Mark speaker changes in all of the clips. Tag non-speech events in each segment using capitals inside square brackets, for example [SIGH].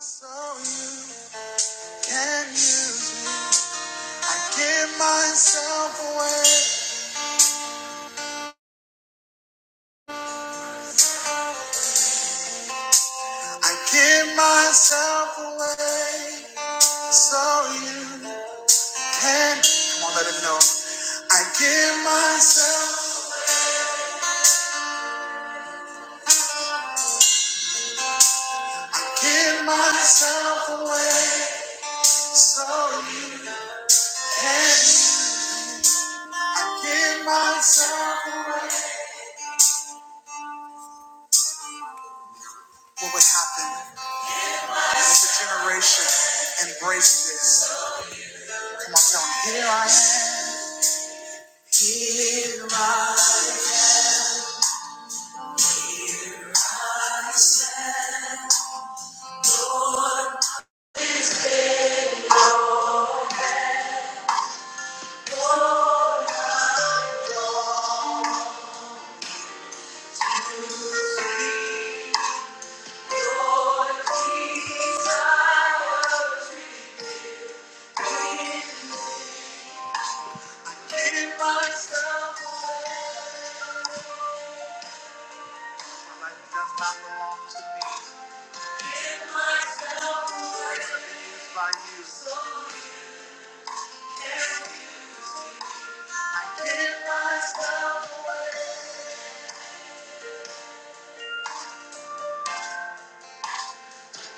Speaker 1: So you can use me. I give myself away. I give myself away. So you can. Come on, let him know. I give myself. I give myself away. So you can. I give myself. What would happen if a generation embraced this? Come on, tell him. Here I am. Here. Give myself. Oh God,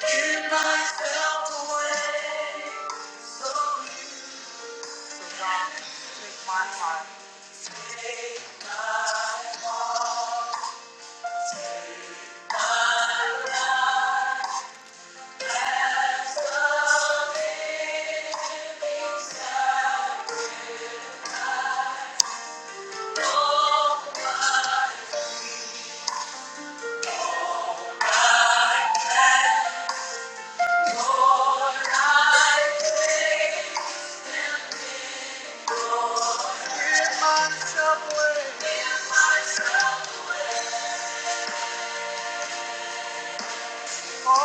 Speaker 1: give myself, give myself away. So you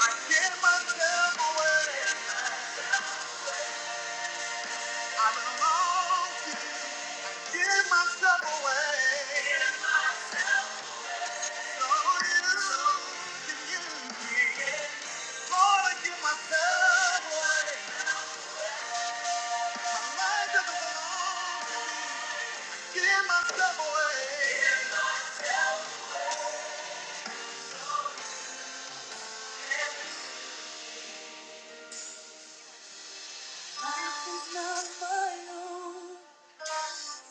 Speaker 1: I give myself away. I'm in Give myself away. So you can use me. Lord, I give myself away. My life doesn't belong to Give myself away. It's not my own.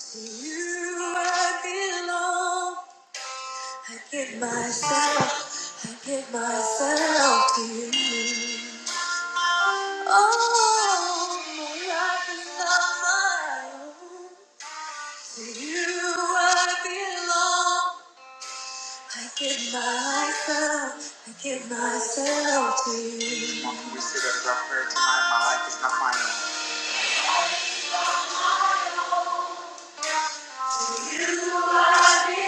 Speaker 1: To you I belong. I give myself, I give myself to you. Oh, my life is not my own. To you I belong. I give myself, I give myself to you. Mom, can we say that as our prayer tonight? My life is not my own.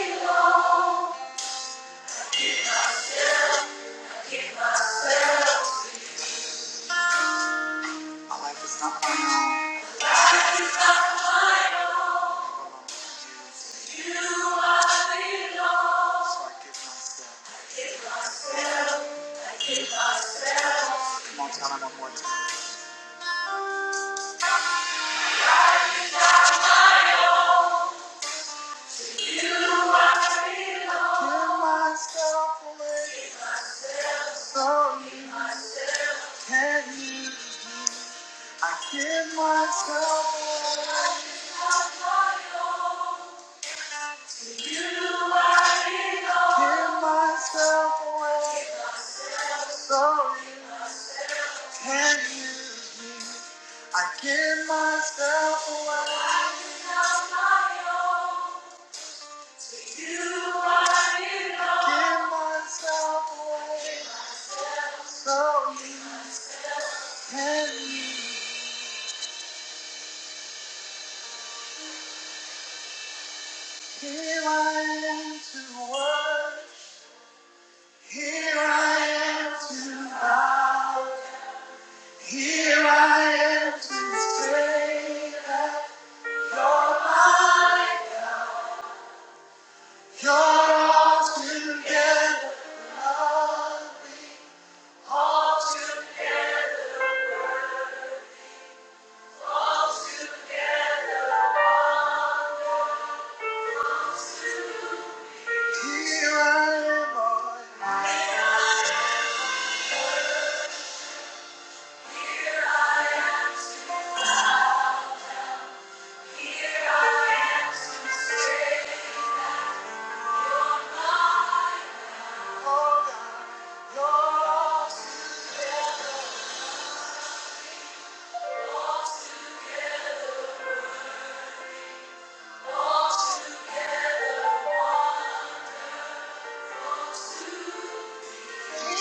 Speaker 1: My life is not my own. It belongs to Jesus. So I give myself. Come on, tell him one more time. Give myself away so you can use. I give myself away. You are enough. Give myself away. Sorry, can use. I give myself away. I'm my own. You are enough. Give myself away. Sorry, can use. Here I am to work. Here I am to. Here I am to say. You're all together. All together. Here I am. Here I am. You're all together. You I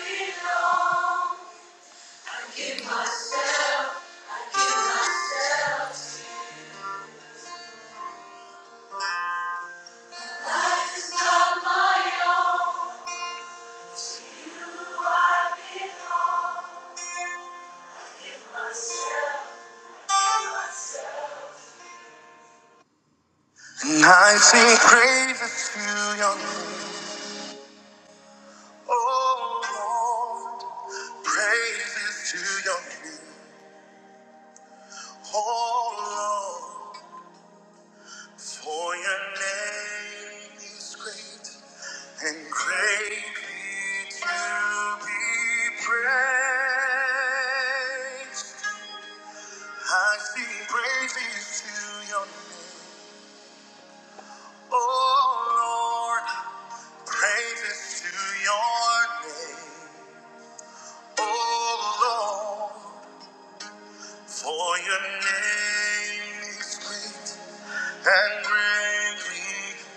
Speaker 1: belong. It's Not my own. And I sing praises to your name. Oh Lord, praise all for your name is great and great is the Lord. Praises to your name. Oh Lord. For your name is great and greatly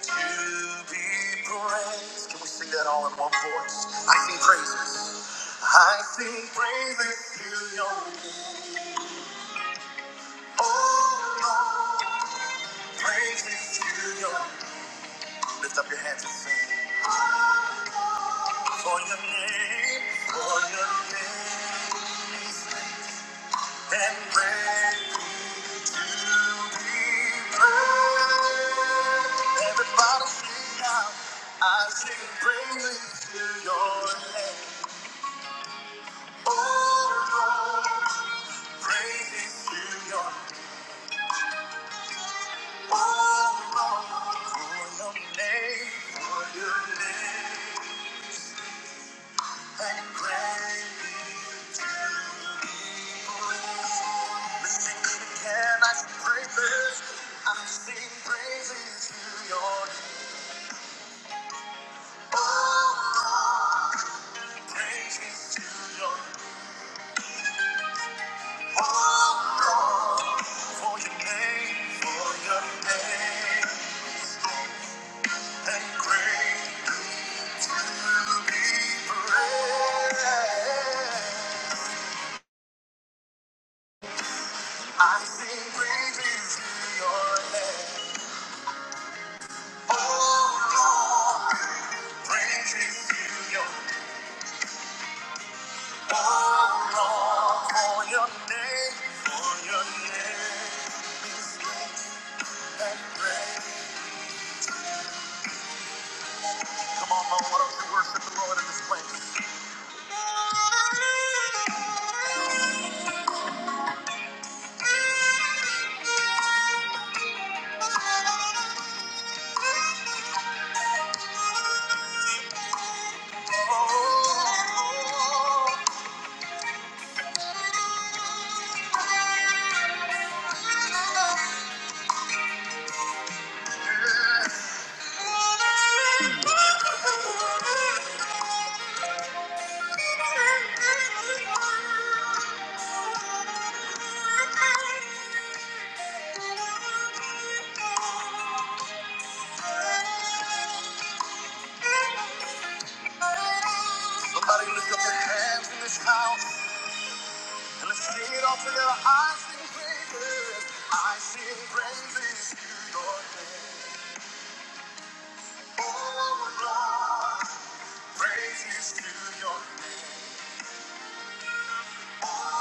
Speaker 1: to be praised. Can we sing that all in one voice? I sing praises. I sing praises to your name. Oh Lord, praises to your name. Lift up your hands and sing. For your name, for your name, and praise. everybody Can I sing praises? to to to your your your your name. name, name, Oh Lord, praises to your Oh Lord, for your name, for your name, And greatly to be I'm singing praises I sing praises to your name. I sing praises to your name. Oh Lord, praises to your Oh Lord, for your name, for your name. Come on, I want us to worship the Lord in this place. Somebody lift up their hands in this house and let's sing it all together. I sing praises. I sing praises to your name. Oh, Lord, praises to your name. Strength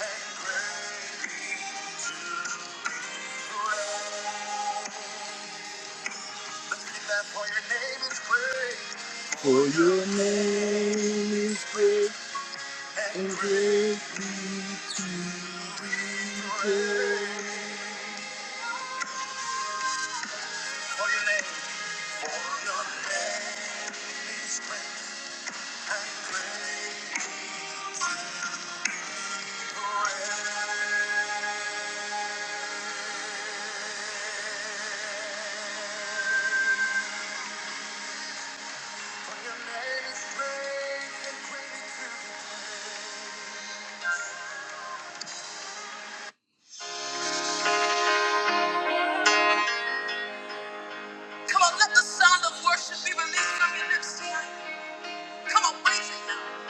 Speaker 1: and grace to reign. For your name is praise. For your name. For your name is praise and praise. Your name is praise and praise. Come on, let the sound of worship be released from your lips tonight. Come on, raise it now.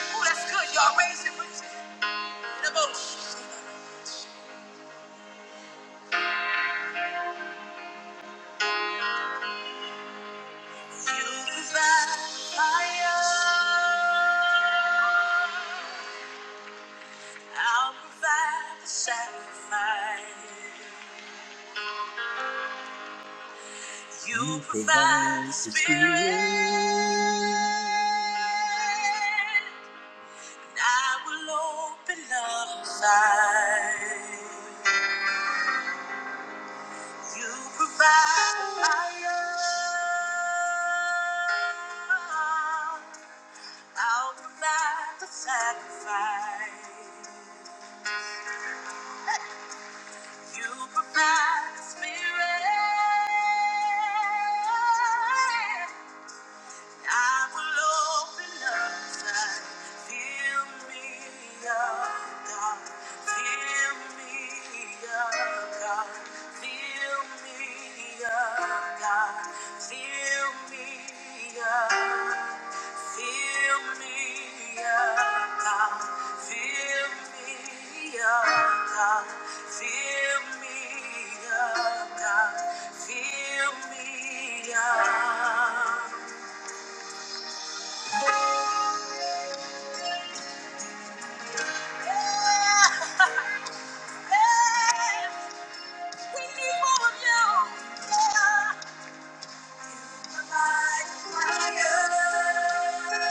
Speaker 1: Oh, that's good, y'all. Raise it, raise it. The most. You provide fire. I'll provide the sacrifice. You provide the spirit. and I will open up inside. You provide the fire. I'll provide the sacrifice. You provide the spirit. I will open up inside. Fill me up, God. Fill me up, God. Fill me up, God. Fill me up. Fill me up, God. Fill me up, God. Fill me up, God. Fill me up.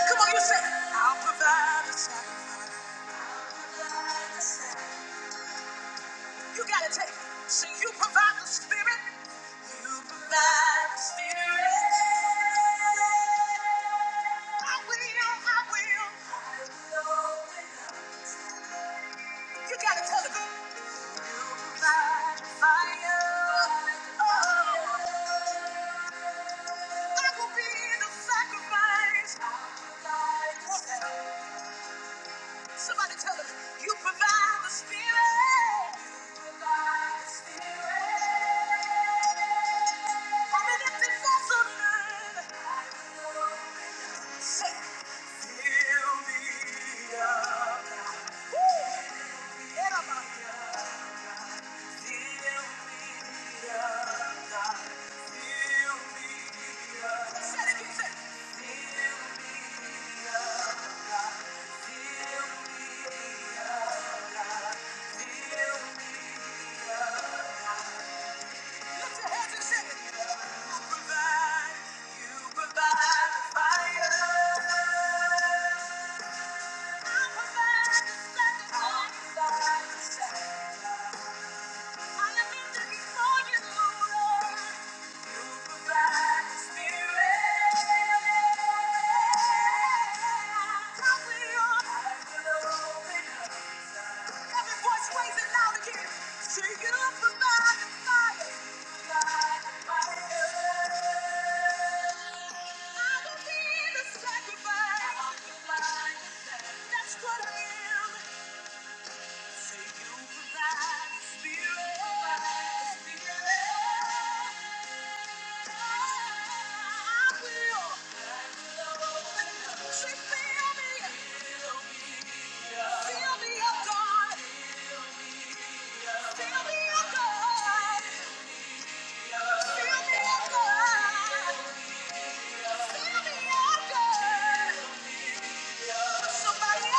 Speaker 1: Come on, you say, I'll provide the sacrifice." You gotta take it. So you provide the spirit. You provide the spirit. I will, I will. You gotta tell it. You provide the fire. Oh, I will be the sacrifice. I'll provide the sacrifice. Somebody tell them, you provide the spirit. Provide the spirit. I'm an empty vessel, Lord. Say, fill me up. Woo! Yeah, my God. Fire. Take it up and light the fire. Light the fire. I will be the sacrifice. I will be the sacrifice. That's what I am. Somebody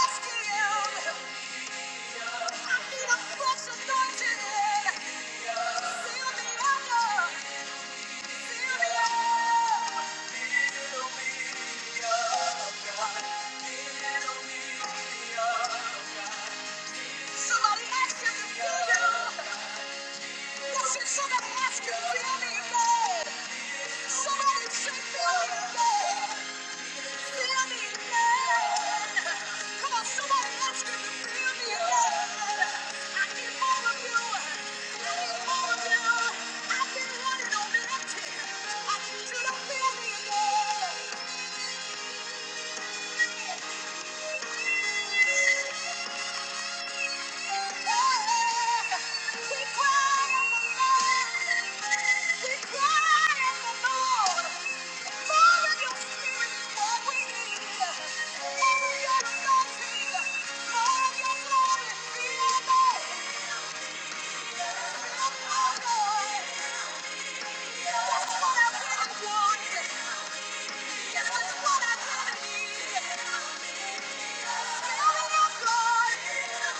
Speaker 1: else can. I need a fresh anointing. Fill me up, God. Somebody ask you, to feel me, Lord. Somebody say, feel me, Lord. Yeah spirit, what I need. Thank you.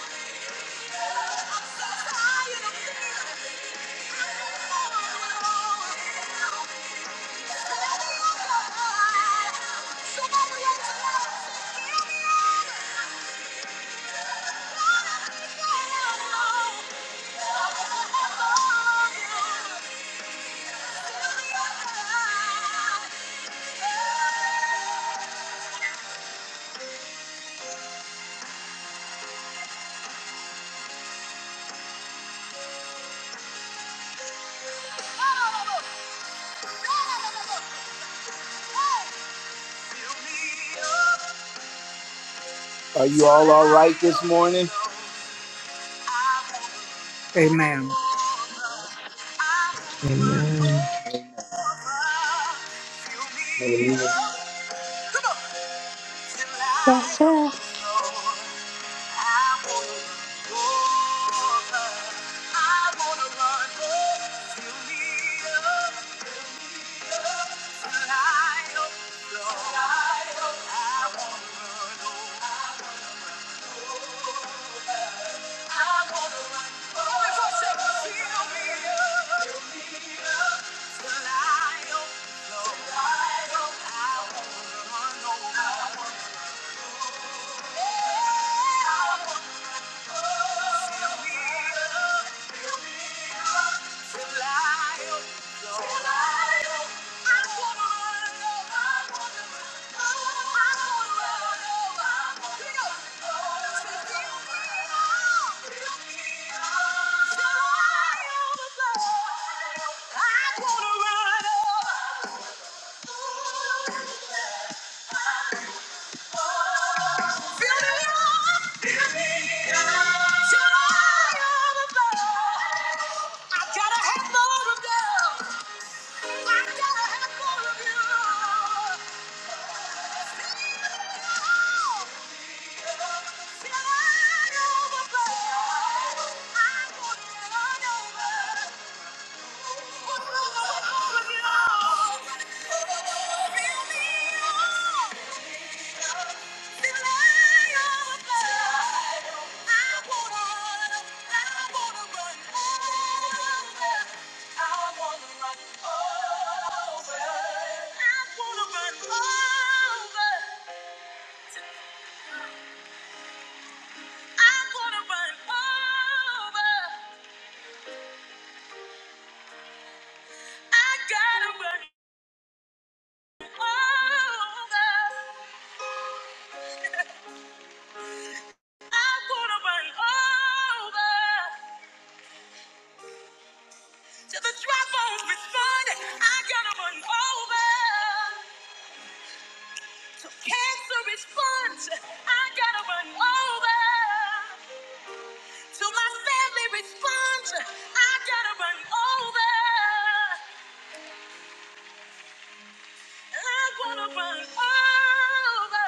Speaker 1: You all all right this morning?
Speaker 2: Amen.
Speaker 1: Till
Speaker 3: Amen.
Speaker 4: Hallelujah.
Speaker 5: Yes, sir.
Speaker 1: I don't know. I wanna run over. Feel me Oh! I wanna run over. Till the dry bones respond, I gotta run over. Till cancer responds, I gotta run over. Till my family responds, I gotta run over. I wanna run over.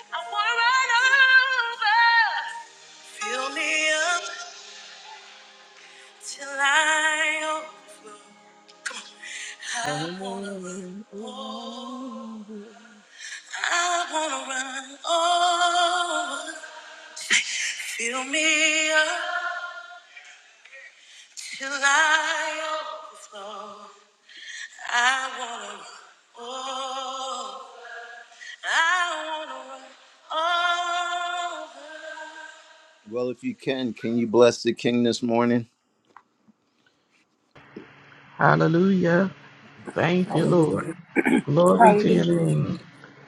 Speaker 1: I wanna run over. Fill me up till I overflow. I wanna run. I wanna run over. Fill me up till I Well, if you can, can you bless the King this morning?
Speaker 3: Hallelujah. Thank you,
Speaker 2: Hallelujah.
Speaker 3: Lord. Glory to your
Speaker 2: Hallelujah.
Speaker 3: name.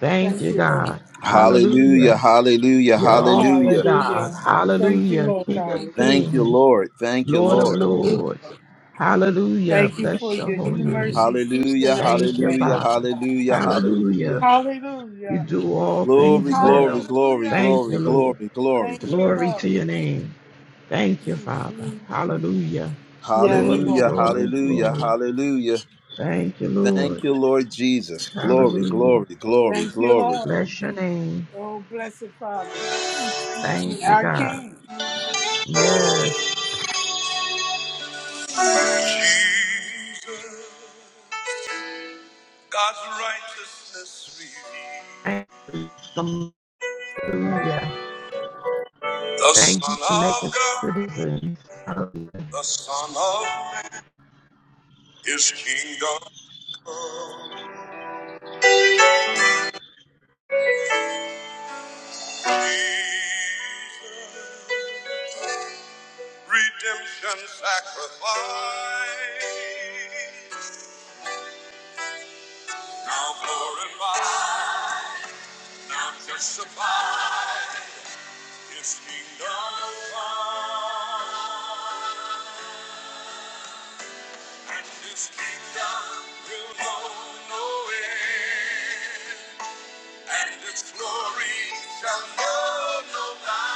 Speaker 3: Thank
Speaker 2: Thank
Speaker 3: you,
Speaker 2: you, Lord.
Speaker 3: God.
Speaker 1: Hallelujah,
Speaker 3: Hallelujah.
Speaker 1: hallelujah,
Speaker 3: You're awesome,
Speaker 1: hallelujah.
Speaker 2: Hallelujah.
Speaker 3: God.
Speaker 2: Thank you,
Speaker 3: Hallelujah.
Speaker 2: Lord
Speaker 3: King of
Speaker 2: God.
Speaker 1: Thank you,
Speaker 3: kings,
Speaker 1: Lord. Thank you,
Speaker 3: Lord of
Speaker 1: Lord.
Speaker 2: Lord,
Speaker 3: lords. Hallelujah.
Speaker 2: Thank you for
Speaker 3: Bless your
Speaker 2: your new
Speaker 3: holy name.
Speaker 2: mercies each
Speaker 1: Hallelujah,
Speaker 2: and every
Speaker 3: Thank you,
Speaker 2: day,
Speaker 1: hallelujah,
Speaker 2: Lord.
Speaker 3: Father.
Speaker 1: hallelujah, hallelujah.
Speaker 3: Hallelujah. You
Speaker 2: Hallelujah.
Speaker 3: do all things
Speaker 1: Glory, glory,
Speaker 3: well.
Speaker 1: glory,
Speaker 2: Hallelujah.
Speaker 3: Thank
Speaker 1: glory,
Speaker 3: you, Lord.
Speaker 1: glory, glory.
Speaker 2: Thank you,
Speaker 3: Glory
Speaker 2: Lord.
Speaker 3: to your name. Thank you, Father. Hallelujah.
Speaker 2: Yes,
Speaker 3: Glory,
Speaker 2: Lord.
Speaker 1: Hallelujah,
Speaker 3: glory,
Speaker 1: hallelujah,
Speaker 3: glory.
Speaker 1: hallelujah.
Speaker 3: Thank you, Lord.
Speaker 1: Thank you, Lord Jesus. Glory,
Speaker 3: Hallelujah.
Speaker 1: glory, glory,
Speaker 2: Thank you,
Speaker 1: glory.
Speaker 2: Lord.
Speaker 3: Bless your name.
Speaker 2: Oh, blessed Father.
Speaker 3: Thank you,
Speaker 2: I
Speaker 3: God.
Speaker 2: can.
Speaker 3: Yes.
Speaker 1: Jesus, God's righteousness revealed,
Speaker 3: Thank you. Hallelujah.
Speaker 1: the
Speaker 3: Thank you
Speaker 1: Son
Speaker 3: for
Speaker 1: of
Speaker 3: making
Speaker 1: God.
Speaker 3: citizens. Hallelujah.
Speaker 1: The Son of His kingdom, Jesus. redemption sacrifice. Now glorified, now justified, His kingdom come, and His kingdom will know no end. He shall die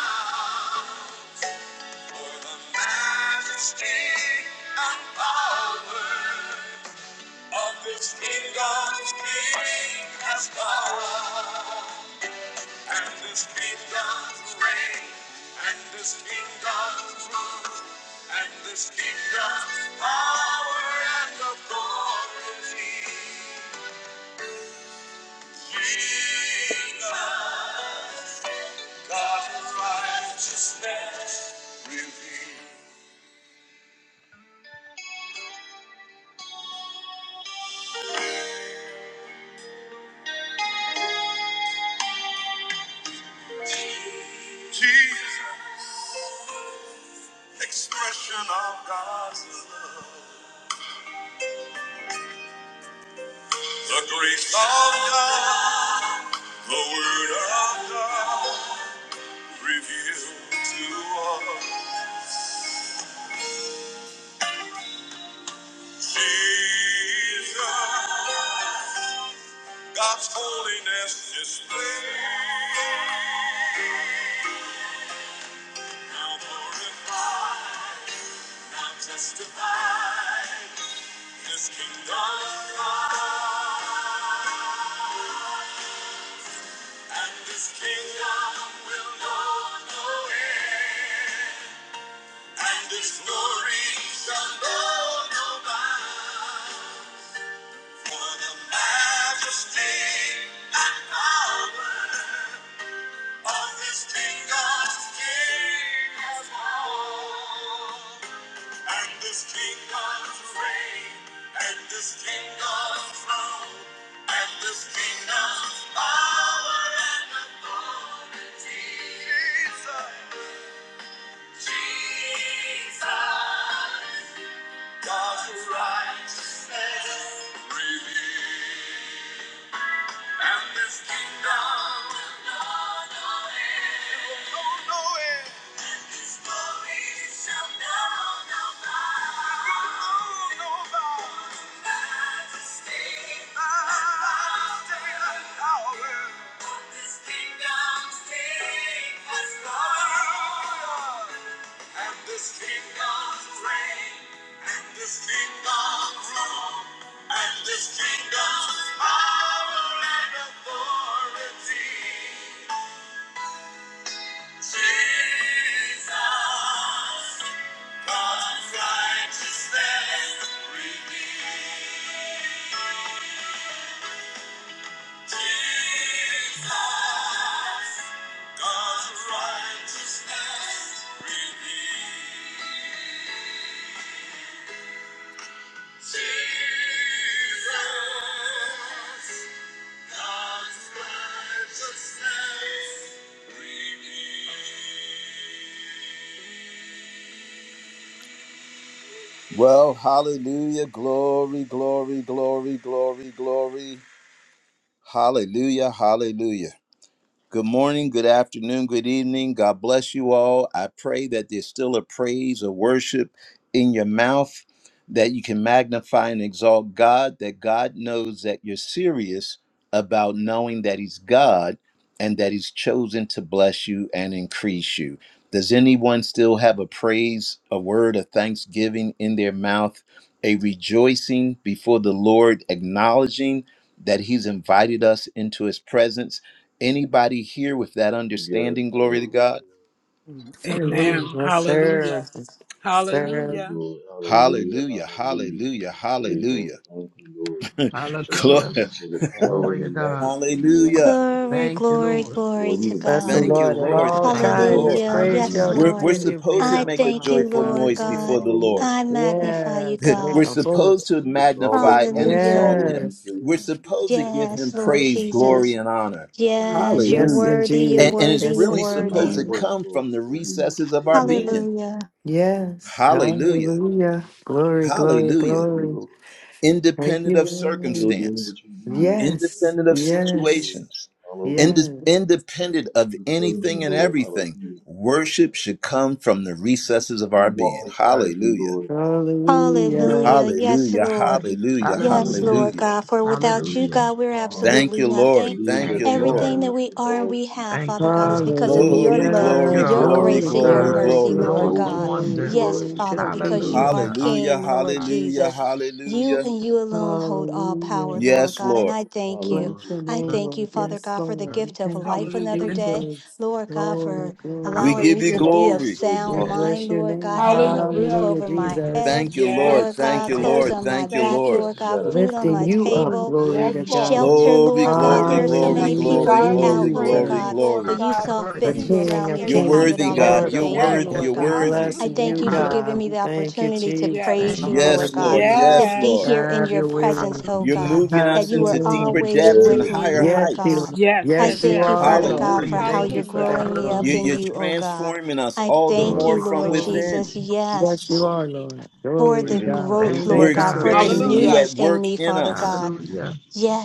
Speaker 1: for the majesty and power of His kingdom's King has come. And his kingdom reign, and his kingdom rule, and his kingdom power and authority. Jesus, God's righteousness revealed. Jesus, expression of God's love. The grace of God, the word of God, revealed to us. Jesus. God's holiness displayed. Now glorified, now justified. His kingdom come, and His kingdom will know no end. And His glory shall know no bound. For the majesty and power. But this King God gave And this King God's and this King God's and this kingdom's power and authority. Jesus, Jesus, God righteousness, and this kingdom will know no end. This kingdom's reign, and this kingdom's rule, and this kingdom's power and authority. Jesus. Well, hallelujah, glory, glory, glory, glory, glory. Hallelujah, hallelujah. Good morning, good afternoon, good evening. God bless you all. I pray that there's still a praise, a worship in your mouth, that you can magnify and exalt God, that God knows that you're serious about knowing that He's God and that He's chosen to bless you and increase you. Does anyone still have a praise, a word of thanksgiving in their mouth, a rejoicing before the Lord, acknowledging that He's invited us into His presence? Anybody here with that
Speaker 4: Yes,
Speaker 1: understanding? Glory to God.
Speaker 4: hallelujah.
Speaker 6: Hallelujah,
Speaker 4: Good,
Speaker 2: Amen.
Speaker 6: yes, sir.
Speaker 2: Hallelujah.
Speaker 4: thank
Speaker 6: Sir,
Speaker 4: you,
Speaker 2: Hallelujah.
Speaker 4: Lord. Hallelujah,
Speaker 1: Hallelujah.
Speaker 4: hallelujah.
Speaker 1: Hallelujah.
Speaker 4: Hey, Lord,
Speaker 1: Hallelujah.
Speaker 4: thank you, Lord.
Speaker 1: [LAUGHS]
Speaker 3: Hallelujah.
Speaker 4: Thank
Speaker 1: Glory.
Speaker 4: you for the power
Speaker 3: Glory to
Speaker 4: and the
Speaker 3: God.
Speaker 4: majesty and the honor,
Speaker 1: Hallelujah.
Speaker 4: Lord.
Speaker 5: Glory,
Speaker 3: Thank you,
Speaker 5: glory,
Speaker 3: Lord.
Speaker 5: glory
Speaker 4: Lord, you
Speaker 5: to
Speaker 4: have
Speaker 6: bless the
Speaker 4: cleaned
Speaker 5: God.
Speaker 1: Thank
Speaker 4: us,
Speaker 1: you,
Speaker 6: Lord at
Speaker 4: Lord.
Speaker 3: Thank
Speaker 1: Lord.
Speaker 3: you,
Speaker 6: all
Speaker 4: Thank
Speaker 1: Thank
Speaker 4: you,
Speaker 1: you,
Speaker 3: Father.
Speaker 6: times.
Speaker 4: Lord.
Speaker 6: His
Speaker 1: Lord.
Speaker 5: Hallelujah.
Speaker 6: praise
Speaker 5: Yes,
Speaker 6: shall
Speaker 3: Hallelujah.
Speaker 1: We're,
Speaker 4: Hallelujah.
Speaker 5: Lord.
Speaker 1: we're
Speaker 6: continue
Speaker 1: supposed
Speaker 6: being
Speaker 1: to
Speaker 5: I
Speaker 6: our
Speaker 1: make a
Speaker 6: mouth.
Speaker 5: thank
Speaker 4: Thank
Speaker 5: you,
Speaker 1: joyful
Speaker 4: you,
Speaker 5: Lord
Speaker 1: noise
Speaker 4: Lord.
Speaker 1: before
Speaker 6: Hallelujah.
Speaker 5: God.
Speaker 1: the Lord.
Speaker 4: Hallelujah,
Speaker 5: I
Speaker 4: hallelujah.
Speaker 5: magnify you,
Speaker 6: Yes,
Speaker 1: [LAUGHS]
Speaker 6: make
Speaker 1: We're
Speaker 5: God.
Speaker 6: a bold.
Speaker 1: supposed to
Speaker 4: Amidst all
Speaker 1: magnify
Speaker 4: that's
Speaker 1: and
Speaker 4: going on,
Speaker 5: Hallelujah.
Speaker 1: exalt
Speaker 4: Lord,
Speaker 1: him.
Speaker 4: you
Speaker 6: Yes,
Speaker 4: still
Speaker 1: We're
Speaker 4: come to this,
Speaker 1: supposed to
Speaker 4: this
Speaker 1: give
Speaker 4: same
Speaker 1: him
Speaker 5: Yes,
Speaker 4: time
Speaker 5: Lord
Speaker 4: with
Speaker 1: praise,
Speaker 4: us, Lord.
Speaker 5: Jesus.
Speaker 1: glory, and honor.
Speaker 4: Hallelujah.
Speaker 5: Yes, you're
Speaker 6: yes,
Speaker 1: Hallelujah.
Speaker 5: worthy, you're
Speaker 1: And,
Speaker 6: indeed.
Speaker 1: and it's
Speaker 5: worthy,
Speaker 6: Yes,
Speaker 5: you're
Speaker 1: really supposed
Speaker 4: Mighty
Speaker 5: worthy.
Speaker 1: to
Speaker 6: indeed.
Speaker 4: works,
Speaker 1: come
Speaker 4: Lord.
Speaker 1: from the
Speaker 4: Hallelujah,
Speaker 1: recesses of our
Speaker 4: hallelujah.
Speaker 1: being.
Speaker 5: Hallelujah.
Speaker 4: Thank you,
Speaker 6: Yes,
Speaker 4: Lord Jesus.
Speaker 1: Hallelujah.
Speaker 6: hallelujah.
Speaker 4: Hallelujah.
Speaker 6: Glory, glory,
Speaker 1: Hallelujah.
Speaker 4: Thank you,
Speaker 6: glory.
Speaker 4: Lord.
Speaker 6: Thank
Speaker 1: independent
Speaker 6: you,
Speaker 1: of
Speaker 4: Still
Speaker 6: Lord.
Speaker 4: doing
Speaker 1: circumstance,
Speaker 4: what you do, doing. Hallelujah.
Speaker 6: Yes,
Speaker 1: independent of
Speaker 4: Thank you, Lord.
Speaker 6: yes,
Speaker 1: situations,
Speaker 4: Hallelujah.
Speaker 1: inde-
Speaker 6: yes.
Speaker 1: independent of
Speaker 4: We praise
Speaker 1: anything
Speaker 4: you,
Speaker 1: and
Speaker 4: Lord.
Speaker 1: everything.
Speaker 4: Hallelujah.
Speaker 1: Worship should come from the recesses of
Speaker 4: We
Speaker 1: our being.
Speaker 4: walk beside you,
Speaker 1: Hallelujah.
Speaker 4: Lord. We
Speaker 6: Hallelujah.
Speaker 4: listen
Speaker 5: Hallelujah.
Speaker 4: to you
Speaker 5: Yes,
Speaker 1: Hallelujah.
Speaker 4: speak and we
Speaker 5: Lord.
Speaker 4: do what you
Speaker 1: Hallelujah.
Speaker 4: do.
Speaker 5: Yes,
Speaker 4: doing.
Speaker 3: Hallelujah.
Speaker 5: Lord
Speaker 1: Hallelujah.
Speaker 5: God. For without you,
Speaker 3: Hallelujah.
Speaker 5: God, we're
Speaker 1: Thank
Speaker 4: Hallelujah.
Speaker 5: absolutely
Speaker 1: you,
Speaker 4: Thank you for
Speaker 1: Lord.
Speaker 5: nothing.
Speaker 4: leading
Speaker 1: Thank
Speaker 4: us
Speaker 1: you,
Speaker 3: Thank
Speaker 4: and
Speaker 3: you,
Speaker 1: Lord.
Speaker 5: Everything
Speaker 3: Lord.
Speaker 4: guiding
Speaker 5: that
Speaker 4: us
Speaker 5: we
Speaker 4: to
Speaker 5: are and
Speaker 4: all
Speaker 5: we
Speaker 4: truth,
Speaker 5: have,
Speaker 3: Thank
Speaker 4: Lord.
Speaker 3: you,
Speaker 5: Father God, is because
Speaker 3: Father.
Speaker 5: of your
Speaker 1: Glory,
Speaker 5: love,
Speaker 3: You're
Speaker 1: glory,
Speaker 3: an
Speaker 6: Hallelujah.
Speaker 5: your
Speaker 1: glory,
Speaker 6: Glory,
Speaker 5: grace,
Speaker 3: awesome,
Speaker 5: and your
Speaker 1: glory,
Speaker 3: God.
Speaker 6: glory,
Speaker 5: mercy,
Speaker 4: Helping
Speaker 3: An
Speaker 1: glory.
Speaker 4: us to
Speaker 5: Lord
Speaker 6: glory,
Speaker 3: awesome
Speaker 5: God.
Speaker 4: overcome
Speaker 6: glory,
Speaker 4: the
Speaker 3: wonder.
Speaker 5: Yes,
Speaker 4: world,
Speaker 6: glory to
Speaker 4: Lord.
Speaker 5: Father,
Speaker 6: the
Speaker 5: because you
Speaker 6: King.
Speaker 5: are
Speaker 3: Hallelujah. Our
Speaker 1: Hallelujah.
Speaker 5: King, Lord
Speaker 1: Hallelujah.
Speaker 5: Jesus. You
Speaker 1: Hallelujah.
Speaker 5: and you alone hold all power,
Speaker 6: Hallelujah.
Speaker 5: Lord
Speaker 1: Yes,
Speaker 5: God. And
Speaker 1: Lord.
Speaker 5: I thank you.
Speaker 6: Bless
Speaker 4: Hallelujah.
Speaker 6: your
Speaker 5: I
Speaker 6: name,
Speaker 5: thank you,
Speaker 6: Lord.
Speaker 5: Father
Speaker 6: Yes,
Speaker 5: God, for the
Speaker 6: Lord. We
Speaker 5: gift of
Speaker 6: thank you,
Speaker 5: life
Speaker 2: Hallelujah.
Speaker 5: another
Speaker 3: prince of
Speaker 5: day.
Speaker 6: Jesus.
Speaker 5: Lord God,
Speaker 6: Glory,
Speaker 5: for
Speaker 1: We
Speaker 4: Thank
Speaker 6: glory.
Speaker 5: allowing
Speaker 4: you
Speaker 2: Thank
Speaker 3: hallelujah.
Speaker 5: me
Speaker 1: give
Speaker 4: for
Speaker 1: you
Speaker 2: you,
Speaker 5: to
Speaker 4: your
Speaker 5: be
Speaker 2: Lord.
Speaker 5: of
Speaker 4: peace,
Speaker 1: glory.
Speaker 4: Lord, but
Speaker 6: We
Speaker 5: sound
Speaker 4: also
Speaker 6: bless
Speaker 5: mind,
Speaker 4: thank you
Speaker 6: your
Speaker 4: for
Speaker 5: Lord
Speaker 4: your
Speaker 6: name.
Speaker 5: God, having a
Speaker 4: strength.
Speaker 5: roof
Speaker 2: Hallelujah.
Speaker 3: Glory
Speaker 6: Hallelujah,
Speaker 5: over
Speaker 3: to your
Speaker 5: my
Speaker 6: Jesus.
Speaker 3: name.
Speaker 5: head.
Speaker 1: Thank you, Lord.
Speaker 2: Yes,
Speaker 5: Lord
Speaker 1: Thank
Speaker 2: yes,
Speaker 5: God,
Speaker 1: you,
Speaker 3: Thank
Speaker 2: yes.
Speaker 5: clothes
Speaker 3: you.
Speaker 1: Lord.
Speaker 5: on my
Speaker 1: Thank you,
Speaker 5: back,
Speaker 2: Thank you.
Speaker 1: Lord.
Speaker 5: Lord
Speaker 4: We
Speaker 5: God,
Speaker 4: got an
Speaker 5: food on
Speaker 6: Lifting
Speaker 5: my
Speaker 6: you up.
Speaker 4: overpowering
Speaker 5: table,
Speaker 6: Glory
Speaker 2: Yes,
Speaker 6: to
Speaker 4: calmness in
Speaker 2: Lord.
Speaker 4: what you
Speaker 6: God.
Speaker 5: shelter,
Speaker 4: do
Speaker 1: Glory,
Speaker 4: in the
Speaker 5: Lord God.
Speaker 4: Lord.
Speaker 1: glory,
Speaker 5: There
Speaker 3: Hallelujah.
Speaker 5: are so
Speaker 2: And
Speaker 4: Thank, you.
Speaker 1: glory,
Speaker 2: I
Speaker 5: many
Speaker 6: Hallelujah,
Speaker 5: people
Speaker 1: glory,
Speaker 2: desire to
Speaker 1: glory,
Speaker 5: without, Lord
Speaker 2: praise
Speaker 1: glory,
Speaker 2: you,
Speaker 5: God,
Speaker 6: Jesus.
Speaker 2: Lord
Speaker 5: but
Speaker 1: glory.
Speaker 5: you
Speaker 2: God,
Speaker 5: saw
Speaker 2: and to
Speaker 6: A
Speaker 5: fit
Speaker 4: thank you,
Speaker 5: to
Speaker 2: seek your
Speaker 5: allow
Speaker 6: King
Speaker 4: Lord.
Speaker 6: of
Speaker 5: me
Speaker 2: face
Speaker 5: to
Speaker 1: You're
Speaker 4: Thank you,
Speaker 5: have
Speaker 6: kings,
Speaker 5: it
Speaker 2: each
Speaker 6: the
Speaker 1: worthy,
Speaker 4: Lord.
Speaker 2: and
Speaker 5: all, and
Speaker 1: God.
Speaker 5: I
Speaker 6: Lord
Speaker 2: every
Speaker 3: Hallelujah.
Speaker 1: You're
Speaker 6: of
Speaker 4: Just
Speaker 5: thank
Speaker 4: bringing
Speaker 5: you,
Speaker 2: day.
Speaker 1: worthy.
Speaker 6: lords.
Speaker 4: us
Speaker 3: Yes.
Speaker 5: Lord
Speaker 1: You're
Speaker 6: We
Speaker 4: around
Speaker 5: God.
Speaker 1: worthy.
Speaker 6: bless
Speaker 5: I
Speaker 2: Hallelujah.
Speaker 4: the
Speaker 5: thank
Speaker 6: you,
Speaker 5: you for
Speaker 4: enemy.
Speaker 3: Hallelujah.
Speaker 5: giving
Speaker 6: God.
Speaker 5: me
Speaker 6: We
Speaker 5: the
Speaker 4: Thank
Speaker 6: thank you,
Speaker 5: opportunity to
Speaker 6: Jesus.
Speaker 2: Yes.
Speaker 4: you,
Speaker 5: praise
Speaker 3: Thank
Speaker 5: you,
Speaker 3: you.
Speaker 5: Lord
Speaker 1: Yes,
Speaker 5: God,
Speaker 1: Lord.
Speaker 6: Hallelujah.
Speaker 5: to
Speaker 1: Yes,
Speaker 2: Yes.
Speaker 5: be
Speaker 1: Lord.
Speaker 5: here in
Speaker 4: Lord
Speaker 6: Have
Speaker 4: Jesus. Thank
Speaker 5: your
Speaker 6: your
Speaker 4: you, Lord.
Speaker 6: way,
Speaker 5: presence,
Speaker 6: Lord.
Speaker 5: oh
Speaker 1: You're
Speaker 5: God,
Speaker 3: Hallelujah.
Speaker 1: moving
Speaker 5: that
Speaker 6: Have
Speaker 1: us
Speaker 5: you
Speaker 6: your
Speaker 5: are
Speaker 1: into
Speaker 6: way,
Speaker 1: deeper
Speaker 6: Lord.
Speaker 5: always
Speaker 1: depths and
Speaker 5: with
Speaker 4: Yes,
Speaker 5: me,
Speaker 1: higher
Speaker 5: Lord
Speaker 6: Yes, you
Speaker 1: heights.
Speaker 6: are.
Speaker 5: God.
Speaker 2: Yes.
Speaker 5: I
Speaker 3: You
Speaker 6: Yes,
Speaker 4: thank
Speaker 2: Yes.
Speaker 6: you
Speaker 5: thank
Speaker 2: Yes.
Speaker 5: you,
Speaker 4: you,
Speaker 3: deserve
Speaker 6: are,
Speaker 4: Lord.
Speaker 5: Father
Speaker 3: all the
Speaker 5: God,
Speaker 6: Lord.
Speaker 5: for
Speaker 1: Hallelujah.
Speaker 5: how
Speaker 6: Thank
Speaker 3: praises.
Speaker 6: you
Speaker 5: you're
Speaker 6: for
Speaker 2: Hallelujah.
Speaker 5: growing
Speaker 6: that,
Speaker 5: me
Speaker 6: Lord.
Speaker 5: up
Speaker 1: You-
Speaker 5: in
Speaker 1: You're
Speaker 3: Hallelujah.
Speaker 5: you, oh God.
Speaker 1: transforming us
Speaker 5: I
Speaker 1: all the
Speaker 5: thank you,
Speaker 1: more
Speaker 3: Glory,
Speaker 1: from
Speaker 5: Lord
Speaker 3: glory,
Speaker 4: Hallelujah.
Speaker 1: within.
Speaker 5: Jesus.
Speaker 3: glory.
Speaker 5: Yes
Speaker 6: Yes, you are, Lord.
Speaker 5: for
Speaker 6: Glory to
Speaker 5: the
Speaker 4: Bringing
Speaker 6: God.
Speaker 4: us
Speaker 6: We
Speaker 4: up
Speaker 5: growth,
Speaker 3: Thank
Speaker 4: to
Speaker 3: you,
Speaker 1: We're
Speaker 5: Lord
Speaker 6: thank you
Speaker 5: God, for
Speaker 3: God.
Speaker 6: for it,
Speaker 5: the
Speaker 4: newness,
Speaker 6: too,
Speaker 1: experiencing
Speaker 6: God.
Speaker 1: you
Speaker 2: Hallelujah.
Speaker 1: at
Speaker 5: newness in
Speaker 1: work
Speaker 5: me,
Speaker 1: in
Speaker 5: Father
Speaker 1: us,
Speaker 5: God.
Speaker 3: Hallelujah.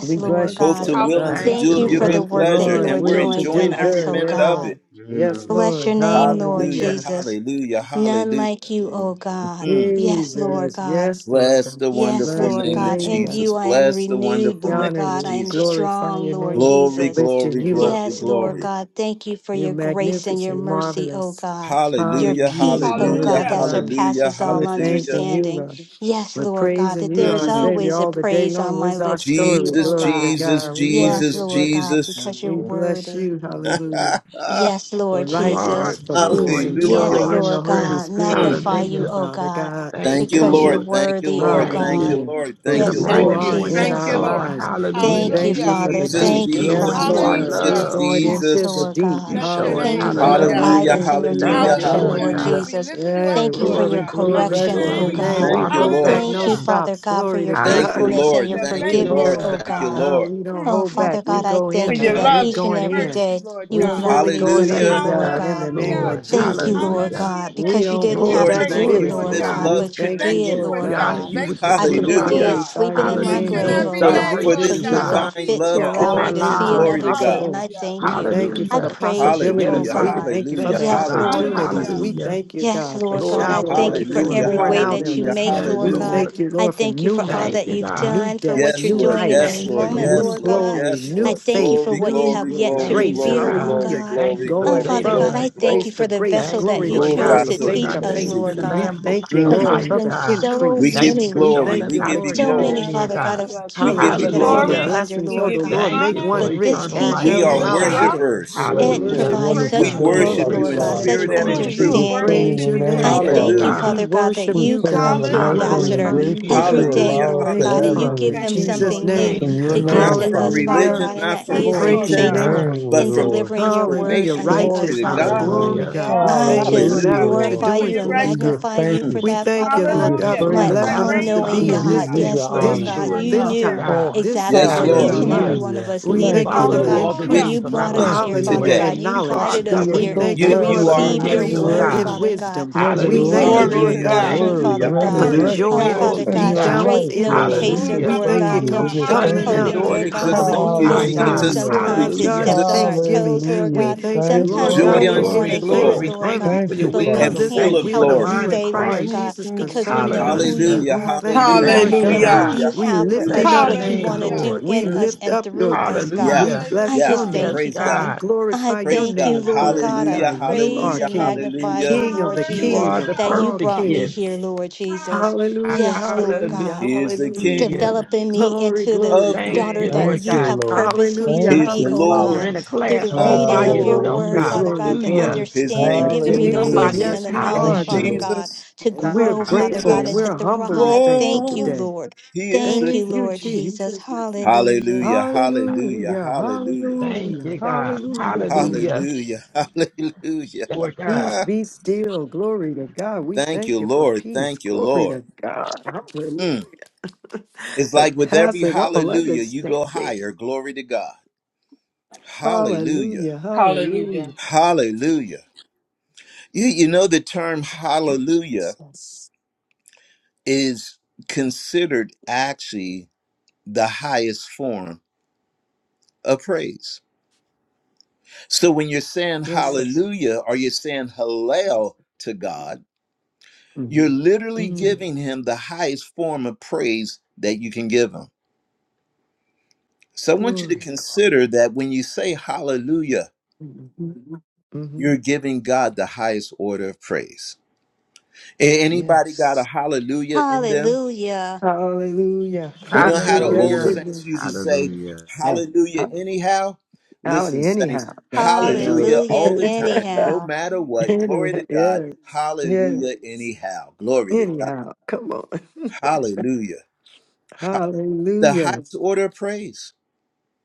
Speaker 6: We
Speaker 5: Lord
Speaker 6: bless you
Speaker 4: reminding us
Speaker 1: both
Speaker 6: for
Speaker 4: of
Speaker 1: to
Speaker 5: God.
Speaker 4: who
Speaker 6: it,
Speaker 1: will
Speaker 4: we
Speaker 1: and to
Speaker 4: are
Speaker 6: God.
Speaker 3: Thank
Speaker 2: Hallelujah.
Speaker 5: Thank
Speaker 1: do
Speaker 3: you,
Speaker 1: of
Speaker 5: you
Speaker 4: daily,
Speaker 1: your
Speaker 5: for
Speaker 3: Lord.
Speaker 5: the
Speaker 4: Lord.
Speaker 1: good
Speaker 6: Thank you,
Speaker 5: work that
Speaker 1: pleasure,
Speaker 4: Hallelujah.
Speaker 5: you
Speaker 6: Lord.
Speaker 5: are
Speaker 1: and we're
Speaker 6: Will to
Speaker 5: doing in
Speaker 1: enjoying
Speaker 6: do
Speaker 1: every
Speaker 5: us,
Speaker 6: good.
Speaker 5: O
Speaker 1: minute of
Speaker 6: Yeah.
Speaker 5: God.
Speaker 1: it.
Speaker 6: Yes,
Speaker 4: Mm.
Speaker 5: Bless
Speaker 6: Lord.
Speaker 5: your name, Lord
Speaker 1: Hallelujah.
Speaker 6: Hallelujah.
Speaker 5: Jesus.
Speaker 1: Hallelujah.
Speaker 5: None like
Speaker 1: Hallelujah.
Speaker 5: you,
Speaker 4: Thank you,
Speaker 5: O
Speaker 4: Lord
Speaker 5: God.
Speaker 1: Mm.
Speaker 4: Jesus.
Speaker 5: Yes,
Speaker 4: Hallelujah.
Speaker 5: Lord
Speaker 6: Jesus.
Speaker 5: God.
Speaker 6: Yes, Lord.
Speaker 1: Bless
Speaker 6: God.
Speaker 1: the
Speaker 5: Yes,
Speaker 4: Thank you.
Speaker 1: wonderful
Speaker 6: Bless
Speaker 5: Lord
Speaker 6: your
Speaker 1: name of
Speaker 5: God.
Speaker 6: name,
Speaker 5: In
Speaker 4: Thank
Speaker 6: God.
Speaker 5: you
Speaker 4: you.
Speaker 1: Jesus.
Speaker 5: I am
Speaker 1: Bless the
Speaker 5: renewed,
Speaker 6: We
Speaker 1: wonderful name
Speaker 5: Lord
Speaker 6: honor
Speaker 1: of
Speaker 5: God. I
Speaker 6: you,
Speaker 5: am
Speaker 1: Jesus.
Speaker 6: glorify
Speaker 5: strong,
Speaker 6: your
Speaker 5: Lord
Speaker 6: name,
Speaker 1: Glory,
Speaker 6: and
Speaker 5: Jesus.
Speaker 6: lifting
Speaker 1: glory,
Speaker 4: Amen.
Speaker 6: you up,
Speaker 1: glory,
Speaker 4: Thank
Speaker 5: Yes,
Speaker 6: oh
Speaker 4: you.
Speaker 5: Lord
Speaker 6: God.
Speaker 1: glory.
Speaker 5: God. Thank you for
Speaker 6: You're
Speaker 5: your grace and your
Speaker 6: magnificent,
Speaker 5: mercy, O
Speaker 6: marvelous.
Speaker 5: God. Your
Speaker 1: Hallelujah,
Speaker 6: Hallelujah,
Speaker 5: peace, O
Speaker 6: glory
Speaker 1: hallelujah,
Speaker 6: to
Speaker 5: God, that
Speaker 2: Hallelujah.
Speaker 6: God.
Speaker 1: hallelujah,
Speaker 5: surpasses all
Speaker 6: We're
Speaker 1: hallelujah.
Speaker 6: thanking you,
Speaker 5: understanding.
Speaker 6: Lord.
Speaker 5: Yes,
Speaker 6: We're
Speaker 5: Lord God,
Speaker 6: praising
Speaker 5: that
Speaker 6: you,
Speaker 5: there is
Speaker 6: our
Speaker 1: Mm.
Speaker 6: Savior,
Speaker 5: always a
Speaker 6: all the day
Speaker 5: praise on
Speaker 6: long.
Speaker 5: my
Speaker 6: Where's our
Speaker 5: lips for you,
Speaker 6: story?
Speaker 5: O
Speaker 1: Jesus,
Speaker 6: Glory to
Speaker 5: God.
Speaker 1: Jesus,
Speaker 6: God. We
Speaker 5: Yes,
Speaker 1: Jesus,
Speaker 6: worship
Speaker 5: Lord
Speaker 6: you.
Speaker 5: God,
Speaker 1: Jesus.
Speaker 5: because
Speaker 4: Mm,
Speaker 5: you're
Speaker 6: We
Speaker 4: mm.
Speaker 6: bless
Speaker 5: worthy.
Speaker 6: you,
Speaker 1: [LAUGHS]
Speaker 6: hallelujah,
Speaker 1: hallelujah.
Speaker 5: Yes,
Speaker 6: for
Speaker 5: Lord
Speaker 3: You are
Speaker 5: Jesus.
Speaker 3: our
Speaker 6: righteousness, for peace
Speaker 3: joy.
Speaker 6: and
Speaker 3: You are
Speaker 5: Yes,
Speaker 6: joy
Speaker 3: our
Speaker 6: in the
Speaker 5: Lord
Speaker 6: Holy
Speaker 3: strength.
Speaker 5: God.
Speaker 6: Spirit.
Speaker 1: Mm.
Speaker 5: Magnify
Speaker 6: Thank
Speaker 4: Thank you. Yes, Thank
Speaker 6: you,
Speaker 5: you,
Speaker 3: Hallelujah.
Speaker 5: O
Speaker 6: Father
Speaker 5: God,
Speaker 6: God.
Speaker 1: Thank
Speaker 3: Thank you,
Speaker 1: you,
Speaker 5: because you're
Speaker 1: Lord.
Speaker 3: Lord.
Speaker 1: Thank you,
Speaker 5: worthy, O
Speaker 1: Lord.
Speaker 3: Thank
Speaker 1: Thank
Speaker 3: you.
Speaker 5: God.
Speaker 1: you,
Speaker 6: Hallelujah.
Speaker 1: Lord.
Speaker 6: For
Speaker 3: You're
Speaker 1: Thank
Speaker 3: the
Speaker 1: you,
Speaker 6: who
Speaker 5: Yes,
Speaker 3: bright
Speaker 6: you
Speaker 5: Lord
Speaker 2: Thank
Speaker 3: and
Speaker 1: Lord.
Speaker 6: are
Speaker 2: you.
Speaker 3: morning
Speaker 6: in
Speaker 2: Thank
Speaker 6: our
Speaker 2: you,
Speaker 5: Jesus.
Speaker 3: star.
Speaker 2: Lord.
Speaker 6: lives. We
Speaker 5: Thank
Speaker 3: Hallelujah.
Speaker 5: you,
Speaker 6: thank you
Speaker 2: Hallelujah.
Speaker 6: for the
Speaker 5: Father.
Speaker 1: Jesus,
Speaker 6: deep.
Speaker 3: Thank
Speaker 5: Thank
Speaker 3: you,
Speaker 5: you,
Speaker 3: Lord.
Speaker 6: Yes,
Speaker 1: Jesus,
Speaker 3: You
Speaker 5: Father.
Speaker 3: are
Speaker 6: Lord. We're
Speaker 1: Jesus,
Speaker 2: Hallelujah.
Speaker 3: love.
Speaker 6: going
Speaker 5: Yes,
Speaker 6: into the
Speaker 1: Jesus.
Speaker 5: Lord
Speaker 6: deep.
Speaker 3: You
Speaker 5: God.
Speaker 2: Bless your
Speaker 3: show us
Speaker 5: Thank you
Speaker 3: how
Speaker 2: name,
Speaker 3: to
Speaker 5: for
Speaker 6: Hallelujah,
Speaker 2: Lord
Speaker 5: your
Speaker 3: love
Speaker 6: God.
Speaker 2: God.
Speaker 1: Hallelujah,
Speaker 5: guidance
Speaker 3: others.
Speaker 6: Thank
Speaker 5: and your
Speaker 6: you,
Speaker 3: Thank
Speaker 1: hallelujah,
Speaker 6: Lord
Speaker 3: you,
Speaker 5: direction,
Speaker 3: Lord
Speaker 6: God.
Speaker 2: Hallelujah.
Speaker 5: Lord
Speaker 2: As
Speaker 1: hallelujah.
Speaker 3: God.
Speaker 2: we
Speaker 5: Jesus.
Speaker 2: lift you up,
Speaker 6: Yeah,
Speaker 5: Thank you for
Speaker 2: Lord
Speaker 6: we
Speaker 5: your
Speaker 3: Glory,
Speaker 2: God,
Speaker 6: we
Speaker 2: bless
Speaker 3: glory,
Speaker 2: your
Speaker 6: bless
Speaker 5: correction,
Speaker 6: in
Speaker 5: O
Speaker 6: your
Speaker 3: glory.
Speaker 2: name.
Speaker 6: name.
Speaker 3: You
Speaker 5: God.
Speaker 6: We
Speaker 1: Thank
Speaker 3: are
Speaker 1: you,
Speaker 6: hold back
Speaker 1: Lord.
Speaker 5: Thank
Speaker 6: no
Speaker 5: you,
Speaker 2: Hallelujah.
Speaker 3: perfection.
Speaker 5: Father
Speaker 6: stops.
Speaker 5: God, for
Speaker 6: Glory
Speaker 5: your
Speaker 6: to
Speaker 1: Thank
Speaker 6: God.
Speaker 1: you,
Speaker 6: [LAUGHS]
Speaker 3: Hallelujah.
Speaker 5: faithfulness and
Speaker 1: Lord.
Speaker 5: your
Speaker 2: Hallelujah.
Speaker 1: Thank
Speaker 6: We
Speaker 1: you,
Speaker 2: Thank you,
Speaker 5: forgiveness,
Speaker 1: Lord.
Speaker 6: hold
Speaker 2: Lord
Speaker 5: O
Speaker 1: Thank you,
Speaker 2: God.
Speaker 5: God.
Speaker 6: uh,
Speaker 1: Lord.
Speaker 6: we don't
Speaker 2: Mm,
Speaker 5: Oh,
Speaker 6: hold
Speaker 2: mm,
Speaker 6: back.
Speaker 5: Father
Speaker 6: We
Speaker 5: God,
Speaker 2: mm.
Speaker 5: I
Speaker 6: go
Speaker 2: For
Speaker 6: in
Speaker 5: thank you
Speaker 2: your
Speaker 6: there.
Speaker 5: that
Speaker 6: We
Speaker 2: love
Speaker 3: Thank
Speaker 5: each
Speaker 2: and
Speaker 5: and
Speaker 2: your
Speaker 6: going
Speaker 5: every
Speaker 6: in.
Speaker 2: mercy,
Speaker 5: day
Speaker 2: Lord
Speaker 5: you
Speaker 6: We
Speaker 3: you
Speaker 2: God.
Speaker 5: allow
Speaker 6: fully
Speaker 5: me
Speaker 3: for
Speaker 5: to
Speaker 6: going
Speaker 5: see,
Speaker 6: in,
Speaker 1: Hallelujah.
Speaker 3: perfecting
Speaker 5: Lord
Speaker 6: God,
Speaker 3: us,
Speaker 6: in
Speaker 5: God.
Speaker 6: the name of
Speaker 2: Hallelujah.
Speaker 3: Lord.
Speaker 5: Thank you,
Speaker 6: Jesus.
Speaker 5: Lord
Speaker 3: Hallelujah.
Speaker 2: Hallelujah.
Speaker 5: God,
Speaker 2: Thank
Speaker 6: We
Speaker 5: because you
Speaker 2: you
Speaker 6: don't
Speaker 2: for
Speaker 5: didn't
Speaker 2: your
Speaker 6: pull
Speaker 5: have
Speaker 1: Lord,
Speaker 3: Glory,
Speaker 5: to
Speaker 6: back
Speaker 2: grace,
Speaker 5: do
Speaker 1: thank
Speaker 5: it,
Speaker 1: you
Speaker 3: glory,
Speaker 6: spirit.
Speaker 1: for
Speaker 2: Lord
Speaker 5: Lord
Speaker 1: this
Speaker 2: God.
Speaker 5: God,
Speaker 3: glory.
Speaker 6: We
Speaker 1: love
Speaker 5: but you
Speaker 6: thank you,
Speaker 2: Thank you
Speaker 5: did,
Speaker 1: connection.
Speaker 6: Lord
Speaker 2: for
Speaker 5: Lord
Speaker 3: We
Speaker 6: God.
Speaker 3: honor
Speaker 5: God.
Speaker 3: you with the
Speaker 5: I
Speaker 3: fruit
Speaker 2: salvation,
Speaker 5: could
Speaker 6: We
Speaker 3: of
Speaker 5: be
Speaker 3: our
Speaker 2: Lord
Speaker 1: Hallelujah.
Speaker 5: dead,
Speaker 3: lips.
Speaker 2: God.
Speaker 6: glorify
Speaker 5: sleeping in
Speaker 6: your
Speaker 5: my
Speaker 2: Each
Speaker 6: name,
Speaker 2: and
Speaker 3: Hallelujah.
Speaker 5: grave,
Speaker 3: We
Speaker 6: Lord
Speaker 5: oh
Speaker 2: every
Speaker 1: For,
Speaker 6: God. We
Speaker 2: day,
Speaker 5: God,
Speaker 1: for
Speaker 3: celebrate
Speaker 2: Lord
Speaker 5: but
Speaker 1: this
Speaker 3: you,
Speaker 6: lift
Speaker 5: you
Speaker 2: God,
Speaker 6: you
Speaker 2: for
Speaker 5: saw
Speaker 3: God,
Speaker 6: up.
Speaker 1: divine
Speaker 5: fit
Speaker 2: keeping
Speaker 5: to
Speaker 6: For
Speaker 1: love
Speaker 2: us.
Speaker 3: with
Speaker 5: allow
Speaker 6: all
Speaker 3: our
Speaker 5: me to
Speaker 1: connection.
Speaker 6: things
Speaker 5: see
Speaker 6: are
Speaker 1: Glory
Speaker 5: another
Speaker 1: to
Speaker 3: lives.
Speaker 5: day,
Speaker 1: God.
Speaker 5: and
Speaker 6: possible.
Speaker 5: I
Speaker 2: Hallelujah.
Speaker 5: thank
Speaker 6: We
Speaker 5: you.
Speaker 6: thank you
Speaker 5: I
Speaker 6: for the
Speaker 3: Hallelujah.
Speaker 5: praise you,
Speaker 3: You're the
Speaker 5: oh
Speaker 1: Hallelujah.
Speaker 6: possibilities. We
Speaker 3: perfect
Speaker 5: God.
Speaker 6: thank you for
Speaker 1: Hallelujah.
Speaker 6: the
Speaker 3: example,
Speaker 5: Yes,
Speaker 3: God.
Speaker 5: Lord
Speaker 1: Hallelujah.
Speaker 5: God.
Speaker 6: opportunities.
Speaker 2: Hallelujah.
Speaker 6: We
Speaker 3: Hallelujah.
Speaker 6: thank you,
Speaker 5: Yes,
Speaker 6: God, for
Speaker 5: Lord God,
Speaker 3: Glory,
Speaker 5: I
Speaker 6: showering
Speaker 5: thank
Speaker 3: glory,
Speaker 6: us,
Speaker 5: you for
Speaker 1: Hallelujah.
Speaker 5: every
Speaker 3: glory.
Speaker 6: pouring
Speaker 5: way
Speaker 6: out
Speaker 5: that
Speaker 6: on
Speaker 5: you
Speaker 1: Hallelujah.
Speaker 6: us.
Speaker 5: make,
Speaker 3: Yes,
Speaker 6: We
Speaker 5: Lord
Speaker 3: Lord.
Speaker 1: Hallelujah.
Speaker 5: God.
Speaker 6: thank you,
Speaker 5: I
Speaker 6: Lord, for
Speaker 5: thank you
Speaker 6: new
Speaker 5: for all
Speaker 6: life,
Speaker 3: Thank
Speaker 5: that
Speaker 3: you,
Speaker 5: you've
Speaker 3: God.
Speaker 6: new
Speaker 5: done, for
Speaker 6: depths,
Speaker 5: what
Speaker 1: Yes,
Speaker 5: you're
Speaker 6: new
Speaker 1: Lord.
Speaker 5: doing in
Speaker 1: Yes,
Speaker 6: heights,
Speaker 5: this
Speaker 3: Thank you,
Speaker 1: Lord.
Speaker 5: moment,
Speaker 3: Lord.
Speaker 6: new
Speaker 1: Yes,
Speaker 5: Lord
Speaker 1: Lord.
Speaker 5: God.
Speaker 6: glory,
Speaker 1: Yes,
Speaker 6: new
Speaker 5: I
Speaker 1: Lord.
Speaker 5: thank you
Speaker 6: faith,
Speaker 5: for
Speaker 1: Glory,
Speaker 5: what you
Speaker 6: new
Speaker 1: glory,
Speaker 5: have
Speaker 6: gr-
Speaker 5: yet to
Speaker 1: glory,
Speaker 3: Thank
Speaker 6: grace.
Speaker 3: you,
Speaker 1: glory,
Speaker 5: reveal, oh
Speaker 3: God.
Speaker 1: glory,
Speaker 6: Hallelujah.
Speaker 5: God.
Speaker 3: Thank
Speaker 1: glory,
Speaker 3: you for
Speaker 5: Oh,
Speaker 6: Going
Speaker 1: glory,
Speaker 5: Father
Speaker 3: saving
Speaker 5: God,
Speaker 6: from
Speaker 1: glory,
Speaker 3: us.
Speaker 5: I thank
Speaker 6: grace
Speaker 5: you
Speaker 1: glory.
Speaker 6: to
Speaker 5: for the
Speaker 6: grace,
Speaker 5: vessel
Speaker 3: Thank
Speaker 5: that
Speaker 3: you,
Speaker 6: glory to
Speaker 5: you
Speaker 3: Lord
Speaker 1: Oh,
Speaker 5: chose
Speaker 3: God,
Speaker 6: glory,
Speaker 3: for
Speaker 5: to
Speaker 1: brazo
Speaker 3: putting
Speaker 6: faith
Speaker 1: que
Speaker 5: teach
Speaker 3: our
Speaker 6: to
Speaker 5: us,
Speaker 6: faith.
Speaker 3: names in
Speaker 5: Lord
Speaker 3: the
Speaker 1: breciki.
Speaker 6: We
Speaker 5: God.
Speaker 3: Lamb Book
Speaker 6: thank you,
Speaker 3: of
Speaker 5: Because
Speaker 6: Lord,
Speaker 5: there's
Speaker 3: Life,
Speaker 6: for
Speaker 5: been
Speaker 6: the
Speaker 3: God.
Speaker 5: so
Speaker 1: We
Speaker 6: increase.
Speaker 1: give
Speaker 3: Thank you
Speaker 1: you
Speaker 5: many,
Speaker 3: for
Speaker 6: We
Speaker 3: showing
Speaker 1: glory.
Speaker 6: thank
Speaker 3: us
Speaker 1: We
Speaker 6: you,
Speaker 3: how to
Speaker 1: give you
Speaker 6: Lord
Speaker 5: so
Speaker 3: keep it
Speaker 6: God.
Speaker 5: many,
Speaker 1: glory.
Speaker 3: in
Speaker 2: Yes,
Speaker 3: there,
Speaker 5: Father
Speaker 2: yes,
Speaker 5: God,
Speaker 3: God.
Speaker 5: of
Speaker 2: yes.
Speaker 1: We
Speaker 2: We
Speaker 1: give
Speaker 2: give
Speaker 5: tutelage
Speaker 1: you
Speaker 2: you
Speaker 5: that
Speaker 6: Hallelujah. For
Speaker 5: I've
Speaker 6: the
Speaker 1: glory.
Speaker 5: been
Speaker 3: Hallelujah.
Speaker 2: glory.
Speaker 5: under,
Speaker 6: blessings
Speaker 2: We
Speaker 6: of
Speaker 5: Lord
Speaker 6: the
Speaker 2: give you
Speaker 6: Lord,
Speaker 5: God.
Speaker 3: Thank
Speaker 6: make
Speaker 3: you
Speaker 2: honor.
Speaker 6: one
Speaker 3: for
Speaker 5: But
Speaker 6: rich,
Speaker 5: this
Speaker 3: eternal
Speaker 6: add
Speaker 3: life,
Speaker 1: We
Speaker 5: teaching,
Speaker 6: no
Speaker 2: We
Speaker 1: are
Speaker 5: Lord
Speaker 2: lift
Speaker 3: Lord
Speaker 6: sorrow
Speaker 2: you
Speaker 5: God,
Speaker 6: with
Speaker 3: God.
Speaker 2: up
Speaker 6: it.
Speaker 7: Thank you,
Speaker 1: worshipers.
Speaker 6: We
Speaker 7: Lord,
Speaker 5: it
Speaker 2: and
Speaker 7: for a
Speaker 3: Hallelujah.
Speaker 6: worship
Speaker 2: we
Speaker 5: provides
Speaker 6: you,
Speaker 2: praise
Speaker 7: wonderful
Speaker 1: We
Speaker 2: your
Speaker 5: such
Speaker 6: God.
Speaker 7: day,
Speaker 6: We
Speaker 2: name.
Speaker 5: growth,
Speaker 1: worship
Speaker 3: Glory,
Speaker 7: Father
Speaker 1: you
Speaker 5: Lord
Speaker 6: bless
Speaker 1: in
Speaker 6: your
Speaker 5: God,
Speaker 7: God.
Speaker 3: glory,
Speaker 5: such
Speaker 2: But
Speaker 1: spirit
Speaker 6: name.
Speaker 1: and in
Speaker 2: truly,
Speaker 3: glory.
Speaker 7: We
Speaker 2: you are
Speaker 6: We
Speaker 1: truth.
Speaker 7: just pray
Speaker 2: worthy
Speaker 7: in
Speaker 5: understanding.
Speaker 6: praise
Speaker 2: to
Speaker 7: your
Speaker 6: your
Speaker 2: be
Speaker 7: name,
Speaker 5: I
Speaker 2: praised,
Speaker 6: name.
Speaker 3: Yes,
Speaker 2: Lord
Speaker 5: thank you,
Speaker 7: Father.
Speaker 1: Hallelujah.
Speaker 6: We
Speaker 2: God.
Speaker 3: God.
Speaker 5: Father God, that
Speaker 6: worship
Speaker 7: We
Speaker 5: you
Speaker 6: you,
Speaker 7: pray
Speaker 6: God.
Speaker 7: on
Speaker 5: come
Speaker 7: the
Speaker 6: We
Speaker 5: to
Speaker 7: mercy and
Speaker 2: Hallelujah.
Speaker 7: the
Speaker 5: Ambassador
Speaker 6: glorify
Speaker 7: grace
Speaker 6: you,
Speaker 7: that
Speaker 6: Lord.
Speaker 5: every
Speaker 7: you
Speaker 2: Thank
Speaker 3: Hallelujah.
Speaker 5: day,
Speaker 2: you.
Speaker 1: Hallelujah.
Speaker 7: allow us
Speaker 5: Lord
Speaker 7: to
Speaker 6: Thank you,
Speaker 5: God, and
Speaker 7: have
Speaker 5: you
Speaker 1: Hallelujah.
Speaker 6: Father.
Speaker 5: give
Speaker 7: and
Speaker 6: In
Speaker 5: him
Speaker 2: Thank you,
Speaker 7: receive
Speaker 6: Jesus'
Speaker 2: Lord
Speaker 5: something
Speaker 2: God.
Speaker 6: name.
Speaker 5: new
Speaker 7: in
Speaker 3: Thank you,
Speaker 7: your
Speaker 5: to give
Speaker 7: name,
Speaker 1: Not
Speaker 5: to
Speaker 3: Lord.
Speaker 1: from
Speaker 5: us,
Speaker 7: Father.
Speaker 5: Father
Speaker 6: Hallelujah.
Speaker 1: religion,
Speaker 5: God, and
Speaker 2: Hallelujah.
Speaker 1: not
Speaker 5: that
Speaker 6: We
Speaker 1: from
Speaker 5: he
Speaker 2: Thank
Speaker 5: is
Speaker 2: you,
Speaker 7: Glory
Speaker 5: so
Speaker 7: to
Speaker 3: Thank
Speaker 2: Lord
Speaker 6: praise
Speaker 3: you,
Speaker 6: your
Speaker 7: your
Speaker 1: pretense,
Speaker 2: God.
Speaker 6: name,
Speaker 5: faithful
Speaker 3: God.
Speaker 7: name,
Speaker 6: Lord.
Speaker 1: but
Speaker 5: in
Speaker 1: from
Speaker 4: you,
Speaker 7: Lord.
Speaker 5: delivering your word
Speaker 6: Hallelujah.
Speaker 1: transformation.
Speaker 5: unto
Speaker 7: Glory
Speaker 5: us,
Speaker 1: Glory to
Speaker 7: to
Speaker 6: Righteousness.
Speaker 5: Father
Speaker 7: your
Speaker 1: God.
Speaker 5: God.
Speaker 6: Glory,
Speaker 7: name.
Speaker 3: Hallelujah.
Speaker 6: God. We
Speaker 5: I
Speaker 2: Yes,
Speaker 6: thank you for
Speaker 2: Lord
Speaker 5: just
Speaker 6: that,
Speaker 2: God.
Speaker 7: Hallelujah,
Speaker 1: Hallelujah.
Speaker 6: what you're
Speaker 2: Thank you
Speaker 7: Lord.
Speaker 5: glorify
Speaker 2: for
Speaker 6: doing
Speaker 5: you
Speaker 2: your
Speaker 5: and
Speaker 6: for us,
Speaker 7: We just
Speaker 6: God.
Speaker 5: magnify
Speaker 2: righteousness.
Speaker 7: thank
Speaker 5: you for
Speaker 1: Mm.
Speaker 7: you.
Speaker 6: We
Speaker 5: that,
Speaker 6: thank
Speaker 5: Father
Speaker 6: you,
Speaker 7: We
Speaker 6: Lord
Speaker 5: God,
Speaker 7: just
Speaker 3: If
Speaker 6: God,
Speaker 3: we
Speaker 2: Hallelujah.
Speaker 6: for
Speaker 7: praise
Speaker 3: had
Speaker 5: my
Speaker 3: a
Speaker 2: That
Speaker 7: you.
Speaker 6: blessing
Speaker 5: all
Speaker 6: us
Speaker 3: thousand
Speaker 6: to
Speaker 2: reigns
Speaker 5: knowing
Speaker 6: be
Speaker 7: We
Speaker 3: tongues,
Speaker 6: in
Speaker 2: over
Speaker 3: we
Speaker 7: give
Speaker 6: this
Speaker 5: God.
Speaker 2: us
Speaker 6: day,
Speaker 7: you the
Speaker 5: Yes,
Speaker 3: couldn't
Speaker 2: each
Speaker 5: Lord
Speaker 6: this
Speaker 7: honor.
Speaker 3: praise
Speaker 2: and
Speaker 5: God,
Speaker 6: boom,
Speaker 3: you
Speaker 5: you
Speaker 2: every
Speaker 6: this
Speaker 3: enough,
Speaker 2: day.
Speaker 5: knew
Speaker 6: time,
Speaker 7: Oh,
Speaker 3: God.
Speaker 6: this
Speaker 2: We
Speaker 5: exactly
Speaker 2: thank
Speaker 1: Yes,
Speaker 5: what
Speaker 2: you,
Speaker 6: season in
Speaker 1: Lord.
Speaker 2: Lord
Speaker 5: each
Speaker 6: our
Speaker 5: and
Speaker 2: God.
Speaker 5: every
Speaker 3: Hallelujah.
Speaker 6: lives.
Speaker 5: one of
Speaker 7: hallelujah.
Speaker 5: us
Speaker 3: We
Speaker 6: We
Speaker 3: will
Speaker 5: needed,
Speaker 7: Thank
Speaker 6: thank you
Speaker 7: you,
Speaker 3: follow
Speaker 6: for
Speaker 5: Father
Speaker 3: you
Speaker 6: the
Speaker 5: God
Speaker 7: Lord.
Speaker 3: all the
Speaker 1: We
Speaker 5: and
Speaker 2: Hallelujah.
Speaker 6: increase.
Speaker 5: you
Speaker 3: days of our
Speaker 5: brought us
Speaker 7: Thank
Speaker 1: acknowledge
Speaker 3: lives,
Speaker 5: here,
Speaker 1: you
Speaker 7: you,
Speaker 5: Father
Speaker 3: Lord.
Speaker 7: Lord.
Speaker 6: Hallelujah.
Speaker 1: today.
Speaker 5: God.
Speaker 6: In
Speaker 3: Thank
Speaker 5: You
Speaker 3: you for our
Speaker 6: knowledge.
Speaker 5: guided us
Speaker 7: We are
Speaker 6: We
Speaker 5: here
Speaker 7: so
Speaker 3: government.
Speaker 6: thank
Speaker 5: to
Speaker 6: you,
Speaker 1: You
Speaker 3: Thank you
Speaker 7: glad
Speaker 1: you
Speaker 6: Lord,
Speaker 7: of
Speaker 3: for
Speaker 6: for
Speaker 3: the
Speaker 6: the
Speaker 1: are
Speaker 7: your
Speaker 5: receive
Speaker 1: our
Speaker 5: your
Speaker 6: increase
Speaker 3: kingdom,
Speaker 5: word,
Speaker 3: God.
Speaker 6: in
Speaker 1: source.
Speaker 7: resurrection,
Speaker 5: Father
Speaker 2: Mm.
Speaker 5: God,
Speaker 6: wisdom.
Speaker 5: to
Speaker 6: We thank you,
Speaker 3: Hallelujah.
Speaker 7: resurrection
Speaker 5: receive
Speaker 2: Glory
Speaker 5: your
Speaker 6: Lord
Speaker 7: in
Speaker 2: to
Speaker 1: Hallelujah.
Speaker 7: your
Speaker 6: God,
Speaker 2: God.
Speaker 5: doctrine,
Speaker 3: Thank you
Speaker 7: word,
Speaker 3: for
Speaker 1: Hallelujah.
Speaker 5: Father
Speaker 6: for
Speaker 5: God.
Speaker 3: making
Speaker 6: the
Speaker 2: Glory
Speaker 3: us
Speaker 1: Hallelujah.
Speaker 2: to
Speaker 7: resurrection
Speaker 5: Oh,
Speaker 6: joy
Speaker 2: God,
Speaker 6: that
Speaker 2: the
Speaker 5: Father
Speaker 6: is
Speaker 7: in
Speaker 3: royalty,
Speaker 2: Most
Speaker 5: God,
Speaker 6: deep
Speaker 7: your
Speaker 2: High.
Speaker 6: down
Speaker 3: God.
Speaker 7: life,
Speaker 5: straight
Speaker 6: within
Speaker 5: no
Speaker 6: us.
Speaker 7: Lord.
Speaker 2: Oh,
Speaker 5: chaser,
Speaker 7: We just
Speaker 2: my,
Speaker 6: We
Speaker 3: Hallelujah.
Speaker 5: Lord
Speaker 7: praise
Speaker 2: my,
Speaker 6: thank
Speaker 2: my,
Speaker 6: you
Speaker 5: God,
Speaker 7: you.
Speaker 5: no
Speaker 2: my.
Speaker 6: comes
Speaker 7: We just
Speaker 5: sugar
Speaker 1: Thank
Speaker 7: thank
Speaker 3: Sons
Speaker 6: bubbling
Speaker 3: and
Speaker 7: you.
Speaker 6: out.
Speaker 5: coating,
Speaker 1: you,
Speaker 2: Hallelujah.
Speaker 5: Lord
Speaker 3: daughters of the
Speaker 5: God.
Speaker 1: Jesus.
Speaker 3: Most
Speaker 1: Thank you,
Speaker 3: High
Speaker 6: Hallelujah.
Speaker 5: Yes,
Speaker 6: Comes
Speaker 5: Lord,
Speaker 3: God.
Speaker 1: Jesus.
Speaker 7: Hallelujah.
Speaker 6: before
Speaker 1: Thank
Speaker 6: us,
Speaker 5: sometimes
Speaker 1: you,
Speaker 5: it
Speaker 6: God,
Speaker 3: Hallelujah.
Speaker 6: in
Speaker 5: steps on
Speaker 1: Jesus.
Speaker 5: our
Speaker 6: thanksgiving.
Speaker 5: toes,
Speaker 2: Thank
Speaker 5: Lord
Speaker 2: you,
Speaker 6: We
Speaker 7: Hallelujah.
Speaker 5: God.
Speaker 6: thank
Speaker 2: Jesus.
Speaker 6: you,
Speaker 7: Thank you,
Speaker 6: Lord
Speaker 5: Sometimes we
Speaker 1: Joy
Speaker 3: Glory,
Speaker 6: God.
Speaker 5: don't
Speaker 6: We're
Speaker 5: even
Speaker 7: Lord.
Speaker 5: want
Speaker 3: glory,
Speaker 5: to
Speaker 6: giving
Speaker 5: hear
Speaker 6: thanks
Speaker 5: it,
Speaker 3: glory.
Speaker 1: unspeakable
Speaker 6: and
Speaker 5: Lord
Speaker 3: Thank you
Speaker 5: God,
Speaker 6: everything
Speaker 7: Thank
Speaker 3: for your
Speaker 7: you,
Speaker 5: but we
Speaker 6: because
Speaker 1: and
Speaker 7: Father.
Speaker 3: wisdom.
Speaker 6: this the
Speaker 5: can't
Speaker 1: full
Speaker 3: Thank
Speaker 1: of
Speaker 3: you for
Speaker 6: will
Speaker 5: help
Speaker 3: the
Speaker 6: of
Speaker 5: but
Speaker 1: glory.
Speaker 6: you
Speaker 3: mind
Speaker 6: in
Speaker 3: of
Speaker 5: stay,
Speaker 6: Christ
Speaker 5: Lord
Speaker 3: Christ.
Speaker 2: Mm,
Speaker 5: God,
Speaker 6: Jesus
Speaker 2: mm.
Speaker 5: because we
Speaker 6: concerning
Speaker 5: know who
Speaker 6: us.
Speaker 5: you
Speaker 3: Hallelujah.
Speaker 1: Hallelujah.
Speaker 6: We
Speaker 5: are,
Speaker 6: thank
Speaker 5: Father
Speaker 6: you,
Speaker 1: Hallelujah.
Speaker 5: God,
Speaker 6: Lord
Speaker 3: Thank you,
Speaker 5: and
Speaker 6: God.
Speaker 5: what
Speaker 3: God.
Speaker 2: Hallelujah.
Speaker 5: you
Speaker 1: Hallelujah.
Speaker 6: We
Speaker 5: have for us
Speaker 6: lifting
Speaker 1: Hallelujah.
Speaker 3: Bless
Speaker 5: and
Speaker 6: up
Speaker 3: your
Speaker 5: what
Speaker 6: you,
Speaker 5: you
Speaker 3: name,
Speaker 5: want
Speaker 6: God.
Speaker 5: to
Speaker 2: Hallelujah.
Speaker 5: do
Speaker 3: Lord.
Speaker 6: We
Speaker 5: in us
Speaker 6: lift
Speaker 5: and
Speaker 6: up
Speaker 5: through
Speaker 6: your,
Speaker 5: us,
Speaker 1: Yeah.
Speaker 5: God.
Speaker 6: we
Speaker 3: Hallelujah.
Speaker 5: I
Speaker 6: bless
Speaker 1: Yeah.
Speaker 6: your
Speaker 5: just
Speaker 2: Hallelujah.
Speaker 3: Yes,
Speaker 6: name.
Speaker 5: thank you,
Speaker 1: Praise God.
Speaker 5: God.
Speaker 6: We
Speaker 3: God.
Speaker 5: I
Speaker 6: glorify your
Speaker 1: Praise
Speaker 5: thank you,
Speaker 1: God.
Speaker 6: name,
Speaker 5: Lord
Speaker 6: glory to
Speaker 5: God. I
Speaker 1: Hallelujah.
Speaker 2: Hallelujah.
Speaker 6: God. You
Speaker 5: praise
Speaker 6: are
Speaker 1: Hallelujah.
Speaker 5: and
Speaker 6: King,
Speaker 5: magnify
Speaker 1: Hallelujah.
Speaker 5: you,
Speaker 6: King of
Speaker 5: Lord
Speaker 6: the
Speaker 3: You
Speaker 5: Jesus,
Speaker 6: King
Speaker 3: are
Speaker 6: of
Speaker 3: the
Speaker 5: that
Speaker 2: Hallelujah.
Speaker 5: you
Speaker 6: all
Speaker 3: perfect
Speaker 5: brought me
Speaker 3: gift.
Speaker 5: here,
Speaker 6: kings.
Speaker 5: Lord Jesus.
Speaker 2: Hallelujah.
Speaker 6: Hallelujah,
Speaker 5: Yes, Lord
Speaker 3: Hallelujah.
Speaker 6: hallelujah,
Speaker 5: God.
Speaker 1: He is the
Speaker 6: hallelujah.
Speaker 1: King
Speaker 5: Developing me
Speaker 6: Glory,
Speaker 5: into the
Speaker 6: glory,
Speaker 1: of
Speaker 6: glory.
Speaker 3: Thank
Speaker 5: daughter
Speaker 3: you,
Speaker 5: that
Speaker 7: Thank
Speaker 3: Lord
Speaker 5: you
Speaker 1: kings.
Speaker 7: you,
Speaker 3: God.
Speaker 5: have
Speaker 7: Lord.
Speaker 5: purposed me
Speaker 6: Hallelujah,
Speaker 5: to
Speaker 1: He
Speaker 7: Thank
Speaker 1: is
Speaker 5: be,
Speaker 1: the
Speaker 7: you,
Speaker 5: oh
Speaker 3: You're
Speaker 7: Father.
Speaker 6: hallelujah.
Speaker 5: God,
Speaker 1: Lord
Speaker 3: in a
Speaker 5: through the
Speaker 3: class all
Speaker 1: of
Speaker 5: reading
Speaker 3: by
Speaker 5: of your
Speaker 3: yourself,
Speaker 6: Glory,
Speaker 5: word,
Speaker 7: Hallelujah.
Speaker 1: lords.
Speaker 3: God.
Speaker 5: Father
Speaker 6: glory,
Speaker 5: God, the
Speaker 6: glory.
Speaker 3: Hallelujah.
Speaker 1: His
Speaker 5: understanding,
Speaker 1: name
Speaker 6: A
Speaker 1: is
Speaker 5: giving
Speaker 3: There's
Speaker 5: me the
Speaker 6: king,
Speaker 3: nobody
Speaker 5: wisdom
Speaker 7: Hallelujah.
Speaker 1: Jesus.
Speaker 3: as
Speaker 5: and
Speaker 6: yes,
Speaker 5: the
Speaker 3: high
Speaker 6: you
Speaker 7: Thank
Speaker 5: knowledge,
Speaker 6: are,
Speaker 3: as
Speaker 7: you,
Speaker 5: Father
Speaker 3: you.
Speaker 6: God.
Speaker 7: Lord.
Speaker 5: God,
Speaker 1: Jesus.
Speaker 5: to
Speaker 6: And
Speaker 3: God.
Speaker 6: we're
Speaker 5: grow, Father
Speaker 2: Hallelujah.
Speaker 6: grateful.
Speaker 5: God,
Speaker 3: Hallelujah.
Speaker 5: and
Speaker 1: Jesus.
Speaker 5: to
Speaker 6: We're humbly
Speaker 5: thrive.
Speaker 6: thankful
Speaker 5: Thank you,
Speaker 1: Lord.
Speaker 6: today.
Speaker 5: Lord.
Speaker 1: He is
Speaker 5: Thank
Speaker 1: the
Speaker 5: you,
Speaker 1: King.
Speaker 6: Thank you,
Speaker 5: Lord Jesus.
Speaker 6: Jesus.
Speaker 5: Hallelujah.
Speaker 1: Hallelujah, hallelujah,
Speaker 6: Hallelujah,
Speaker 1: hallelujah,
Speaker 3: Thank
Speaker 6: hallelujah,
Speaker 3: you, God.
Speaker 6: hallelujah, glory.
Speaker 3: Hallelujah.
Speaker 1: hallelujah, [LAUGHS] hallelujah.
Speaker 3: Lord God.
Speaker 6: Peace
Speaker 1: Ah,
Speaker 6: be still. Glory to God. We
Speaker 1: Thank you,
Speaker 6: thank you for
Speaker 1: Lord.
Speaker 6: peace.
Speaker 1: Thank you,
Speaker 6: Glory
Speaker 1: Lord.
Speaker 6: to God. Hallelujah.
Speaker 1: Mm. It's
Speaker 6: To
Speaker 1: like with
Speaker 6: pass
Speaker 1: every
Speaker 6: it all
Speaker 1: hallelujah, you go
Speaker 6: understanding.
Speaker 1: higher. Glory to God. Hallelujah,
Speaker 6: Hallelujah.
Speaker 2: Hallelujah.
Speaker 6: Hallelujah.
Speaker 1: hallelujah. You, you know, the term
Speaker 6: Thank you,
Speaker 1: hallelujah
Speaker 6: Jesus.
Speaker 1: is considered actually the highest form of praise. So when you're saying
Speaker 6: Yes, sir.
Speaker 1: hallelujah or you're saying hallel to God, You're
Speaker 6: Mhm.
Speaker 1: literally
Speaker 6: Mm.
Speaker 1: giving him the highest form of praise that you can give him. So I want you to
Speaker 6: Glory,
Speaker 1: consider
Speaker 6: glory.
Speaker 1: that when you say hallelujah,
Speaker 6: Mm-hmm.
Speaker 1: you're giving God the highest order of praise. A- Anybody got a
Speaker 6: Yes.
Speaker 1: hallelujah in them?
Speaker 5: Hallelujah.
Speaker 6: Hallelujah.
Speaker 1: You
Speaker 6: [LAUGHS]
Speaker 1: know
Speaker 4: Lord.
Speaker 1: how the
Speaker 6: yes,
Speaker 1: old
Speaker 3: Hallelujah.
Speaker 4: Hallelujah.
Speaker 6: it
Speaker 1: saints
Speaker 6: is.
Speaker 1: used to say
Speaker 3: Hallelujah.
Speaker 6: Yeah.
Speaker 1: hallelujah
Speaker 6: How,
Speaker 1: anyhow?
Speaker 6: how-
Speaker 1: Listen, saints,
Speaker 6: anyhow. That's
Speaker 4: [LAUGHS]
Speaker 6: right.
Speaker 4: Hallelujah.
Speaker 1: hallelujah
Speaker 5: Hallelujah,
Speaker 1: all the time,
Speaker 6: [LAUGHS]
Speaker 1: no
Speaker 5: anyhow.
Speaker 1: matter what. Glory
Speaker 6: anyhow.
Speaker 1: to God.
Speaker 6: Yeah. Yeah.
Speaker 1: Hallelujah anyhow. Glory to God.
Speaker 6: Anyhow. Come on. [LAUGHS]
Speaker 1: Hallelujah. The
Speaker 6: Hallelujah.
Speaker 1: highest order of praise.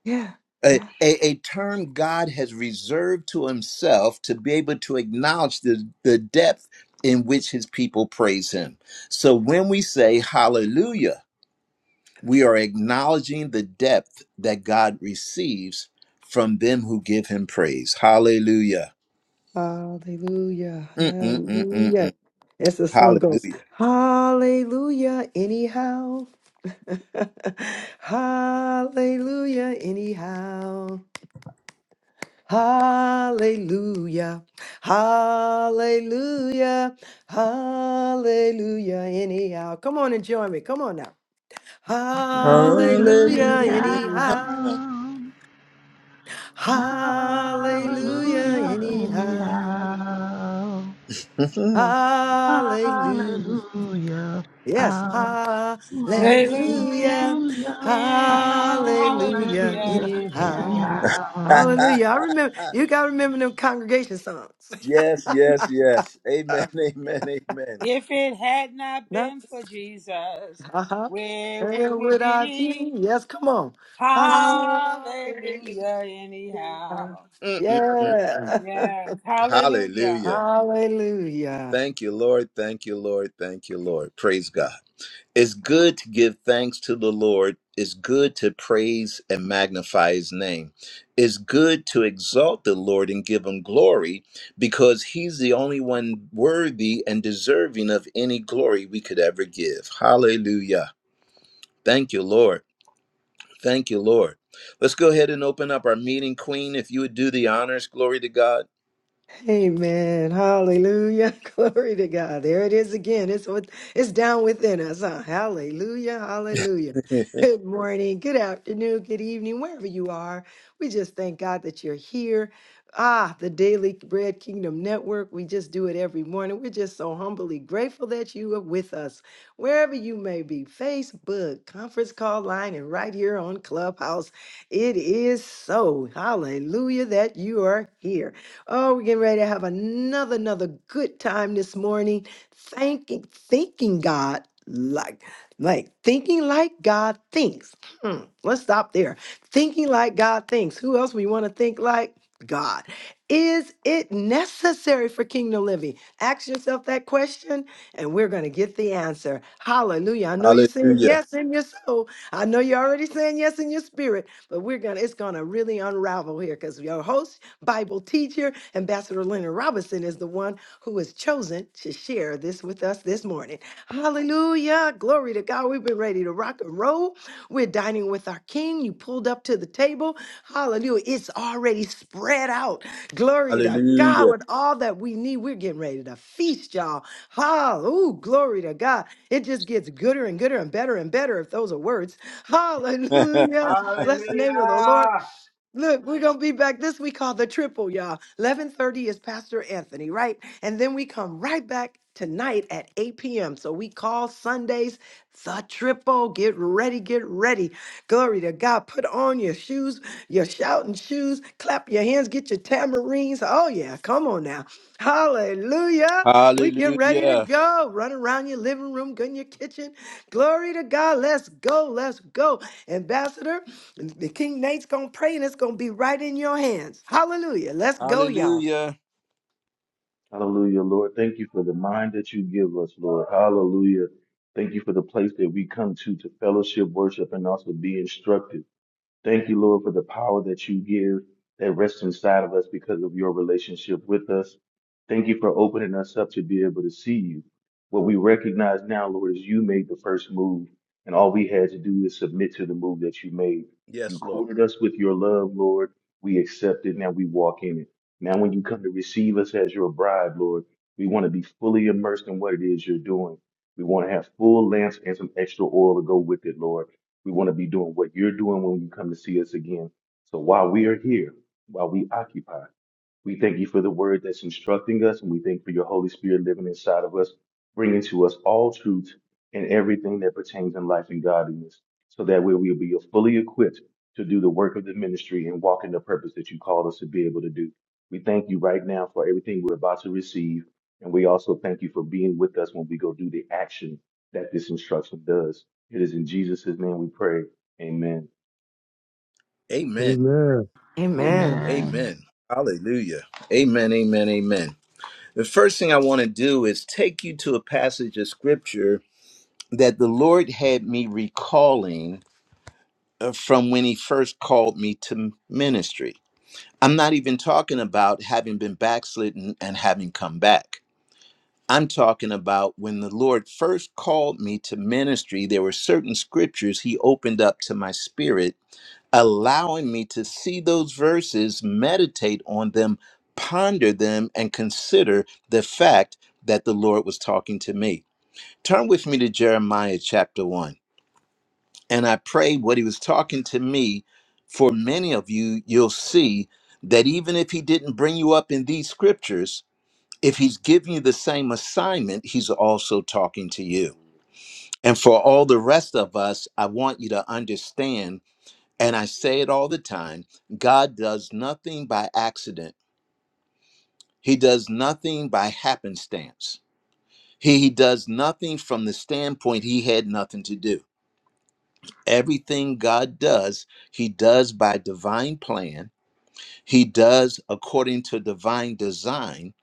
Speaker 6: Yeah.
Speaker 1: a, a, a term God has reserved to himself to be able to acknowledge the, the depth in which his people praise him. So when we say hallelujah, we are acknowledging the depth that God receives from them who give him praise. Hallelujah.
Speaker 6: Hallelujah.
Speaker 1: Mm-mm-mm-mm-mm.
Speaker 6: Hallelujah. As the song goes,
Speaker 1: Hallelujah.
Speaker 6: Hallelujah, anyhow. [LAUGHS] hallelujah, anyhow. Hallelujah. Hallelujah. Hallelujah, anyhow. Come on and join me. Come on now.
Speaker 3: Hallelujah.
Speaker 6: Hallelujah,
Speaker 1: Hallelujah.
Speaker 6: anyhow.
Speaker 3: Anyhow.
Speaker 6: Hallelujah,
Speaker 3: Hallelujah,
Speaker 6: anyhow.
Speaker 3: anyhow.
Speaker 1: Mhm.
Speaker 6: Hallelujah.
Speaker 3: Hallelujah,
Speaker 6: Yes, hallelujah,
Speaker 2: Hallelujah.
Speaker 3: hallelujah,
Speaker 2: And
Speaker 6: hallelujah,
Speaker 2: hallelujah
Speaker 4: Yeah.
Speaker 3: hallelujah,
Speaker 4: Hallelujah.
Speaker 6: anyhow,
Speaker 2: anyhow.
Speaker 3: anyhow.
Speaker 6: hallelujah. I
Speaker 1: [LAUGHS]
Speaker 6: remember, you got to remember them congregation songs. [LAUGHS]
Speaker 1: yes, yes, yes. Amen,
Speaker 6: Uh,
Speaker 1: [LAUGHS] amen, amen.
Speaker 2: If it had not
Speaker 6: no,
Speaker 2: been for Jesus,
Speaker 6: uh-huh.
Speaker 2: where would
Speaker 6: And
Speaker 2: we
Speaker 6: without you,
Speaker 2: be?
Speaker 6: yes, come on. Hallelujah,
Speaker 2: Hallelujah anyhow.
Speaker 1: Mm-mm-mm.
Speaker 6: yeah,
Speaker 2: Yes.
Speaker 6: [LAUGHS]
Speaker 2: Hallelujah.
Speaker 1: Hallelujah.
Speaker 6: hallelujah.
Speaker 1: Thank you, Lord. Thank you, Lord. Thank you, Lord. Praise God. It's good to give thanks to the Lord. It's good to praise and magnify his name. It's good to exalt the Lord and give him glory because he's the only one worthy and deserving of any glory we could ever give. Hallelujah. Thank you, Lord. Thank you, Lord. Let's go ahead and open up our meeting, Queen. If you would do the honors, glory to God.
Speaker 6: Amen. Hallelujah. [LAUGHS] Glory to God. There it is again. It's what it's down within us. Huh? Hallelujah. Hallelujah.
Speaker 1: [LAUGHS]
Speaker 6: Good morning. Good afternoon. Good evening. Wherever you are. We just thank God that you're here. Ah, the Daily Bread Kingdom Network. We just do it every morning. We're just so humbly grateful that you are with us. Wherever you may be, Facebook, conference call line, and right here on Clubhouse. It is so. Hallelujah that you are here. Oh, we're getting ready to have another, another good time this morning. Thanking, thinking God like, like thinking like God thinks. Hmm, let's stop there. Thinking like God thinks. Who else we want to think like? God. Is it necessary for kingdom living? Ask yourself that question, and we're going to get the answer. Hallelujah. I know you're saying
Speaker 1: Hallelujah.
Speaker 6: yes in your soul. I know you're already saying yes in your spirit, but we're going to, it's going to really unravel here because your host, Bible teacher. Ambassador Leonard Robinson is the one who is chosen to share this with us this morning. Hallelujah. Glory to God. We've been ready to rock and roll. We're dining with our King. You pulled up to the table. Hallelujah. It's already spread out. Glory to God
Speaker 1: Hallelujah.
Speaker 6: with all that we need. We're getting ready to feast, y'all. Hallelujah. Glory to God. It just gets gooder and gooder and better and better if those are words.
Speaker 1: [LAUGHS]
Speaker 6: Hallelujah.
Speaker 8: Hallelujah.
Speaker 6: Bless the name of the Lord. Look, we're gonna be back. This we call the triple, y'all. Eleven thirty is Pastor Anthony, right? And then we come right back tonight at eight p.m. So we call Sundays the triple. Get ready, get ready. Glory to God. Put on your shoes, your shouting shoes. Clap your hands. Get your tamarines. Oh yeah, come on now. Hallelujah. We get ready to
Speaker 1: Hallelujah.
Speaker 6: go. Run around your living room, go in your kitchen. Glory to God. Let's go. Let's go, Ambassador. The King Nate's gonna pray and it's gonna be right in your hands. Hallelujah. Let's go, y'all.
Speaker 1: Hallelujah.
Speaker 4: Hallelujah, Lord. Thank you for the mind that you give us, Lord. Hallelujah. Thank you for the place that we come to to fellowship, worship, and also be instructed. Thank you, Lord, for the power that you give that rests inside of us because of your relationship with us. Thank you for opening us up to be able to see you. What we recognize now, Lord, is you made the first move, and all we had to do is submit to the move that you made. You
Speaker 1: Yes, Lord.
Speaker 4: courted us with your love, Lord. We accept it, now we walk in it. Now, when you come to receive us as your bride, Lord, we want to be fully immersed in what it is you're doing. We want to have full lamps and some extra oil to go with it, Lord. We want to be doing what you're doing when you come to see us again. So while we are here, while we occupy, we thank you for the word that's instructing us, and we thank for your Holy Spirit living inside of us, bringing to us all truth and everything that pertains in life and godliness, so that way we'll be fully equipped to do the work of the ministry and walk in the purpose that you called us to be able to do. We thank you right now for everything we're about to receive, and we also thank you for being with us when we go do the action that this instruction does. It is in Jesus' name we pray. Amen.
Speaker 1: Amen.
Speaker 7: Amen.
Speaker 6: Amen.
Speaker 3: Amen.
Speaker 1: Amen. Hallelujah. Amen. Amen. Amen. The first thing I want to do is take you to a passage of scripture that the Lord had me recalling uh, from when He first called me to ministry. I'm not even talking about having been backslidden and having come back. I'm talking about when the Lord first called me to ministry, there were certain scriptures He opened up to my spirit allowing me to see those verses, meditate on them, ponder them, and consider the fact that the Lord was talking to me. Turn with me to Jeremiah chapter 1. And I pray what he was talking to me, for many of you, you'll see that even if he didn't bring you up in these scriptures, if he's giving you the same assignment, he's also talking to you.
Speaker 4: Hallelujah.
Speaker 1: And for all the rest of us, I want you to understand and I say it all the time God does nothing by accident, He does nothing by happenstance. He, he does nothing from the standpoint He had nothing to do. Everything God does, He does by divine plan, He does according to divine design.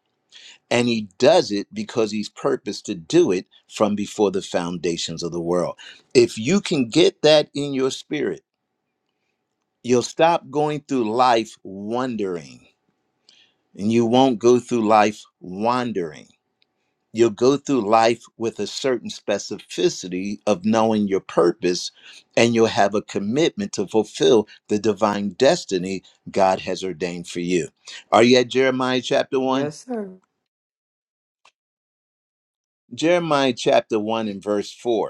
Speaker 1: And he does it because he's purposed to do it from before the foundations of the world. If you can get that in your spirit, you'll stop going through life wondering and you won't go through life wandering. You'll go through life with a certain specificity of knowing your purpose, and you'll have a commitment to fulfill the divine destiny God has ordained for you. Are you at Jeremiah chapter 1?
Speaker 6: Yes, sir.
Speaker 1: Jeremiah chapter 1 and verse 4.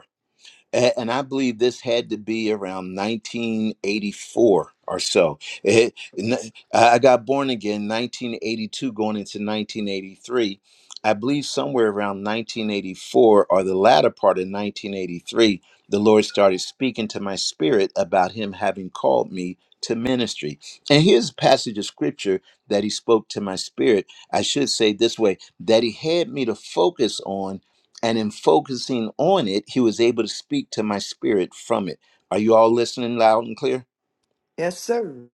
Speaker 1: A- And I believe this had to be around 1984 or so. It- n- I got born again 1982, going into 1983. I believe somewhere around 1984 or the latter part of 1983, the Lord started speaking to my spirit about Him having called me to ministry. And here's a passage of scripture that He spoke to my spirit. I should say this way that He had me to focus on and in focusing on it, he was able to speak to my spirit from it. Are you all listening loud and clear?
Speaker 6: Yes, sir.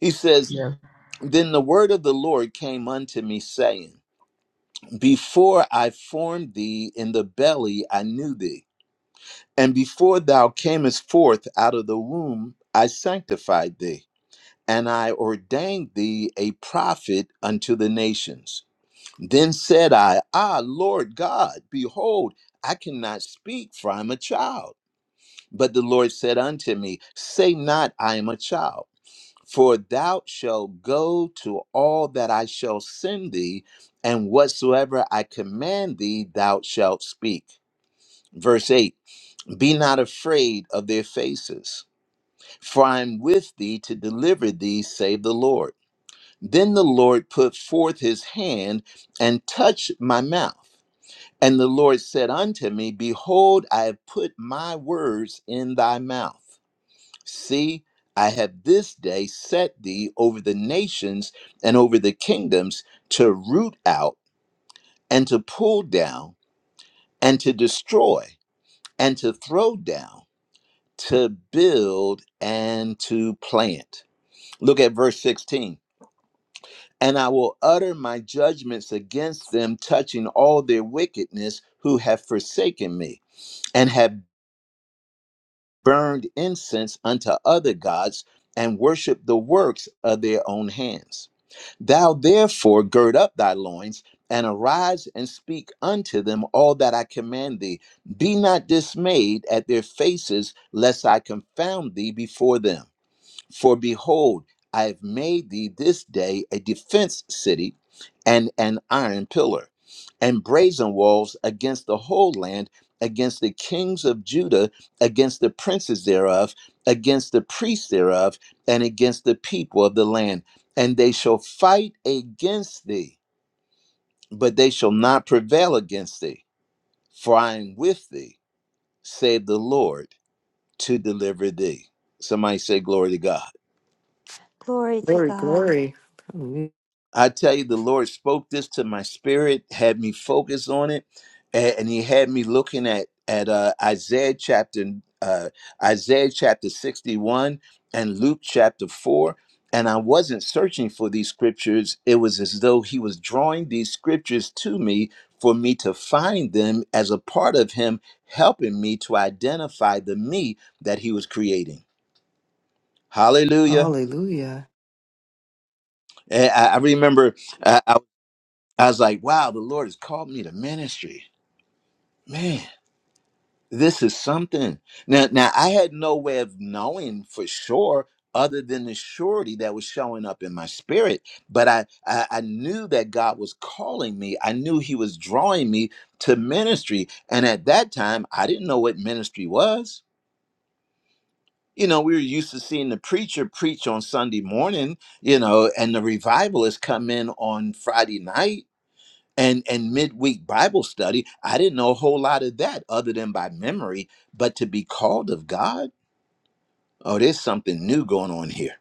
Speaker 1: He says,
Speaker 3: Yes,
Speaker 1: Then the word of the Lord came unto me, saying, Before I formed thee in the belly, I knew thee. And before thou camest forth out of the womb, I sanctified thee. And I ordained thee a prophet unto the nations. Then said I, Ah, Lord God, behold, I cannot speak, for I am a child. But the Lord said unto me, Say not, I am a child, for thou shalt go to all that I shall send thee, and whatsoever I command thee, thou shalt speak. Verse 8 Be not afraid of their faces, for I am with thee to deliver thee, save the Lord. Then the Lord put forth his hand and touched my mouth. And the Lord said unto me, Behold, I have put my words in thy mouth. See, I have this day set thee over the nations and over the kingdoms to root out and to pull down and to destroy and to throw down, to build and to plant. Look at verse 16. And I will utter my judgments against them, touching all their wickedness who have forsaken me and have burned incense unto other gods and worshiped the works of their own hands. Thou therefore gird up thy loins and arise and speak unto them all that I command thee. Be not dismayed at their faces, lest I confound thee before them. For behold, I have made thee this day a defense city and an iron pillar, and brazen walls against the whole land, against the kings of Judah, against the princes thereof, against the priests thereof, and against the people of the land. And they shall fight against thee, but they shall not prevail against thee. For I am with thee, save the Lord, to deliver thee. Somebody say, Glory to God.
Speaker 5: Glory to
Speaker 6: Glory,
Speaker 5: God.
Speaker 6: glory.
Speaker 1: I tell you, the Lord spoke this to my spirit, had me focus on it, a- and He had me looking at at uh, Isaiah chapter uh, Isaiah chapter sixty one and Luke chapter four. And I wasn't searching for these scriptures. It was as though He was drawing these scriptures to me for me to find them as a part of Him helping me to identify the me that He was creating. Hallelujah.
Speaker 6: Hallelujah.
Speaker 1: And I I remember I was like, wow, the Lord has called me to ministry. Man, this is something. Now, now I had no way of knowing for sure other than the surety that was showing up in my spirit. But I, I, I knew that God was calling me. I knew he was drawing me to ministry. And at that time, I didn't know what ministry was. You know, we were used to seeing the preacher preach on Sunday morning, you know, and the revivalists come in on Friday night and and midweek bible study i didn't know a whole lot of that other than by memory but to be called of god oh there's something new going on here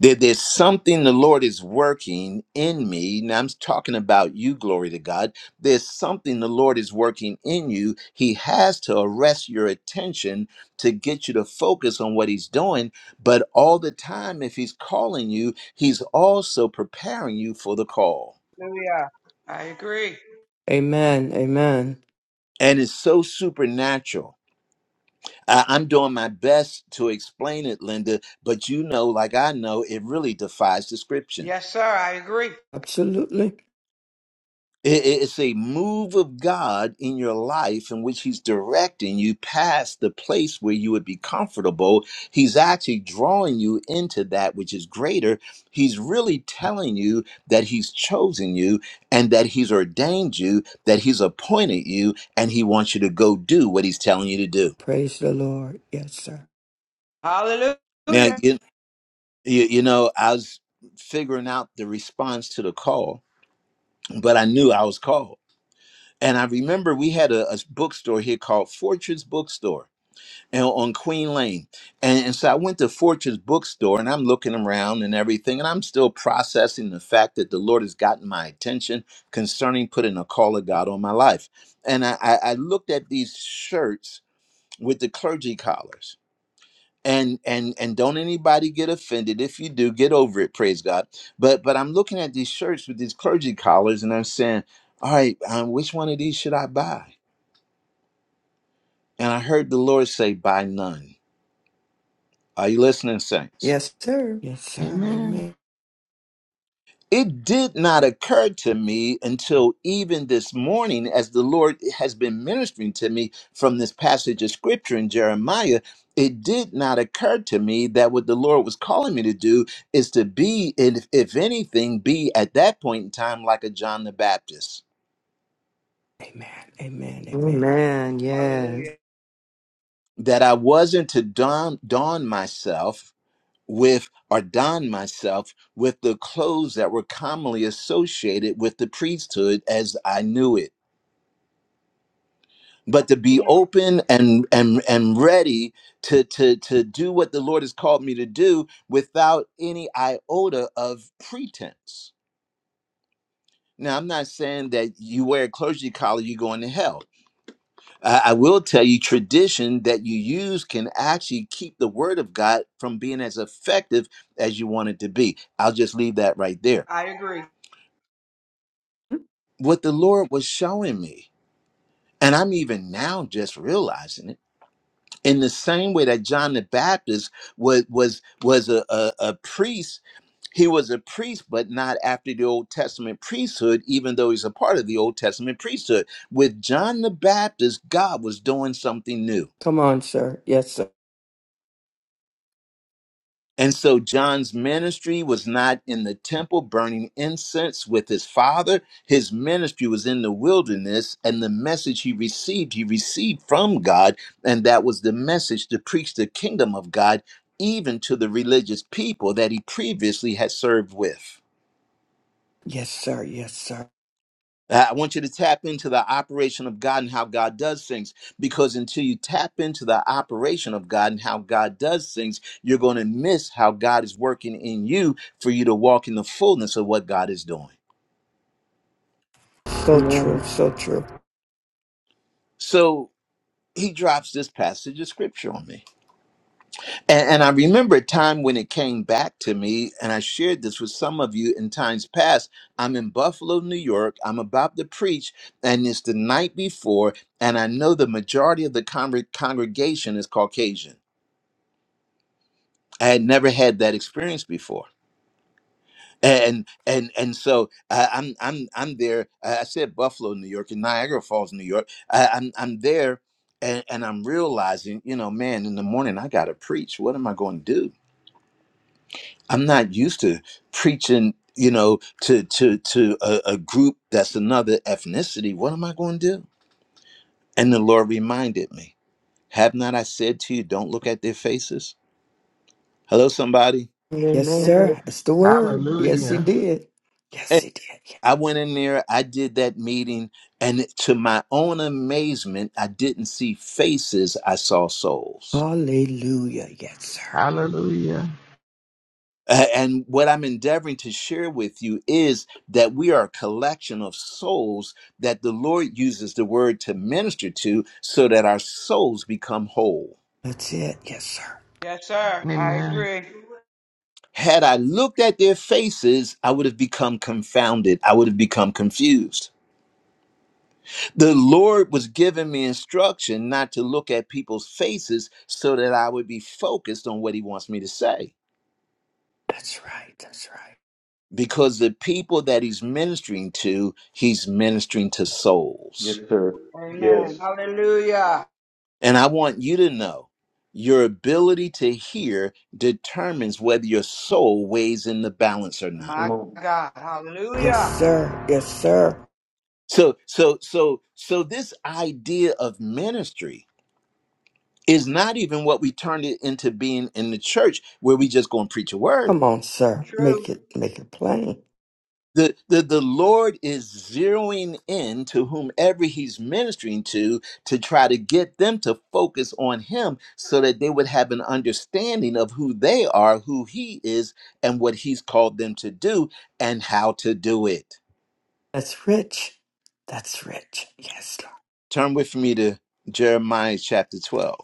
Speaker 1: there, there's something the lord is working in me now i'm talking about you glory to god there's something the lord is working in you he has to arrest your attention to get you to focus on what he's doing but all the time if he's calling you he's also preparing you for the call
Speaker 8: Hallelujah. I agree.
Speaker 9: Amen. Amen.
Speaker 1: and it's so supernatural I- I'm doing my best to explain it, Linda, but you know, like I know, it really defies description.
Speaker 8: Yes, sir. I agree.
Speaker 9: Absolutely.
Speaker 1: It- it- It's a move of God in your life in which He's directing you past the place where you would be comfortable. He's actually drawing you into that which is greater. He's really telling you that He's chosen you and that He's ordained you, that He's appointed you, and He wants you to go do what He's telling you to do.
Speaker 9: Praise the Lord. Yes, sir.
Speaker 8: Hallelujah.
Speaker 1: Now, you, You, you know, I was figuring out the response to the call, but I knew I was called. And I remember we had a, a bookstore here called Fortress Bookstore and on Queen Lane. And, and so I went to Fortress Bookstore and I'm looking around and everything. And I'm still processing the fact that the Lord has gotten my attention concerning putting a call of God on my life. And I, I, I looked at these shirts with the clergy collars and and and don't anybody get offended if you do get over it praise god but but i'm looking at these shirts with these clergy collars and i'm saying all right um, which one of these should i buy and i heard the lord say buy none are you listening saints
Speaker 6: Yes, sir.
Speaker 9: Yes, sir.
Speaker 3: amen.
Speaker 9: Amen.
Speaker 1: It did not occur to me until even this morning, as the Lord has been ministering to me from this passage of scripture in Jeremiah. It did not occur to me that what the Lord was calling me to do is to be, if, if anything, be at that point in time like a John the Baptist.
Speaker 9: Amen. Amen. Amen.
Speaker 6: Amen. Yes.
Speaker 8: Hallelujah.
Speaker 1: That I wasn't to don, don myself with or don myself with the clothes that were commonly associated with the priesthood as I knew it but to be open and and and ready to to to do what the lord has called me to do without any iota of pretense now i'm not saying that you wear a clergy collar you're going to hell i, I will tell you tradition that you use can actually keep the word of god from being as effective as you want it to be i'll just leave that right there
Speaker 8: I agree.
Speaker 1: what the lord was showing me and i'm even now just realizing it in the same way that John the Baptist was was was a, a, a priest, he was a priest, but not after the Old Testament priesthood, even though he's a part of the Old Testament priesthood. With John the Baptist, God was doing something new.
Speaker 9: Come on, sir. Yes, sir.
Speaker 1: And so John's ministry was not in the temple burning incense with his father. His ministry was in the wilderness, and the message he received, he received from God. And that was the message to preach the kingdom of God, even to the religious people that he previously had served with.
Speaker 9: Yes, sir. Yes, sir.
Speaker 1: I want you to tap into the operation of God and how God does things because until you tap into the operation of God and how God does things, you're going to miss how God is working in you for you to walk in the fullness of what God is doing.
Speaker 9: So true.
Speaker 6: Amen.
Speaker 9: So true.
Speaker 1: So he drops this passage of scripture on me. And, and I remember a time when it came back to me, and I shared this with some of you in times past. I'm in Buffalo, New York. I'm about to preach, and it's the night before, and I know the majority of the con- congregation is Caucasian. I had never had that experience before. And and and so uh, I'm I'm I'm there. Uh, I said Buffalo, New York, and Niagara Falls, New York. I, I'm I'm there, and, and I'm realizing, you know, man, in the morning I got to preach. What am I going to do? I'm not used to preaching, you know, to to to a, a group that's another ethnicity. What am I going to do? And the Lord reminded me, "Have not I said to you, don't look at their faces?" Hello, somebody.
Speaker 9: Yes,
Speaker 6: Amen.
Speaker 9: sir. It's the word. Yes, he
Speaker 3: Hallelujah,
Speaker 9: did. Yes,
Speaker 1: And
Speaker 9: he did. Yeah.
Speaker 1: I went in there. I did that meeting, and to my own amazement, I didn't see faces. I saw souls.
Speaker 9: Hallelujah. Yes, sir.
Speaker 3: hallelujah,
Speaker 1: Uh, And what I'm endeavoring to share with you is that we are a collection of souls that the Lord uses the word to minister to so that our souls become whole.
Speaker 9: That's it. Yes, sir.
Speaker 8: Yes, sir. I
Speaker 3: amen,
Speaker 8: agree.
Speaker 1: Had I looked at their faces, I would have become confounded. I would have become confused. The Lord was giving me instruction not to look at people's faces so that I would be focused on what He wants me to say.
Speaker 9: That's right. That's right.
Speaker 1: Because the people that He's ministering to, He's ministering to souls.
Speaker 4: Yes, sir.
Speaker 8: Amen.
Speaker 4: Yes.
Speaker 8: Hallelujah.
Speaker 1: And I want you to know your ability to hear determines whether your soul weighs in the balance or not.
Speaker 4: Come
Speaker 8: My
Speaker 4: on.
Speaker 8: God. Hallelujah.
Speaker 9: Yes, sir. Yes, sir.
Speaker 1: So, so, so, so this idea of ministry is not even what we turned it into being in the church where we just go and preach a word.
Speaker 9: Come on, sir.
Speaker 8: True.
Speaker 9: Make it make it plain.
Speaker 1: the, the the lord is zeroing in to whomever he's ministering to to try to get them to focus on him so that they would have an understanding of who they are who he is and what he's called them to do and how to do it
Speaker 9: That's rich. That's rich. Yes,
Speaker 1: turn with me to jeremiah chapter 12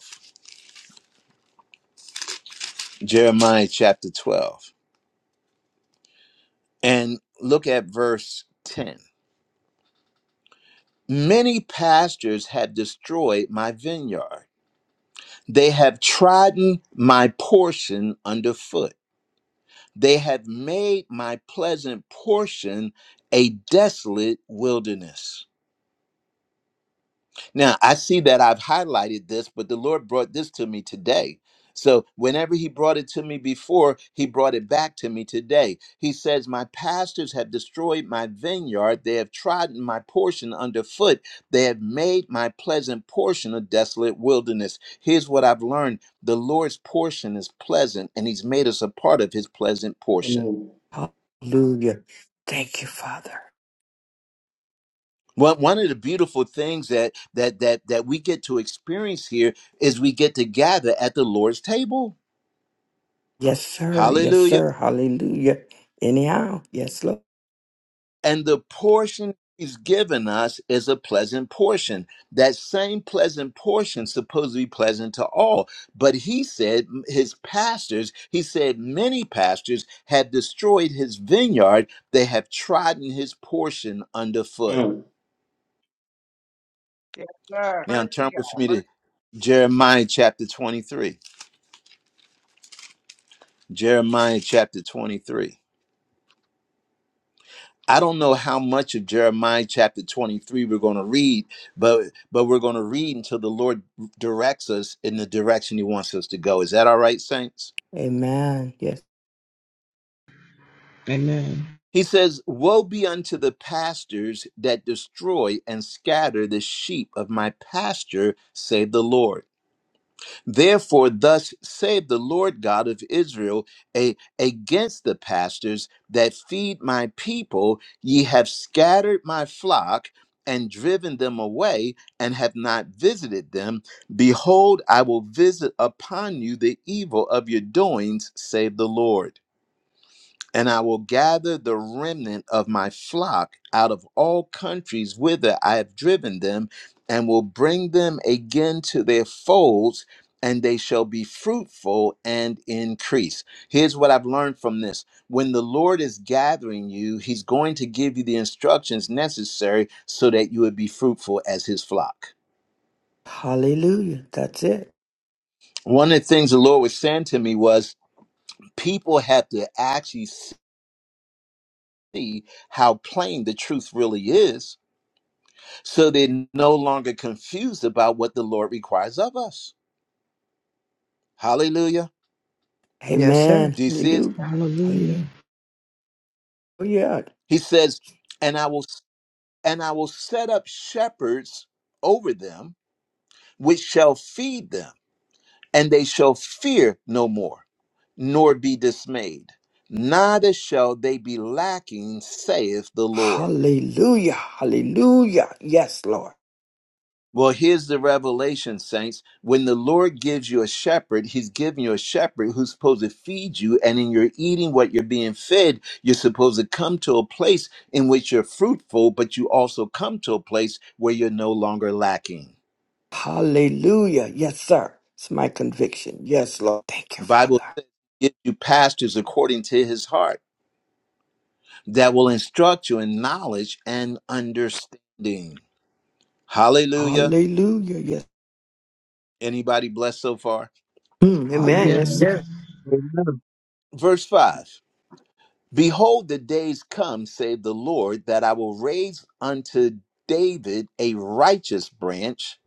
Speaker 1: jeremiah chapter 12 and look at verse 10 many pastures have destroyed my vineyard They have trodden my portion underfoot. They have made my pleasant portion a desolate wilderness. Now, I see that I've highlighted this, but the Lord brought this to me today. So, whenever He brought it to me before, He brought it back to me today. He says, My pastors have destroyed my vineyard. They have trodden my portion underfoot. They have made my pleasant portion a desolate wilderness. Here's what I've learned the Lord's portion is pleasant, and He's made us a part of His pleasant
Speaker 4: Come
Speaker 1: portion.
Speaker 4: on.
Speaker 9: Hallelujah. Thank you, Father.
Speaker 1: Well, one of the beautiful things that that that that we get to experience here is we get to gather at the Lord's table.
Speaker 9: Yes, sir. Yes,
Speaker 1: Hallelujah.
Speaker 9: sir. Hallelujah. Anyhow, yes, Lord.
Speaker 1: And the portion he's given us is a pleasant portion. That same pleasant portion is supposed to be pleasant to all. But he said his pastors, he said many pastors have destroyed his vineyard. They have trodden his portion underfoot.
Speaker 4: Mm,
Speaker 8: Yes, sir.
Speaker 1: Now turn
Speaker 8: Mercy,
Speaker 1: with
Speaker 8: God.
Speaker 1: me to
Speaker 8: Mercy.
Speaker 1: Jeremiah chapter 23. Jeremiah chapter 23. I don't know how much of Jeremiah chapter 23 we're going to read, but but we're going to read until the Lord directs us in the direction he wants us to go. Is that all right, saints?
Speaker 9: Amen. Yes.
Speaker 3: amen.
Speaker 1: He says, "Woe be unto the pastors that destroy and scatter the sheep of my pasture," save the Lord. Therefore, thus saith the Lord God of Israel a, against the pastors that feed my people, ye have scattered my flock and driven them away and have not visited them. Behold, I will visit upon you the evil of your doings, save the Lord. And I will gather the remnant of my flock out of all countries whither I have driven them, and will bring them again to their folds, and they shall be fruitful and increase. Here's what I've learned from this when the Lord is gathering you, He's going to give you the instructions necessary so that you would be fruitful as His flock.
Speaker 9: Hallelujah. That's it.
Speaker 1: One of the things the Lord was saying to me was, people have to actually see how plain the truth really is so they're no longer confused about what the Lord requires of us. Hallelujah.
Speaker 6: Yes, sir.
Speaker 9: Amen.
Speaker 1: Do you see it?
Speaker 9: Hallelujah.
Speaker 3: Hallelujah,
Speaker 9: Hallelujah.
Speaker 1: He says, and I will and I will set up shepherds over them, which shall feed them, and they shall fear no more, nor be dismayed. Neither shall they be lacking, saith the Lord.
Speaker 9: Hallelujah. Hallelujah. Yes, Lord.
Speaker 1: Well, here's the revelation, saints. When the Lord gives you a shepherd, he's giving you a shepherd who's supposed to feed you. And in your eating what you're being fed, you're supposed to come to a place in which you're fruitful, but you also come to a place where you're no longer lacking.
Speaker 9: Hallelujah. Yes, sir. It's my conviction. Yes, Lord. Thank you,
Speaker 1: The Bible
Speaker 9: Father.
Speaker 1: says, give you pastors according to his heart that will instruct you in knowledge and understanding. Hallelujah.
Speaker 9: Hallelujah. Yes.
Speaker 1: Anybody blessed so far?
Speaker 6: Hmm. Amen.
Speaker 3: yes,
Speaker 6: Yes,
Speaker 9: Hallelujah.
Speaker 6: sir.
Speaker 7: Amen.
Speaker 1: Verse 5. Behold, the days come, saith the Lord, that I will raise unto David a righteous branch,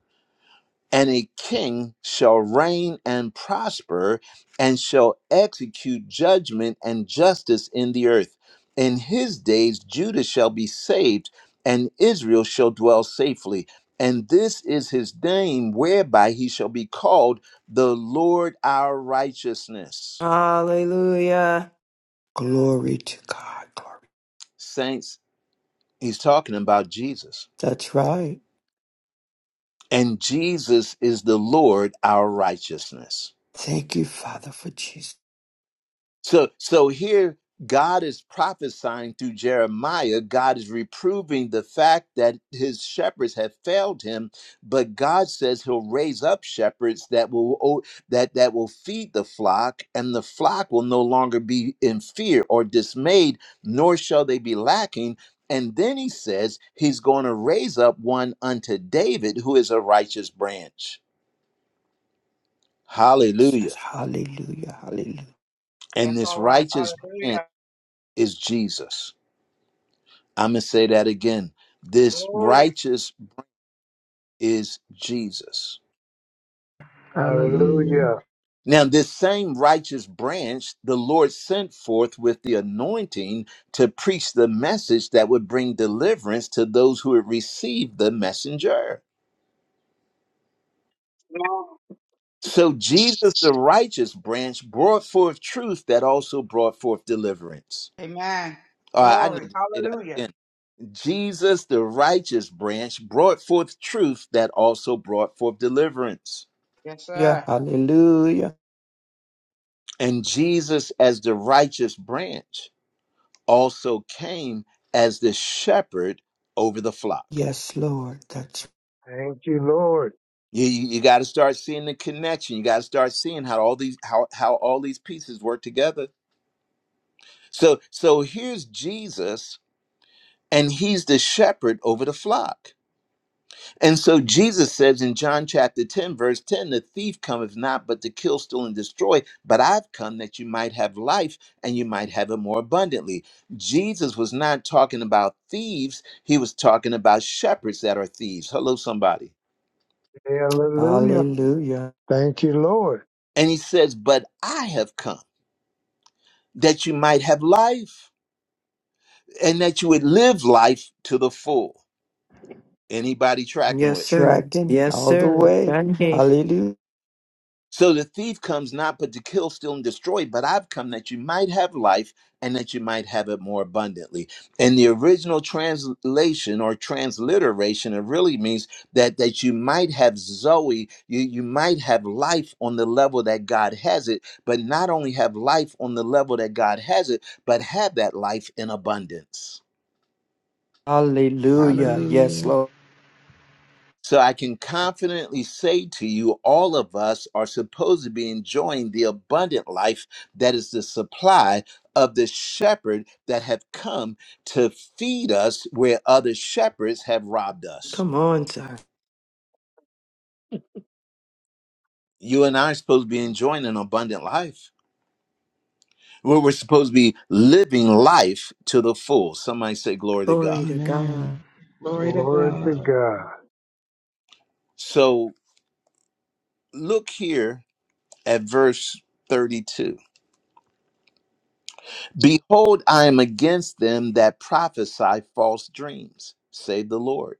Speaker 1: and a king shall reign and prosper, and shall execute judgment and justice in the earth. In his days, Judah shall be saved, and Israel shall dwell safely. And this is his name whereby he shall be called the Lord our righteousness.
Speaker 6: Hallelujah.
Speaker 9: Glory to God. Glory.
Speaker 1: Saints, he's talking about Jesus
Speaker 9: That's right.
Speaker 1: and Jesus is the Lord our righteousness.
Speaker 9: Thank you, Father, for Jesus.
Speaker 1: So so here God is prophesying through Jeremiah, God is reproving the fact that his shepherds have failed him, but God says he'll raise up shepherds that will o- that that will feed the flock and the flock will no longer be in fear or dismayed, nor shall they be lacking. And then he says he's going to raise up one unto David who is a righteous branch. Hallelujah.
Speaker 9: Jesus. Hallelujah. Hallelujah.
Speaker 1: And
Speaker 8: That's
Speaker 1: this
Speaker 8: all right.
Speaker 1: righteous branch
Speaker 8: Hallelujah.
Speaker 1: is Jesus. I'm going to say that again. This
Speaker 8: Glory.
Speaker 1: righteous is Jesus.
Speaker 3: hallelujah,
Speaker 7: Hallelujah.
Speaker 1: Now, this same righteous branch the Lord sent forth with the anointing to preach the message that would bring deliverance to those who had received the messenger. So, Jesus, the righteous branch, brought forth truth that also brought forth deliverance.
Speaker 8: Amen.
Speaker 1: All right, I
Speaker 8: Glory.
Speaker 1: need to say that again.
Speaker 8: Hallelujah.
Speaker 1: Jesus, the righteous branch, brought forth truth that also brought forth deliverance.
Speaker 8: Yes, sir.
Speaker 9: Hallelujah.
Speaker 1: And Jesus, as the righteous branch, also came as the shepherd over the flock.
Speaker 9: Yes, Lord. That's
Speaker 7: Thank you, Lord.
Speaker 1: You, you got to start seeing the connection. You got to start seeing how all these how how all these pieces work together. So so here's Jesus, and he's the shepherd over the flock And so Jesus says in John chapter 10, verse 10, the thief cometh not but to kill, steal, and destroy, but I've come that you might have life and you might have it more abundantly. Jesus was not talking about thieves, he was talking about shepherds that are thieves. Hello, somebody.
Speaker 7: Hallelujah.
Speaker 9: hallelujah.
Speaker 7: Thank you, Lord.
Speaker 1: And he says, But I have come that you might have life and that you would live life to the full. Anybody tracking
Speaker 6: Yes,
Speaker 1: with me?
Speaker 6: sir.
Speaker 9: Tracking
Speaker 6: Yes,
Speaker 9: all the
Speaker 6: sir.
Speaker 9: way.
Speaker 6: Sunday.
Speaker 9: Hallelujah.
Speaker 1: So the thief comes not but to kill, steal, and destroy, but I've come that you might have life and that you might have it more abundantly. And the original translation or transliteration, it really means that that you might have Zoe, you, you might have life on the level that God has it, but not only have life on the level that God has it, but have that life in abundance.
Speaker 9: Hallelujah. Yes,
Speaker 3: hallelujah,
Speaker 9: Lord.
Speaker 1: So I can confidently say to you, all of us are supposed to be enjoying the abundant life that is the supply of the shepherd that have come to feed us where other shepherds have robbed us.
Speaker 6: Come on, sir.
Speaker 1: You and I are supposed to be enjoying an abundant life. Where we're supposed to be living life to the full. Somebody say glory to God.
Speaker 6: Glory to
Speaker 3: amen.
Speaker 6: God.
Speaker 3: Glory to
Speaker 7: Glory to
Speaker 3: God.
Speaker 7: God.
Speaker 1: So look here at verse 32. Behold, I am against them that prophesy false dreams, save the Lord,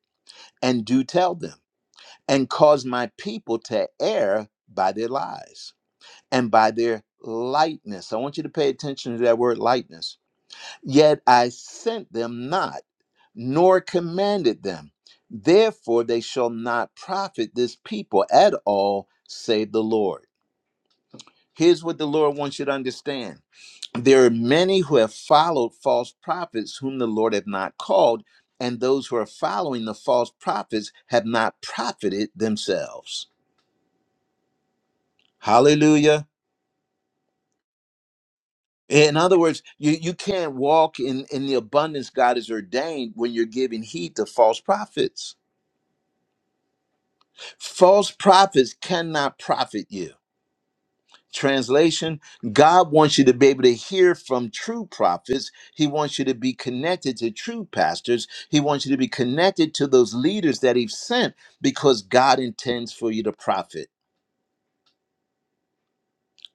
Speaker 1: and do tell them, and cause my people to err by their lies and by their lightness. I want you to pay attention to that word lightness. Yet I sent them not, nor commanded them. Therefore, they shall not profit this people at all, save the Lord. Here's what the Lord wants you to understand. there are many who have followed false prophets whom the Lord have not called, and those who are following the false prophets have not profited themselves. Hallelujah. In other words, you, you can't walk in, in the abundance God has ordained when you're giving heed to false prophets. False prophets cannot profit you. Translation God wants you to be able to hear from true prophets. He wants you to be connected to true pastors. He wants you to be connected to those leaders that He's sent because God intends for you to profit.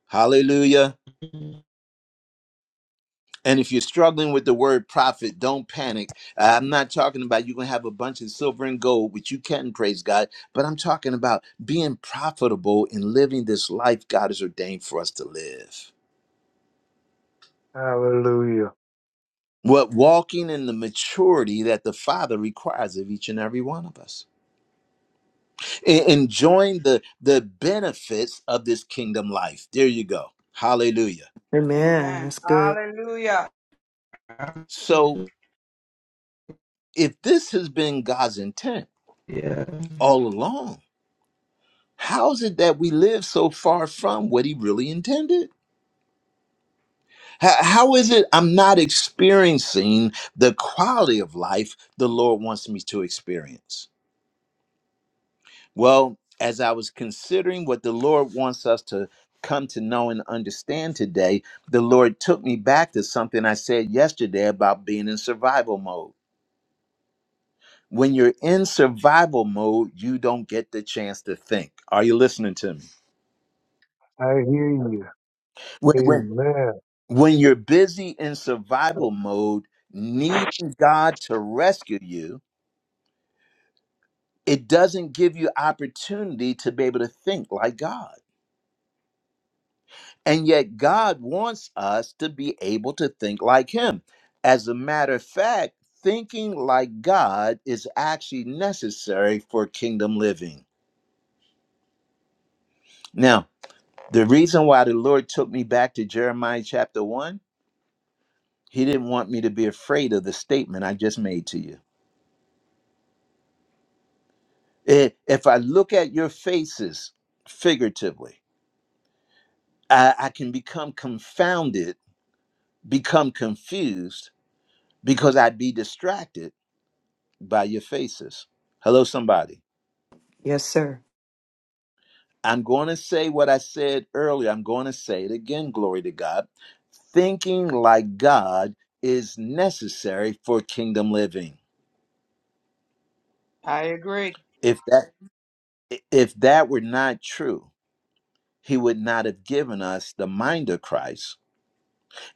Speaker 1: Hallelujah. And if you're struggling with the word profit, don't panic. I'm not talking about you're going to have a bunch of silver and gold, which you can, praise God, but I'm talking about being profitable in living this life God has ordained for us to live.
Speaker 7: Hallelujah.
Speaker 1: What walking in the maturity that the Father requires of each and every one of us. E- enjoying the the benefits of this kingdom life. There you go. Hallelujah.
Speaker 6: Amen.
Speaker 8: Amen.
Speaker 6: That's good.
Speaker 8: Hallelujah.
Speaker 1: So if this has been God's intent
Speaker 3: Yeah.
Speaker 1: all along, how is it that we live so far from what he really intended? How, how is it I'm not experiencing the quality of life the Lord wants me to experience? Well, as I was considering what the Lord wants us to come to know and understand today, the Lord took me back to something I said yesterday about being in survival mode. When you're in survival mode, you don't get the chance to think. Are you listening to me?
Speaker 7: I hear you.
Speaker 1: When, when,
Speaker 7: Amen.
Speaker 1: when you're busy in survival mode, needing God to rescue you, it doesn't give you opportunity to be able to think like God. And yet, God wants us to be able to think like Him. As a matter of fact, thinking like God is actually necessary for kingdom living. Now, the reason why the Lord took me back to Jeremiah chapter 1, He didn't want me to be afraid of the statement I just made to you. Eh, If I look at your faces figuratively, I, I can become confounded, become confused, because I'd be distracted by your faces. Hello, somebody.
Speaker 6: Yes, sir.
Speaker 1: I'm going to say what I said earlier. I'm going to say it again. Glory to God. Thinking like God is necessary for kingdom living.
Speaker 8: I agree.
Speaker 1: If that if that were not true, he would not have given us the mind of Christ,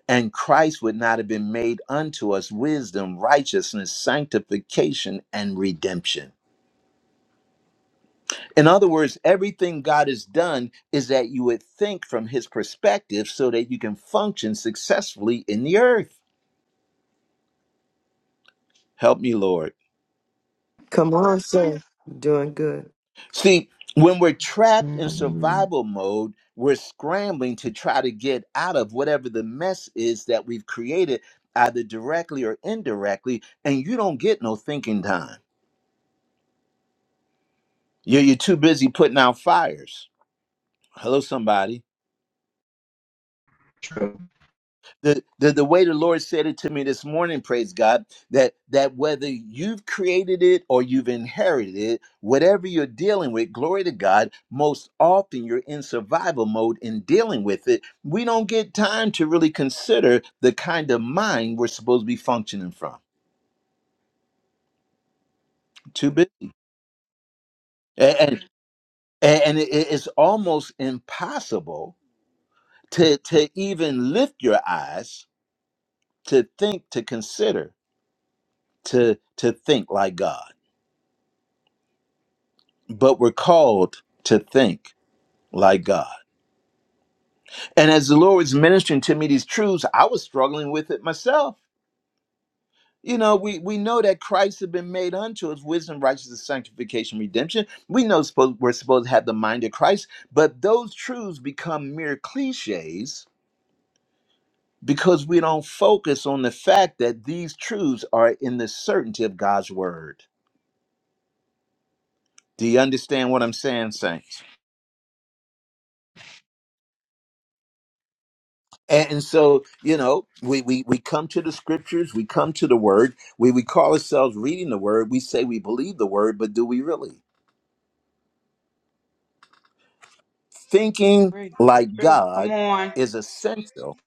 Speaker 1: and Christ would not have been made unto us wisdom, righteousness, sanctification, and redemption. In other words, everything God has done is that you would think from his perspective so that you can function successfully in the earth. Help me, Lord.
Speaker 6: Come on, sir. Doing good.
Speaker 1: See, when we're trapped in
Speaker 3: Hallelujah.
Speaker 1: survival mode, we're scrambling to try to get out of whatever the mess is that we've created, either directly or indirectly, and you don't get no thinking time. You're, you're too busy putting out fires. Hello, somebody. the, the the way the Lord said it to me this morning, praise God, that that whether you've created it or you've inherited it, whatever you're dealing with, glory to God, most often you're in survival mode in dealing with it. We don't get time to really consider the kind of mind we're supposed to be functioning from. Too busy. And and, and it- it's almost impossible to to even lift your eyes to think, to consider, to to think like God. but we're called to think like God. And as the Lord was ministering to me these truths, I was struggling with it myself. You know, we, we know that Christ had been made unto us wisdom, righteousness, sanctification, redemption. We know supposed, we're supposed to have the mind of Christ, but those truths become mere cliches because we don't focus on the fact that these truths are in the certainty of God's word. Do you understand what I'm saying, Saints? And so, you know, we, we, we come to the scriptures, we come to the word, we, we call ourselves reading the word, we say we believe the word, but do we really? Thinking
Speaker 8: Agree. That's
Speaker 1: like
Speaker 8: true. Come
Speaker 1: God
Speaker 8: on.
Speaker 1: is essential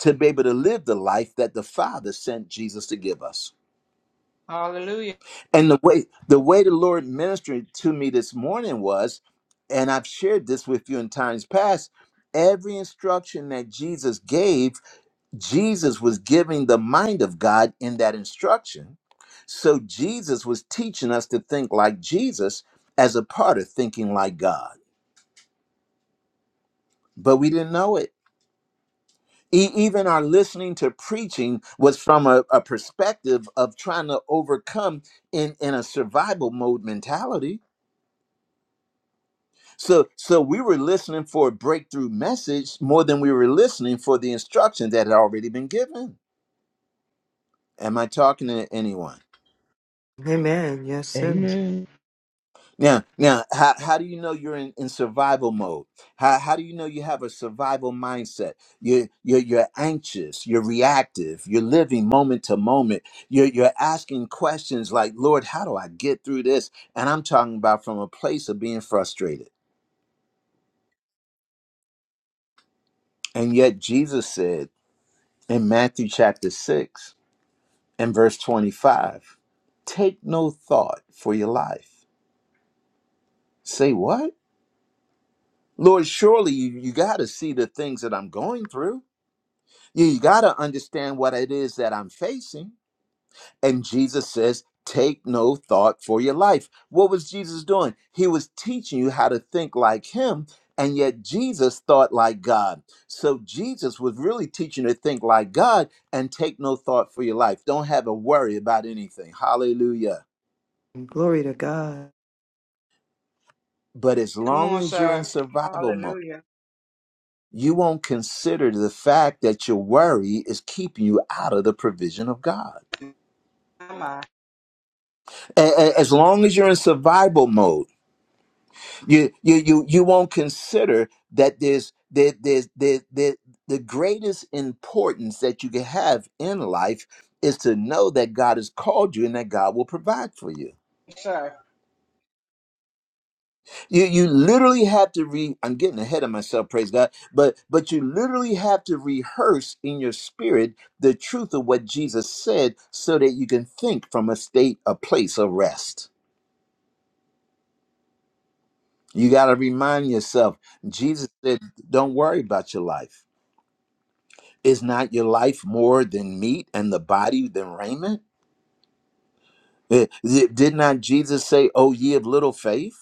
Speaker 1: to be able to live the life that the Father sent Jesus to give us.
Speaker 8: Hallelujah.
Speaker 1: And the way the way the Lord ministered to me this morning was, and I've shared this with you in times past, every instruction that Jesus gave Jesus was giving the mind of God in that instruction. So Jesus was teaching us to think like Jesus as a part of thinking like God, but we didn't know it. E- even our listening to preaching was from a, a perspective of trying to overcome in, in a survival mode mentality. So, so we were listening for a breakthrough message more than we were listening for the instruction that had already been given. Am I talking to anyone?
Speaker 6: Amen. Yes, sir.
Speaker 3: Amen.
Speaker 1: Now, now, how, how do you know you're in, in survival mode? How, how do you know you have a survival mindset? You're, you're, you're anxious, you're reactive, you're living moment to moment. You're, you're asking questions like, Lord, how do I get through this? And I'm talking about from a place of being frustrated. And yet, Jesus said in Matthew chapter 6 and verse 25, take no thought for your life. Say, what? Lord, surely you, you got to see the things that I'm going through. You, got to understand what it is that I'm facing. And Jesus says, Take no thought for your life. What was Jesus doing? He was teaching you how to think like Him. And yet Jesus thought like God. So Jesus was really teaching you to think like God and take no thought for your life. Don't have a worry about anything. Hallelujah.
Speaker 6: Glory to God.
Speaker 1: But as
Speaker 8: Come
Speaker 1: long
Speaker 8: on,
Speaker 1: as you're in
Speaker 8: sir.
Speaker 1: survival mode,
Speaker 8: Hallelujah.
Speaker 1: you won't consider the fact that your worry is keeping you out of the provision of God.
Speaker 8: Come on,
Speaker 1: A- a- as long as you're in survival mode you you you, you won't consider that there's there, there's there, there, the greatest importance that you can have in life is to know that God has called you and that God will provide for you.
Speaker 8: sir.
Speaker 1: You you literally have to re I'm getting ahead of myself, praise God, but but you literally have to rehearse in your spirit the truth of what Jesus said so that you can think from a state, a place of rest. You got to remind yourself, Jesus said, don't worry about your life. Is not your life more than meat and the body than raiment? Eh, Did not Jesus say, Oh, ye of little faith?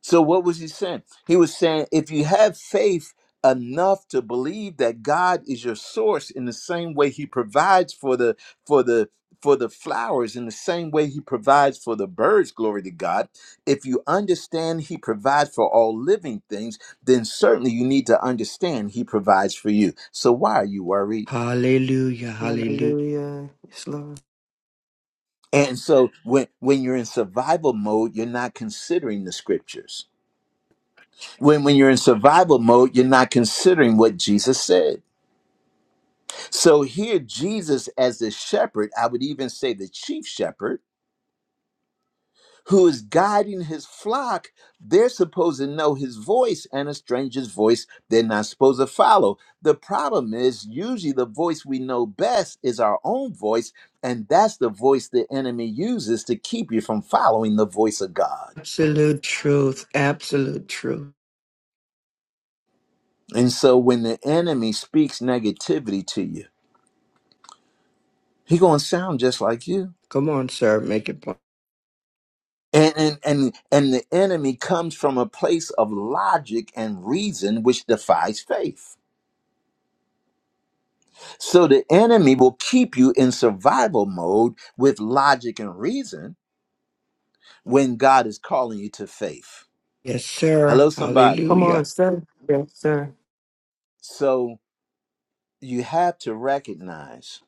Speaker 1: So what was he saying? He was saying if you have faith enough to believe that God is your source in the same way he provides for the for the for the flowers in the same way he provides for the birds glory to God if you understand he provides for all living things then certainly you need to understand he provides for you so why are you worried
Speaker 9: Hallelujah. Hallelujah.
Speaker 6: Hallelujah. Yes, Lord.
Speaker 1: and so when when you're in survival mode you're not considering the scriptures when when you're in survival mode you're not considering what jesus said so here jesus as the shepherd i would even say the chief shepherd who is guiding his flock they're supposed to know his voice and a stranger's voice they're not supposed to follow the problem is usually the voice we know best is our own voice and that's the voice the enemy uses to keep you from following the voice of god
Speaker 9: Absolute truth. Absolute truth.
Speaker 1: and so when the enemy speaks negativity to you he going to sound just like you
Speaker 9: Come on, sir. Make it plain.
Speaker 1: And, and and and the enemy comes from a place of logic and reason which defies faith. So the enemy will keep you in survival mode with logic and reason when God is calling you to faith.
Speaker 9: Yes, sir.
Speaker 1: Hello somebody.
Speaker 6: Come on,
Speaker 9: Hallelujah.
Speaker 6: sir. Yes, sir.
Speaker 1: So you have to recognize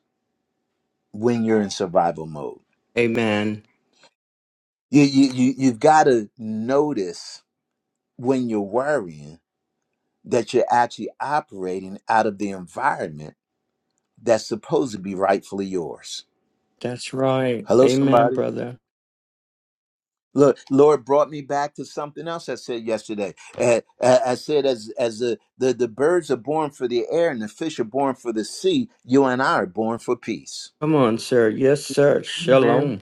Speaker 1: when you're in survival mode.
Speaker 9: Amen.
Speaker 1: You you, you you've got to notice when you're worrying that you're actually operating out of the environment that's supposed to be rightfully yours.
Speaker 9: That's right.
Speaker 1: Hello,
Speaker 9: Amen,
Speaker 1: somebody.
Speaker 9: brother.
Speaker 1: Look, Lord brought me back to something else I said yesterday. Uh, I I said, as as the, the the birds are born for the air and the fish are born for the sea, you and I are born for peace.
Speaker 9: Come on, sir. Yes, sir.
Speaker 6: Amen.
Speaker 9: Shalom.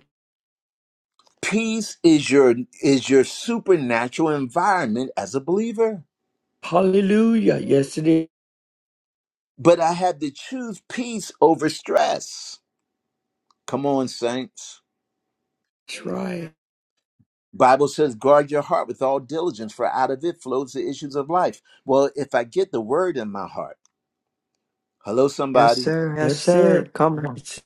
Speaker 1: Peace is your is your supernatural environment as a believer.
Speaker 9: Hallelujah. Yes, it is.
Speaker 1: But I had to choose peace over stress. Come on, saints.
Speaker 9: That's right.
Speaker 1: Bible says, guard your heart with all diligence, for out of it flows the issues of life. Well, if I get the word in my heart, hello,
Speaker 6: Yes,
Speaker 1: somebody
Speaker 6: sir. Yes,
Speaker 9: That's
Speaker 6: sir.
Speaker 9: it.
Speaker 6: Come on.
Speaker 9: It's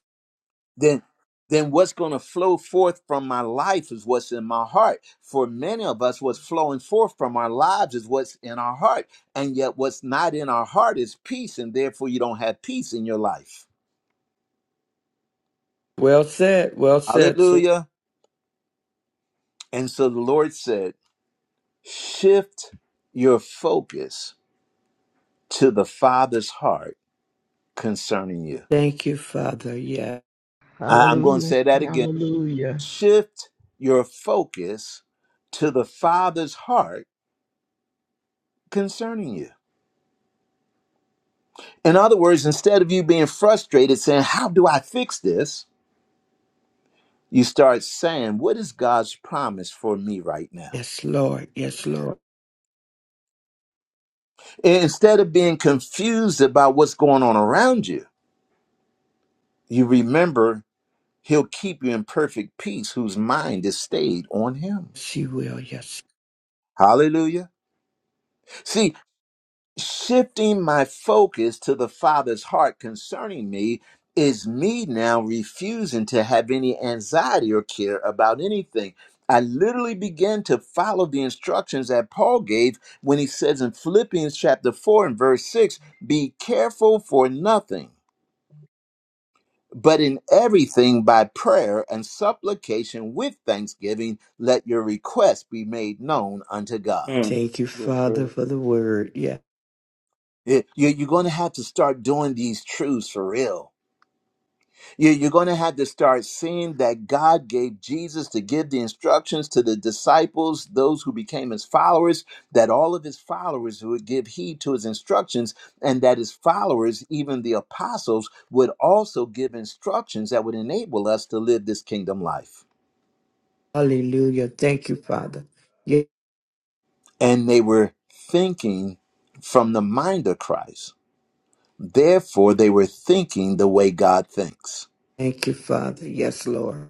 Speaker 1: then then what's going to flow forth from my life is what's in my heart for many of us what's flowing forth from our lives is what's in our heart and yet what's not in our heart is peace and therefore you don't have peace in your life
Speaker 9: well said. Well said. So
Speaker 1: hallelujah and so the lord said shift your focus to the father's heart concerning you
Speaker 9: thank you, Father. Yeah.
Speaker 1: I- i'm going to
Speaker 3: Hallelujah.
Speaker 1: say that again
Speaker 3: Hallelujah.
Speaker 1: shift your focus to the father's heart concerning you In other words, instead of you being frustrated saying, How do I fix this? You start saying, What is God's promise for me right now?
Speaker 9: Yes, Lord. Yes, Lord.
Speaker 1: And instead of being confused about what's going on around you, you remember He'll keep you in perfect peace whose mind is stayed on Him.
Speaker 9: Yes, you will. Yes.
Speaker 1: Hallelujah. See, shifting my focus to the Father's heart concerning me is me now refusing to have any anxiety or care about anything. I literally began to follow the instructions that Paul gave when he says in Philippians chapter 4 and verse 6 be careful for nothing, but in everything by prayer and supplication with thanksgiving, let your requests be made known unto God.
Speaker 4: mm.
Speaker 9: Thank you,
Speaker 4: Yes,
Speaker 9: Father,
Speaker 4: sir.
Speaker 9: for the word. Yeah.
Speaker 1: It- you- You're going to have to start doing these truths for real You- You're going to have to start seeing that God gave Jesus to give the instructions to the disciples, those who became his followers, that all of his followers would give heed to his instructions, and that his followers, even the apostles, would also give instructions that would enable us to live this kingdom life.
Speaker 9: Hallelujah. Thank you, Father. Yeah.
Speaker 1: And they were thinking from the mind of Christ. Therefore, they were thinking the way God thinks.
Speaker 9: Thank you, Father. Yes, Lord.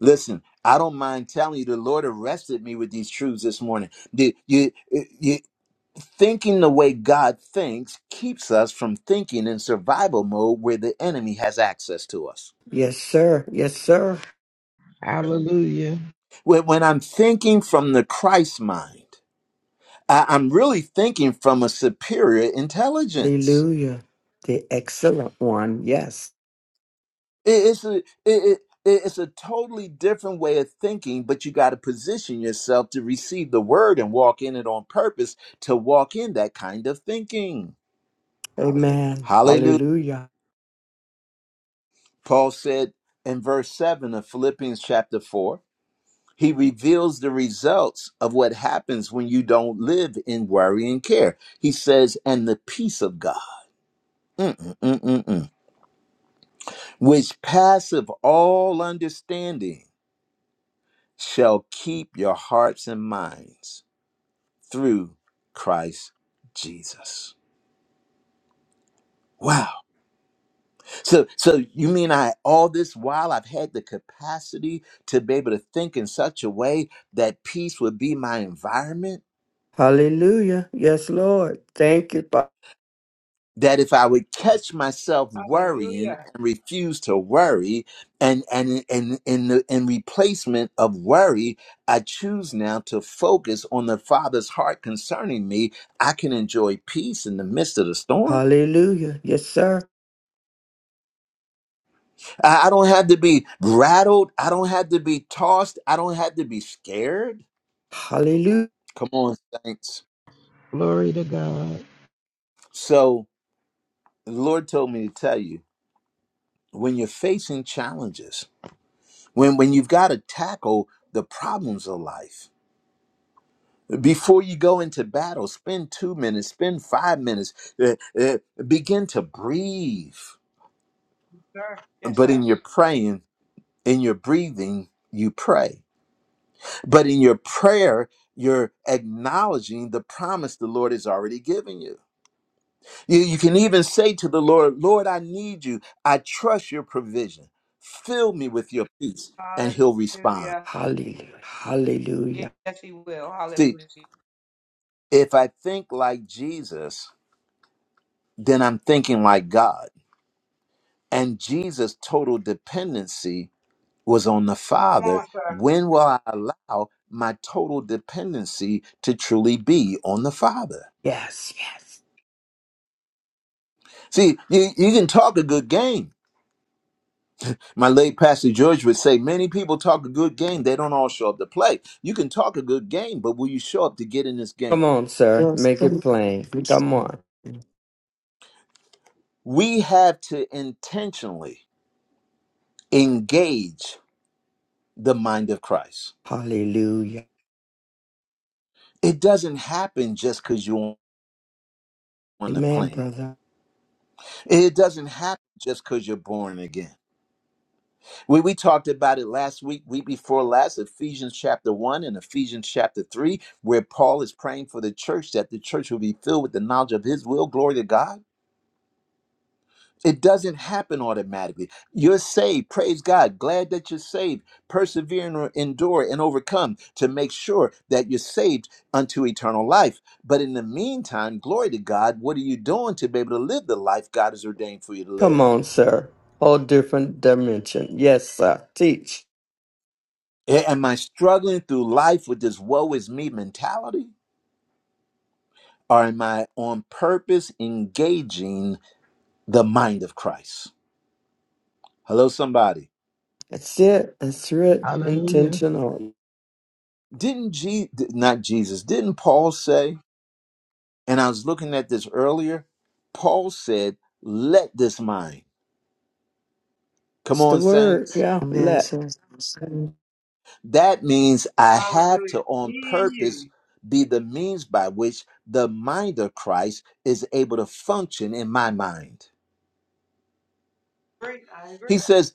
Speaker 1: Listen, I don't mind telling you, the Lord arrested me with these truths this morning. The, you, you, thinking the way God thinks keeps us from thinking in survival mode where the enemy has access to us.
Speaker 9: Yes, sir. Yes, sir.
Speaker 3: Hallelujah.
Speaker 1: When, when I'm thinking from the Christ mind, I, I'm really thinking from a superior intelligence.
Speaker 9: Hallelujah. The excellent one. Yes.
Speaker 1: It- it's, a, it, it, it's a totally different way of thinking, but you got to position yourself to receive the word and walk in it on purpose to walk in that kind of thinking.
Speaker 9: Amen.
Speaker 1: Hallelujah.
Speaker 9: Hallelujah.
Speaker 1: Paul said in verse 7 of Philippians chapter 4, he reveals the results of what happens when you don't live in worry and care. He says, and the peace of God, mm, mm, mm, mm, mm, which passeth all understanding, shall keep your hearts and minds through Christ Jesus. Wow. So, so you mean I all this while I've had the capacity to be able to think in such a way that peace would be my environment?
Speaker 9: Hallelujah. Yes, Lord. Thank you, Father.
Speaker 1: That if I would catch myself worrying
Speaker 8: Hallelujah.
Speaker 1: and refuse to worry, and and and in the in replacement of worry, I choose now to focus on the Father's heart concerning me. I can enjoy peace in the midst of the storm.
Speaker 9: Hallelujah. Yes, sir.
Speaker 1: I, I don't have to be rattled. I don't have to be tossed. I don't have to be scared.
Speaker 9: Hallelujah.
Speaker 1: Come on, saints.
Speaker 3: Glory to God.
Speaker 1: So the Lord told me to tell you when you're facing challenges, when when you've got to tackle the problems of life, before you go into battle, spend two minutes, spend five minutes, uh, uh, begin to breathe.
Speaker 8: Sir. Yes,
Speaker 1: But in
Speaker 8: sir.
Speaker 1: your praying, in your breathing, you pray. But in your prayer, you're acknowledging the promise the Lord has already given you. You, you can even say to the Lord, Lord, I need you. I trust your provision. Fill me with your peace, and he'll respond.
Speaker 8: Hallelujah.
Speaker 9: Hallelujah. Hallelujah.
Speaker 8: Yes, he will.
Speaker 1: See,
Speaker 8: Hallelujah.
Speaker 1: if I think like Jesus, then I'm thinking like God. And Jesus' total dependency was on the
Speaker 8: Come
Speaker 1: Father.
Speaker 8: on, sir.
Speaker 1: When will I allow my total dependency to truly be on the Father?
Speaker 9: Yes, yes.
Speaker 1: See, you, you can talk a good game My late pastor George would say, Many people talk a good game, they don't all show up to play. You can talk a good game, but will you show up to get in this
Speaker 9: Come
Speaker 1: game?
Speaker 9: on, sir.
Speaker 6: Yes,
Speaker 9: Make it
Speaker 6: sir.
Speaker 9: plain. Come on.
Speaker 1: We have to intentionally engage the mind of Christ.
Speaker 9: Hallelujah.
Speaker 1: It doesn't happen just because you're on the
Speaker 9: Amen,
Speaker 1: planet,
Speaker 9: brother.
Speaker 1: it doesn't happen just because you're born again. We, we talked about it last week, week before last, Ephesians chapter 1 and Ephesians chapter 3, where Paul is praying for the church that the church will be filled with the knowledge of his will. Glory to God It doesn't happen automatically. You're saved. Praise God. Glad that you're saved. Persevere and or- endure and overcome to make sure that you're saved unto eternal life. But in the meantime, glory to God, what are you doing to be able to live the life God has ordained for you to
Speaker 9: Come
Speaker 1: live?
Speaker 9: on, sir. Whole different dimension. Yes, sir. Teach.
Speaker 1: A- Am I struggling through life with this woe is me mentality? Or am I on purpose engaging the mind of Christ? Hello, somebody.
Speaker 9: That's it. That's it.
Speaker 3: Hallelujah.
Speaker 9: Intentional.
Speaker 1: Didn't Je- not Jesus, didn't Paul say? And I was looking at this earlier. Paul said, Let this mind. Come
Speaker 9: It's the
Speaker 1: on,
Speaker 9: word.
Speaker 1: saints.
Speaker 9: Yeah.
Speaker 6: Amen,
Speaker 9: Let.
Speaker 6: sir. Yes, sir.
Speaker 1: That means I have to,
Speaker 8: Hallelujah.
Speaker 1: on
Speaker 8: Me and
Speaker 1: purpose,
Speaker 8: you.
Speaker 1: be the means by which the mind of Christ is able to function in my mind.
Speaker 8: Great. I agree.
Speaker 1: He says,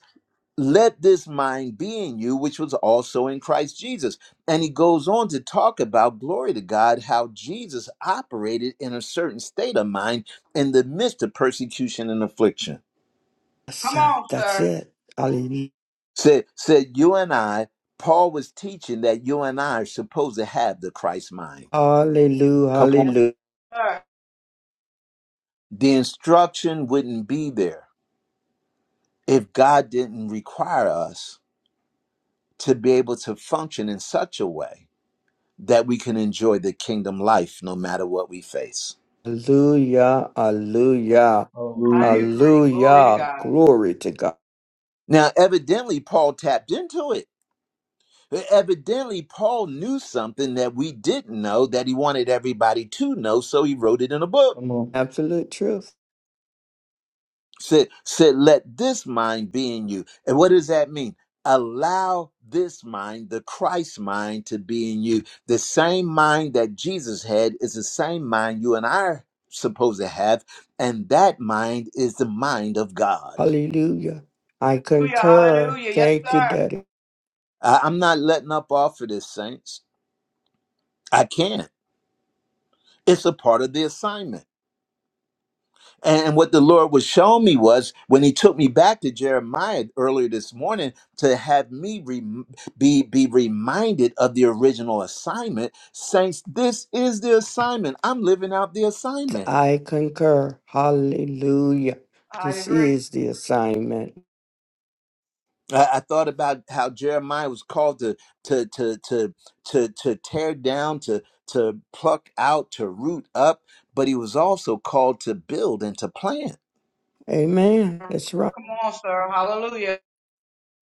Speaker 1: Let this mind be in you, which was also in Christ Jesus. And he goes on to talk about, glory to God, how Jesus operated in a certain state of mind in the midst of persecution and affliction.
Speaker 9: Yes,
Speaker 8: Come
Speaker 9: sir.
Speaker 8: on,
Speaker 9: That's
Speaker 8: sir.
Speaker 9: it. Hallelujah.
Speaker 1: Said said you and I, Paul was teaching that you and I are supposed to have the Christ mind.
Speaker 9: Hallelujah.
Speaker 1: Come on.
Speaker 8: Yes,
Speaker 9: Hallelujah.
Speaker 8: sir.
Speaker 1: The instruction wouldn't be there if God didn't require us to be able to function in such a way that we can enjoy the kingdom life no matter what we face.
Speaker 9: Hallelujah. Hallelujah.
Speaker 8: I
Speaker 4: Hallelujah.
Speaker 8: agree. Glory to
Speaker 9: Hallelujah.
Speaker 8: God.
Speaker 9: Glory to God.
Speaker 1: Now, evidently, Paul tapped into it. Evidently, Paul knew something that we didn't know that he wanted everybody to know, so he wrote it in a book.
Speaker 4: Come on.
Speaker 9: Absolute truth.
Speaker 1: Said, said, let this mind be in you. And what does that mean? Allow this mind, the Christ mind, to be in you. The same mind that Jesus had is the same mind you and I are supposed to have. And that mind is the mind of God.
Speaker 9: Hallelujah. I
Speaker 8: Hallelujah.
Speaker 9: concur.
Speaker 8: Hallelujah. Yes,
Speaker 9: Thank you,
Speaker 8: sir.
Speaker 9: Daddy.
Speaker 1: I- I'm not letting up off of this, saints. I can't. It's a part of the assignment. And what the Lord was showing me was when He took me back to Jeremiah earlier this morning to have me rem be be reminded of the original assignment. Saints, this is the assignment. I'm living out the assignment.
Speaker 9: I concur. Hallelujah.
Speaker 8: I
Speaker 9: This
Speaker 8: agree.
Speaker 9: is the assignment.
Speaker 1: I, I thought about how Jeremiah was called to to to to to to tear down, to to pluck out, to root up, but he was also called to build and to plant.
Speaker 9: Amen. That's right.
Speaker 8: Come on, sir. Hallelujah.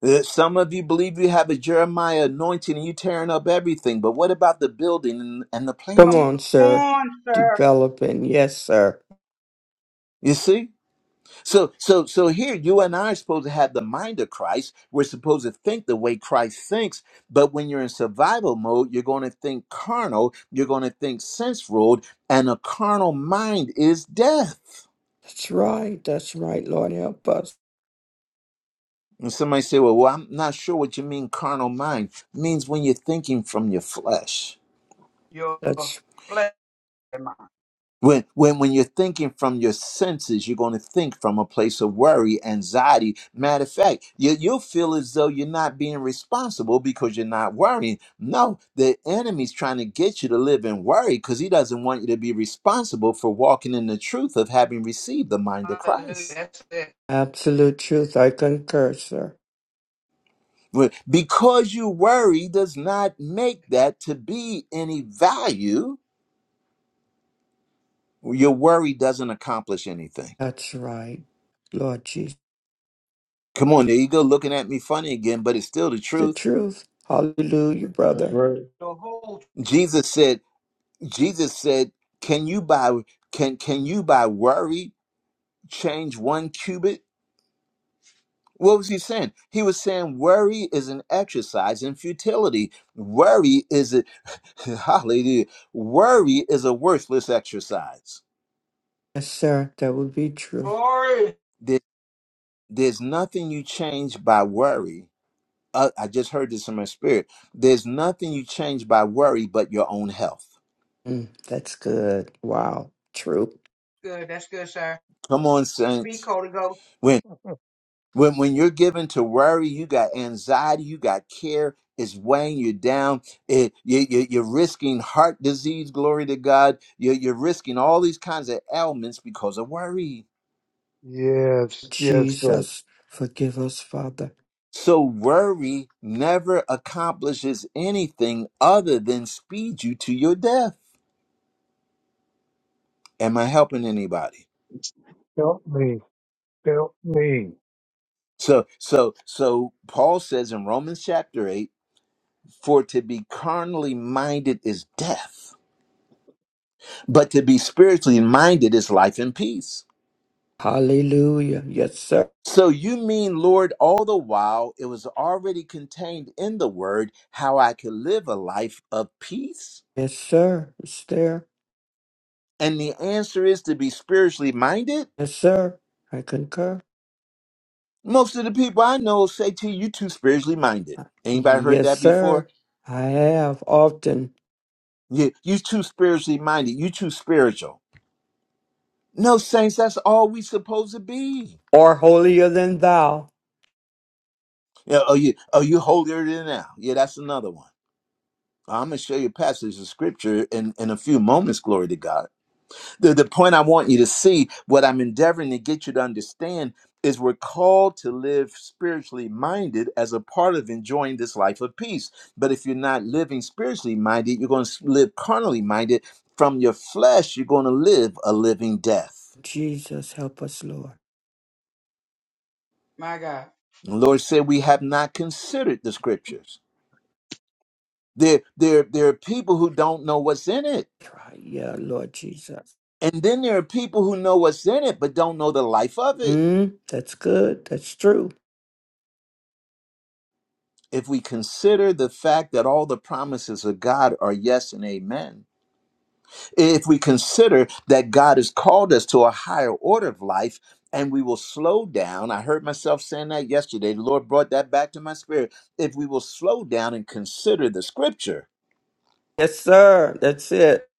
Speaker 1: Uh, Some of you believe you have a Jeremiah anointing and you tearing up everything, but what about the building and and the
Speaker 9: Come
Speaker 1: planting?
Speaker 8: Come
Speaker 9: on, sir.
Speaker 8: on, sir.
Speaker 9: Developing. Yes, sir.
Speaker 1: You see? So so so here you and I are supposed to have the mind of Christ. We're supposed to think the way Christ thinks, but when you're in survival mode, you're going to think carnal, you're going to think sense ruled, and a carnal mind is death.
Speaker 9: That's right. That's right. Lord, help us.
Speaker 1: And somebody say, Well, well I'm not sure what you mean carnal mind. It means when you're thinking from your flesh.
Speaker 8: Your
Speaker 9: That's
Speaker 8: flesh.
Speaker 1: When, when, when you're thinking from your senses, you're going to think from a place of worry, anxiety. Matter of fact, you, you'll feel as though you're not being responsible because you're not worrying. No, the enemy's trying to get you to live in worry because he doesn't want you to be responsible for walking in the truth of having received the mind of
Speaker 8: Hallelujah.
Speaker 1: Christ.
Speaker 8: That's it.
Speaker 9: absolute truth. I concur, sir.
Speaker 1: But Because you worry does not make that to be any value. Your worry doesn't accomplish anything.
Speaker 9: That's right. Lord Jesus.
Speaker 1: Come on, there you go, looking at me funny again, but it's still the
Speaker 9: The
Speaker 1: truth.
Speaker 9: truth. Hallelujah,
Speaker 4: That's
Speaker 9: brother.
Speaker 4: right.
Speaker 8: The whole
Speaker 1: Jesus said, Jesus said, can you by can can you by worry change one cubit? What was he saying? He was saying worry is an exercise in futility. Worry is a [LAUGHS] hallelujah. Worry is a worthless exercise.
Speaker 9: Yes, sir. That would be true.
Speaker 8: glory.
Speaker 1: There- there's nothing you change by worry. Uh, I just heard this in my spirit. There's nothing you change by worry but your own health.
Speaker 9: Mm, that's good. Wow. True.
Speaker 8: Good. That's good, sir.
Speaker 1: Come on,
Speaker 8: Speak,
Speaker 1: saints.
Speaker 8: Holy Ghost.
Speaker 1: When, when you're given to worry, you got anxiety, you got care, it's weighing you down. It, you, you, you're risking heart disease, glory to God. You're, you're risking all these kinds of ailments because of worry.
Speaker 7: Yes, yes, sir.
Speaker 9: Jesus, forgive us, Father.
Speaker 1: So, worry never accomplishes anything other than speed you to your death. Am I helping anybody?
Speaker 7: Help me. Help me.
Speaker 1: So, so, so Paul says in Romans chapter 8, for to be carnally minded is death, but to be spiritually minded is life and peace.
Speaker 9: Hallelujah. Yes, sir.
Speaker 1: So you mean, Lord, all the while it was already contained in the word how I could live a life of peace?
Speaker 9: Yes, sir. It's there.
Speaker 1: And the answer is to be spiritually minded?
Speaker 9: Yes, sir. I concur.
Speaker 1: Most of the people I know say to you, you too spiritually minded. Anybody heard
Speaker 9: Yes,
Speaker 1: that before?
Speaker 9: sir. I have often
Speaker 1: Yeah, you too spiritually minded. You too spiritual. No, saints, that's all we supposed to be.
Speaker 9: or holier than thou.
Speaker 1: Yeah, oh, you, oh, you holier than now. Yeah, that's another one. I'm going to show you a passage of scripture in, in a few moments, glory to God The, the point I want you to see, what I'm endeavoring to get you to understand, is we're called to live spiritually minded as a part of enjoying this life of peace. But if you're not living spiritually minded, you're going to live carnally minded. From your flesh, you're going to live a living death.
Speaker 9: Jesus, help us, Lord.
Speaker 8: My God.
Speaker 1: The Lord said, We have not considered the scriptures. There, there, there are people who don't know what's in it.
Speaker 9: Right. Yeah, Lord Jesus.
Speaker 1: And then there are people who know what's in it, but don't know the life of it.
Speaker 9: Mm, that's good. That's true.
Speaker 1: if we consider the fact that all the promises of God are yes and amen, if we consider that God has called us to a higher order of life and we will slow down, I heard myself saying that yesterday. The Lord brought that back to my spirit. If we will slow down and consider the scripture,
Speaker 9: Yes, sir. That's it.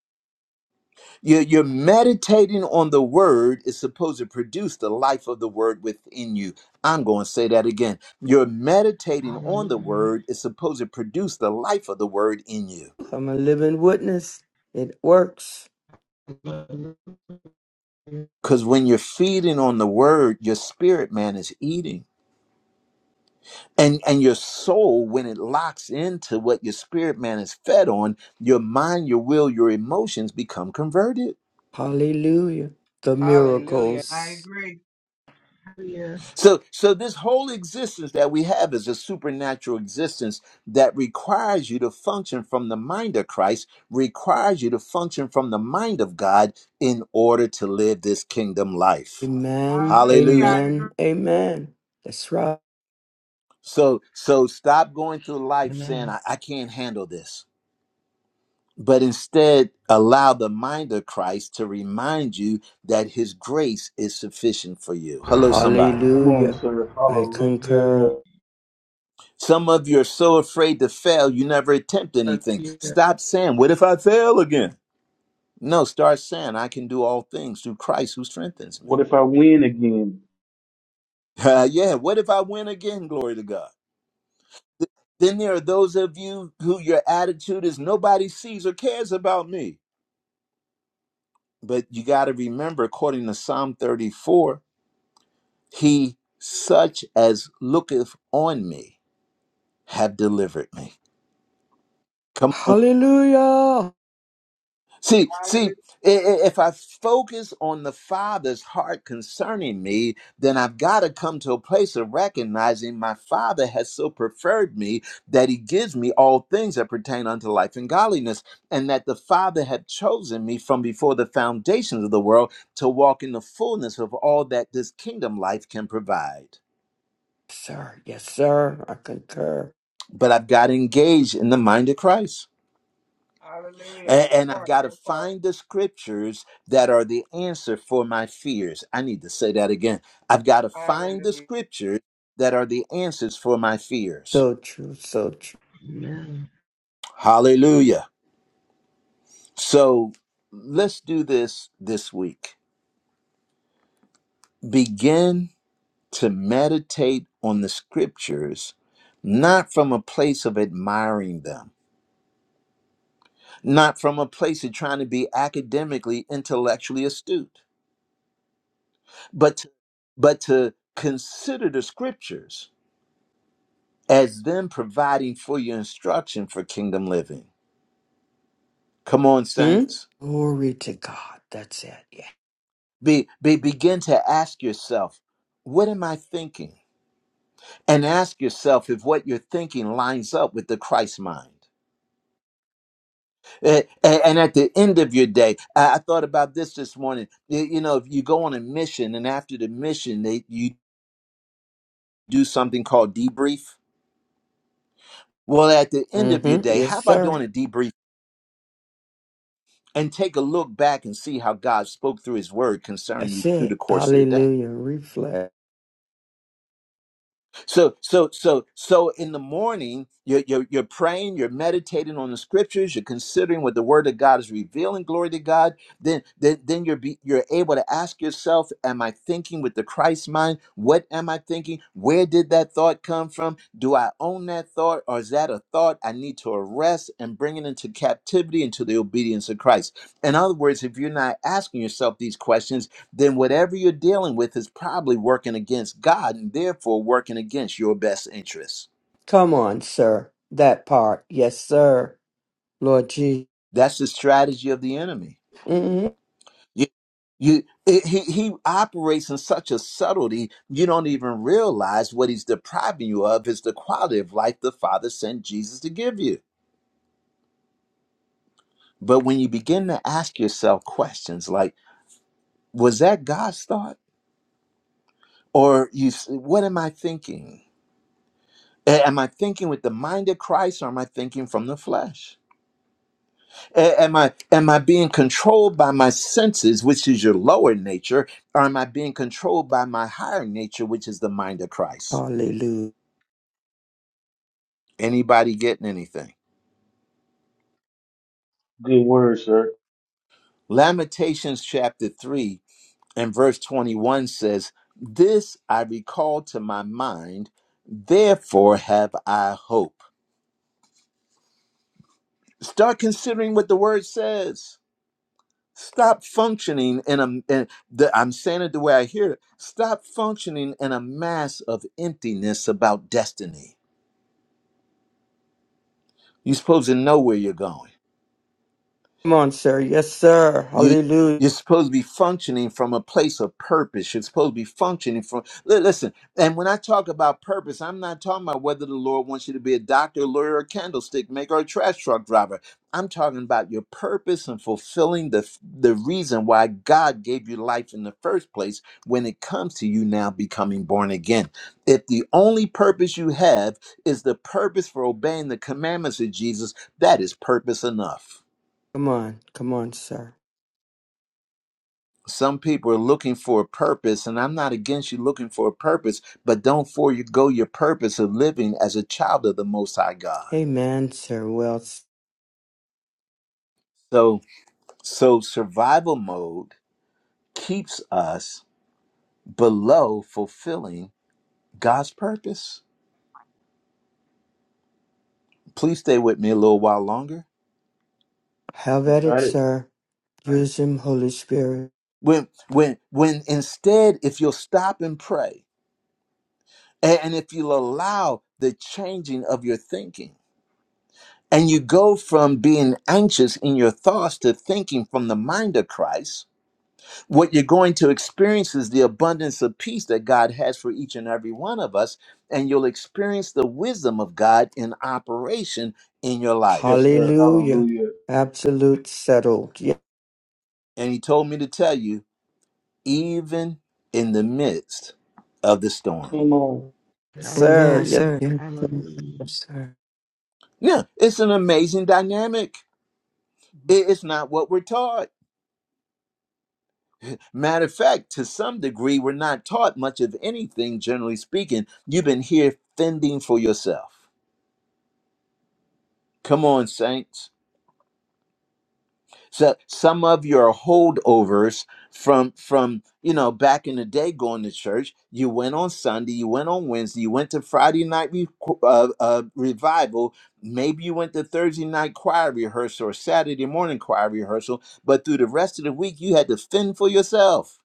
Speaker 1: you're, you're meditating on the word is supposed to produce the life of the word within you. I'm going to say that again. You're meditating on the
Speaker 3: Hallelujah.
Speaker 1: word is supposed to produce the life of the word in you
Speaker 9: I'm a living witness. It works.
Speaker 3: Hallelujah.
Speaker 1: Because when you're feeding on the word, your spirit man is eating. And, and your soul, when it locks into what your spirit man is fed on, your mind, your will, your emotions become converted.
Speaker 9: Hallelujah. The
Speaker 8: Hallelujah. I
Speaker 9: miracles.
Speaker 8: agree.
Speaker 1: So, so this whole existence that we have is a supernatural existence that requires you to function from the mind of Christ, requires you to function from the mind of God in order to live this kingdom life.
Speaker 9: Amen,
Speaker 8: Hallelujah. I
Speaker 1: Hallelujah.
Speaker 8: agree.
Speaker 9: amen, amen. That's right.
Speaker 1: So, so stop going through life saying,
Speaker 3: Amen.
Speaker 1: I, I can't handle this. but instead allow the mind of Christ to remind you that his grace is sufficient for you. Hello, somebody.
Speaker 4: Come on,
Speaker 9: Hallelujah.
Speaker 4: sir.
Speaker 9: I concur.
Speaker 4: Hallelujah.
Speaker 1: Some of you are so afraid to fail, you never attempt anything.
Speaker 3: Hallelujah.
Speaker 1: Stop saying, What if I fail again? No, start saying, I can do all things through Christ who strengthens me.
Speaker 4: What if I win again?
Speaker 1: [LAUGHS] yeah, what if I win again? Glory to God. Th- Then there are those of you who your attitude is nobody sees or cares about me. But you got to remember, according to Psalm 34, He such as looketh on me have delivered me. Come on.
Speaker 9: Hallelujah.
Speaker 1: See, see,
Speaker 8: Hallelujah.
Speaker 1: i- i- if I focus on the Father's heart concerning me, then I've got to come to a place of recognizing my Father has so preferred me that He gives me all things that pertain unto life and godliness, and that the Father had chosen me from before the foundations of the world to walk in the fullness of all that this kingdom life can provide.
Speaker 9: Sir, yes, sir. I concur.
Speaker 1: But I've got to engage in the mind of Christ.
Speaker 8: Hallelujah.
Speaker 1: A-
Speaker 8: That
Speaker 1: And I've
Speaker 8: part.
Speaker 1: got to
Speaker 8: That part.
Speaker 1: find the scriptures that are the answer for my fears. I need to say that again. I've got to find the
Speaker 8: Hallelujah.
Speaker 1: scriptures that are the answers for my fears.
Speaker 9: So true, so true.
Speaker 3: Amen.
Speaker 1: Hallelujah. So let's do this this week. Begin to meditate on the scriptures, not from a place of admiring them, not from a place of trying to be academically, intellectually astute, but, to but to consider the scriptures as them providing for your instruction for kingdom living. Come on,
Speaker 9: Hmm?
Speaker 1: saints.
Speaker 9: Glory to God. That's it. Yeah.
Speaker 1: Be, be begin to ask yourself, what am I thinking? And ask yourself if what you're thinking lines up with the Christ mind. Eh, eh, And at the end of your day, I I thought about this this morning. You you know, if you go on a mission and after the mission, they, you do something called debrief. Well, at the end of your
Speaker 9: Mm-hmm.
Speaker 1: day,
Speaker 9: Yes,
Speaker 1: how about
Speaker 9: sir.
Speaker 1: doing a debrief and take a look back and see how God spoke through his word concerning
Speaker 9: That's
Speaker 1: you through the
Speaker 9: it.
Speaker 1: course of the day?
Speaker 9: Hallelujah. Reflect.
Speaker 1: So, so, so, so in the morning, you're, you're, you're praying, you're meditating on the scriptures, you're considering what the word of God is revealing, glory to God. Then, then, then you're, be, you're able to ask yourself, am I thinking with the Christ mind? What am I thinking? Where did that thought come from? Do I own that thought or is that a thought I need to arrest and bring it into captivity into the obedience of Christ? In other words, if you're not asking yourself these questions, then whatever you're dealing with is probably working against God and therefore working against your best interests.
Speaker 9: Come on, sir. That part. Yes, sir. Lord Jesus.
Speaker 1: That's the strategy of the enemy.
Speaker 9: hmm
Speaker 1: You, you, it, he, he operates in such a subtlety, you don't even realize what he's depriving you of is the quality of life the Father sent Jesus to give you. But when you begin to ask yourself questions like, was that God's thought? Or you, s- what am I thinking? A- Am I thinking with the mind of Christ or am I thinking from the flesh? A- Am I am I being controlled by my senses, which is your lower nature, or am I being controlled by my higher nature, which is the mind of Christ?
Speaker 9: Hallelujah.
Speaker 1: Anybody getting anything?
Speaker 4: Good word, sir.
Speaker 1: Lamentations chapter 3 and verse 21 says, This I recall to my mind, therefore have I hope. Start considering what the word says. Stop functioning in a. In the, I'm saying it the way I hear it. Stop functioning in a mass of emptiness about destiny. You're supposed to know where you're going.
Speaker 9: Come on, sir. Yes, sir.
Speaker 1: You
Speaker 9: Hallelujah.
Speaker 1: you're supposed to be functioning from a place of purpose. You're supposed to be functioning from li- listen. And when I talk about purpose, I'm not talking about whether the Lord wants you to be a doctor, a lawyer, a candlestick maker, or a trash truck driver. I'm talking about your purpose and fulfilling the the reason why God gave you life in the first place. When it comes to you now becoming born again, if the only purpose you have is the purpose for obeying the commandments of Jesus, that is purpose enough.
Speaker 9: Come on. Come on, sir.
Speaker 1: some people are looking for a purpose and i'm not against you looking for a purpose but don't forego your purpose of living as a child of the most high god
Speaker 9: Amen, sir. Well, s-
Speaker 1: so so survival mode keeps us below fulfilling god's purpose please stay with me a little while longer
Speaker 9: have at
Speaker 4: You
Speaker 9: it,
Speaker 4: Got it?
Speaker 9: sir. Use him, Holy Spirit.
Speaker 1: when when when instead if you'll stop and pray a- and if you'll allow the changing of your thinking And you go from being anxious in your thoughts to thinking from the mind of Christ. What you're going to experience is the abundance of peace that God has for each and every one of us. And you'll experience the wisdom of God in operation in your
Speaker 4: Yes,
Speaker 1: life.
Speaker 4: sir.
Speaker 9: Hallelujah.
Speaker 4: Hallelujah.
Speaker 9: Absolute settled. Yes,
Speaker 1: And he told me to tell you, even in the midst of the storm.
Speaker 4: Come on.
Speaker 9: sir.
Speaker 6: Amen,
Speaker 3: Hallelujah.
Speaker 9: Yes.
Speaker 6: sir.
Speaker 3: Hallelujah.
Speaker 6: Yes, sir.
Speaker 1: Yeah, it's an amazing dynamic. It- It's not what we're taught. Matter of fact, to some degree, we're not taught much of anything, generally speaking. You've been here fending for yourself. Come on, saints. So some of your holdovers from from you know back in the day going to church, you went on Sunday, you went on Wednesday, you went to Friday night re- uh, uh, revival. Maybe you went to Thursday night choir rehearsal or Saturday morning choir rehearsal, but through the rest of the week, you had to fend for yourself.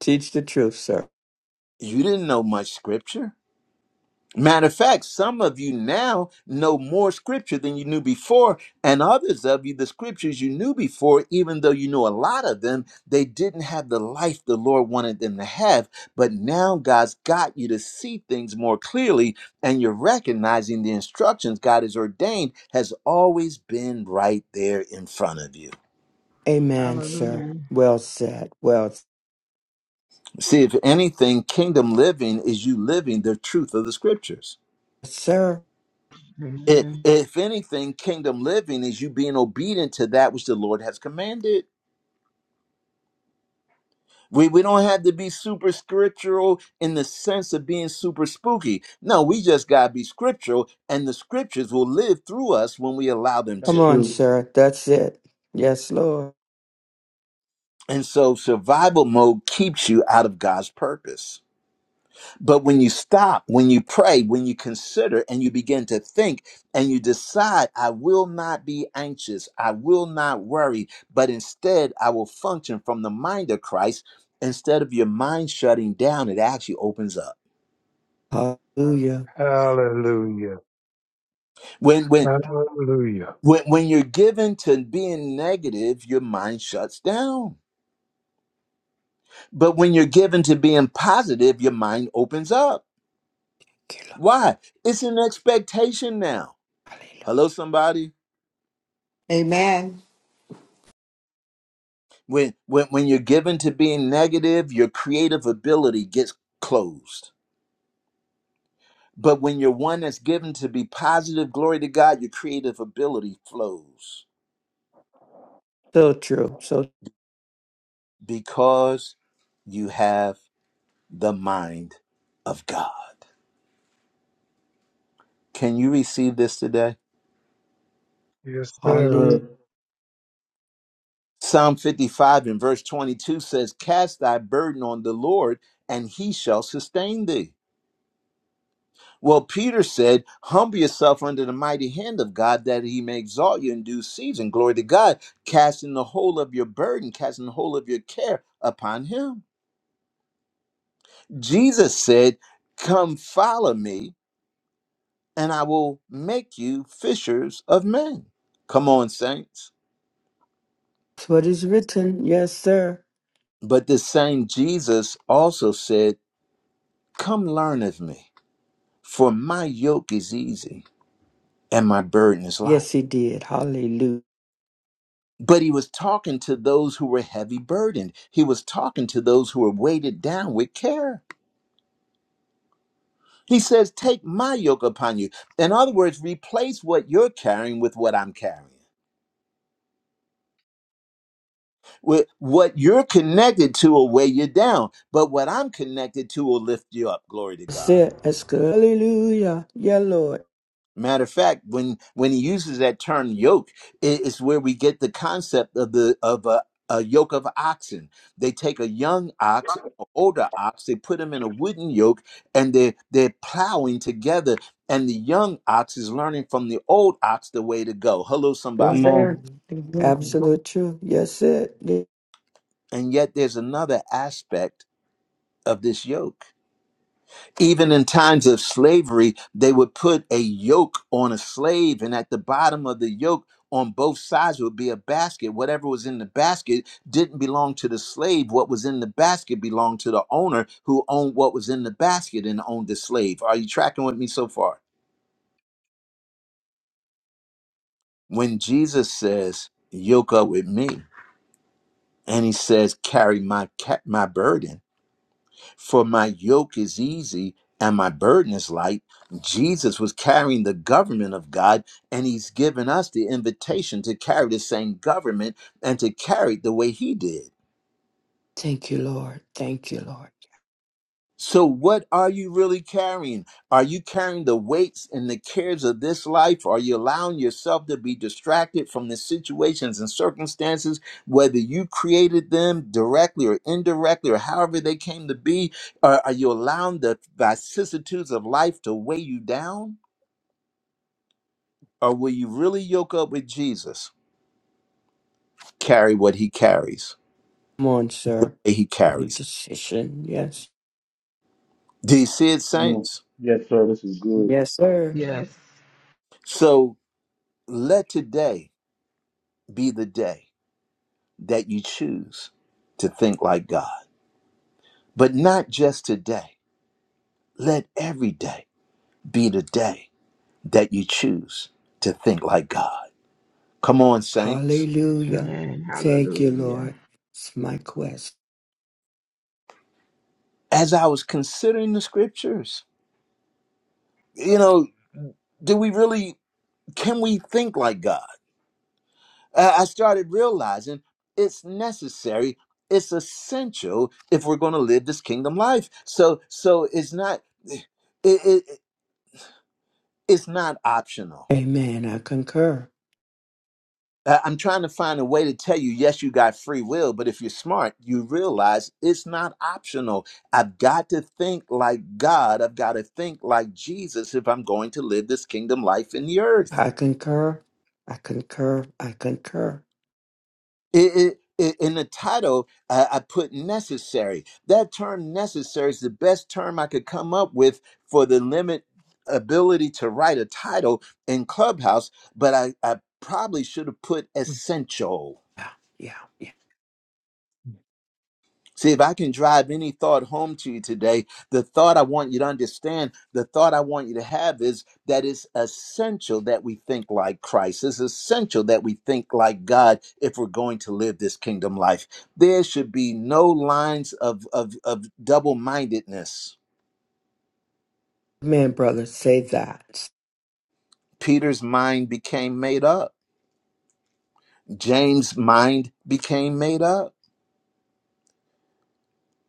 Speaker 9: Teach the truth, sir.
Speaker 1: You didn't know much scripture Matter of fact, some of you now know more scripture than you knew before, and others of you, the scriptures you knew before, even though you knew a lot of them, they didn't have the life the Lord wanted them to have. But now God's got you to see things more clearly, and you're recognizing the instructions God has ordained has always been right there in front of you.
Speaker 9: Amen, sir.
Speaker 2: Amen.
Speaker 3: Hallelujah.
Speaker 9: Well said. Well, s-
Speaker 1: See, if anything, kingdom living is you living the truth of the scriptures.
Speaker 9: sir.
Speaker 1: It,
Speaker 3: Amen.
Speaker 1: if anything, kingdom living is you being obedient to that which the Lord has commanded. We, we don't have to be super scriptural in the sense of being super spooky. No, we just got to be scriptural, and the scriptures will live through us when we allow them
Speaker 4: That's
Speaker 9: Come
Speaker 1: to.
Speaker 9: on,
Speaker 4: true.
Speaker 9: sir. That's it. Yes, Lord.
Speaker 1: And so, survival mode keeps you out of God's purpose. But when you stop, when you pray, when you consider and you begin to think and you decide, I will not be anxious, I will not worry, but instead I will function from the mind of Christ, instead of your mind shutting down, it actually opens up.
Speaker 9: Hallelujah. Hallelujah.
Speaker 7: Hallelujah.
Speaker 1: When when
Speaker 7: Hallelujah.
Speaker 1: when, when you're given to being negative, your mind shuts down. But when you're given to being positive, your mind opens up. Why? It's an expectation now. Hello, somebody.
Speaker 10: Amen.
Speaker 1: When, when, when you're given to being negative, your creative ability gets closed. But when you're one that's given to be positive, glory to God, your creative ability flows
Speaker 9: So true. So,
Speaker 1: because you have the mind of God. Can you receive this today?
Speaker 7: Yes,
Speaker 4: Yes,
Speaker 7: sir.
Speaker 9: hallelujah.
Speaker 4: sir.
Speaker 1: Psalm 55 and verse 22 says, Cast thy burden on the Lord, and he shall sustain thee. Well, Peter said, Humble yourself under the mighty hand of God that he may exalt you in due season. Glory to God, casting the whole of your burden, casting the whole of your care upon him. Jesus said, Come follow me, and I will make you fishers of men. Come on, saints.
Speaker 9: That's what is written. Yes, sir.
Speaker 1: But the same Jesus also said, Come learn of me, for my yoke is easy and my burden is light.
Speaker 9: Yes, he did. Hallelujah.
Speaker 1: But he was talking to those who were heavy burdened. He was talking to those who were weighted down with care. He says, Take my yoke upon you. In other words, replace what you're carrying with what I'm carrying. With what you're connected to will weigh you down, but what I'm connected to will lift you up. Glory to
Speaker 9: That's
Speaker 1: God.
Speaker 9: it. That's good. Hallelujah. Yeah, Lord.
Speaker 1: Matter of fact, when when he uses that term yoke, it- it's where we get the concept of the of a, a yoke of oxen. They take a young ox, an older ox, they put them in a wooden yoke, and they they're plowing together. And the young ox is learning from the old ox the way to go. Hello,
Speaker 6: Yes,
Speaker 4: Come
Speaker 1: somebody.
Speaker 6: sir.
Speaker 4: on.
Speaker 9: Absolute truth. Yes, it. did.
Speaker 1: And yet, there's another aspect of this yoke. even in times of slavery, they would put a yoke on a slave, and at the bottom of the yoke, on both sides would be a basket. Whatever was in the basket didn't belong to the slave. What was in the basket belonged to the owner who owned what was in the basket and owned the slave. Are you tracking with me so far? When Jesus says, Yoke up with me, and he says, Carry my, ca- my burden For my yoke is easy and my burden is light. Jesus was carrying the government of God, and he's given us the invitation to carry the same government and to carry it the way he did.
Speaker 9: Thank you, Lord. Thank you, Lord.
Speaker 1: So, what are you really carrying? Are you carrying the weights and the cares of this life? Are you allowing yourself to be distracted from the situations and circumstances, whether you created them directly or indirectly, or however they came to be? Are, are you allowing the vicissitudes of life to weigh you down? Or will you really yoke up with Jesus, carry what he carries,
Speaker 9: Come on,
Speaker 1: the
Speaker 9: sir.
Speaker 1: way he
Speaker 9: Make
Speaker 1: carries?
Speaker 9: decision. Yes.
Speaker 1: it? Do you see it,
Speaker 4: Come on.
Speaker 1: saints?
Speaker 4: Yes, sir. This is good.
Speaker 6: Yes, sir. Yes, sir.
Speaker 3: Yes.
Speaker 1: So, let today be the day that you choose to think like God. But not just today. Let every day be the day that you choose to think like God. Come on, saints.
Speaker 9: Hallelujah.
Speaker 3: Amen.
Speaker 9: Thank you,
Speaker 3: Hallelujah.
Speaker 9: Lord. It's my quest.
Speaker 1: As I was considering the scriptures, you know, do we really, can we think like God? I I started realizing it's necessary. It's essential if we're going to live this kingdom life. So, so it's not, it, it, it's not optional
Speaker 9: Amen. I concur.
Speaker 1: Uh, I'm trying to find a way to tell you, yes, you got free will, but if you're smart, you realize it's not optional. I've got to think like God. I've got to think like Jesus if I'm going to live this kingdom life in the earth.
Speaker 9: I concur. I concur. I concur.
Speaker 1: It, it, it- in the title, uh, I put necessary. That term necessary is the best term I could come up with for the limit ability to write a title in Clubhouse, but I, I probably should have put essential
Speaker 9: Yeah, yeah, yeah.
Speaker 1: See, if I can drive any thought home to you today, the thought I want you to understand, the thought I want you to have is that it's essential that we think like Christ. It's essential that we think like God if we're going to live this kingdom life. There should be no lines of, of, of double mindedness.
Speaker 9: Man, brother, say that.
Speaker 1: Peter's mind became made up, James' mind became made up.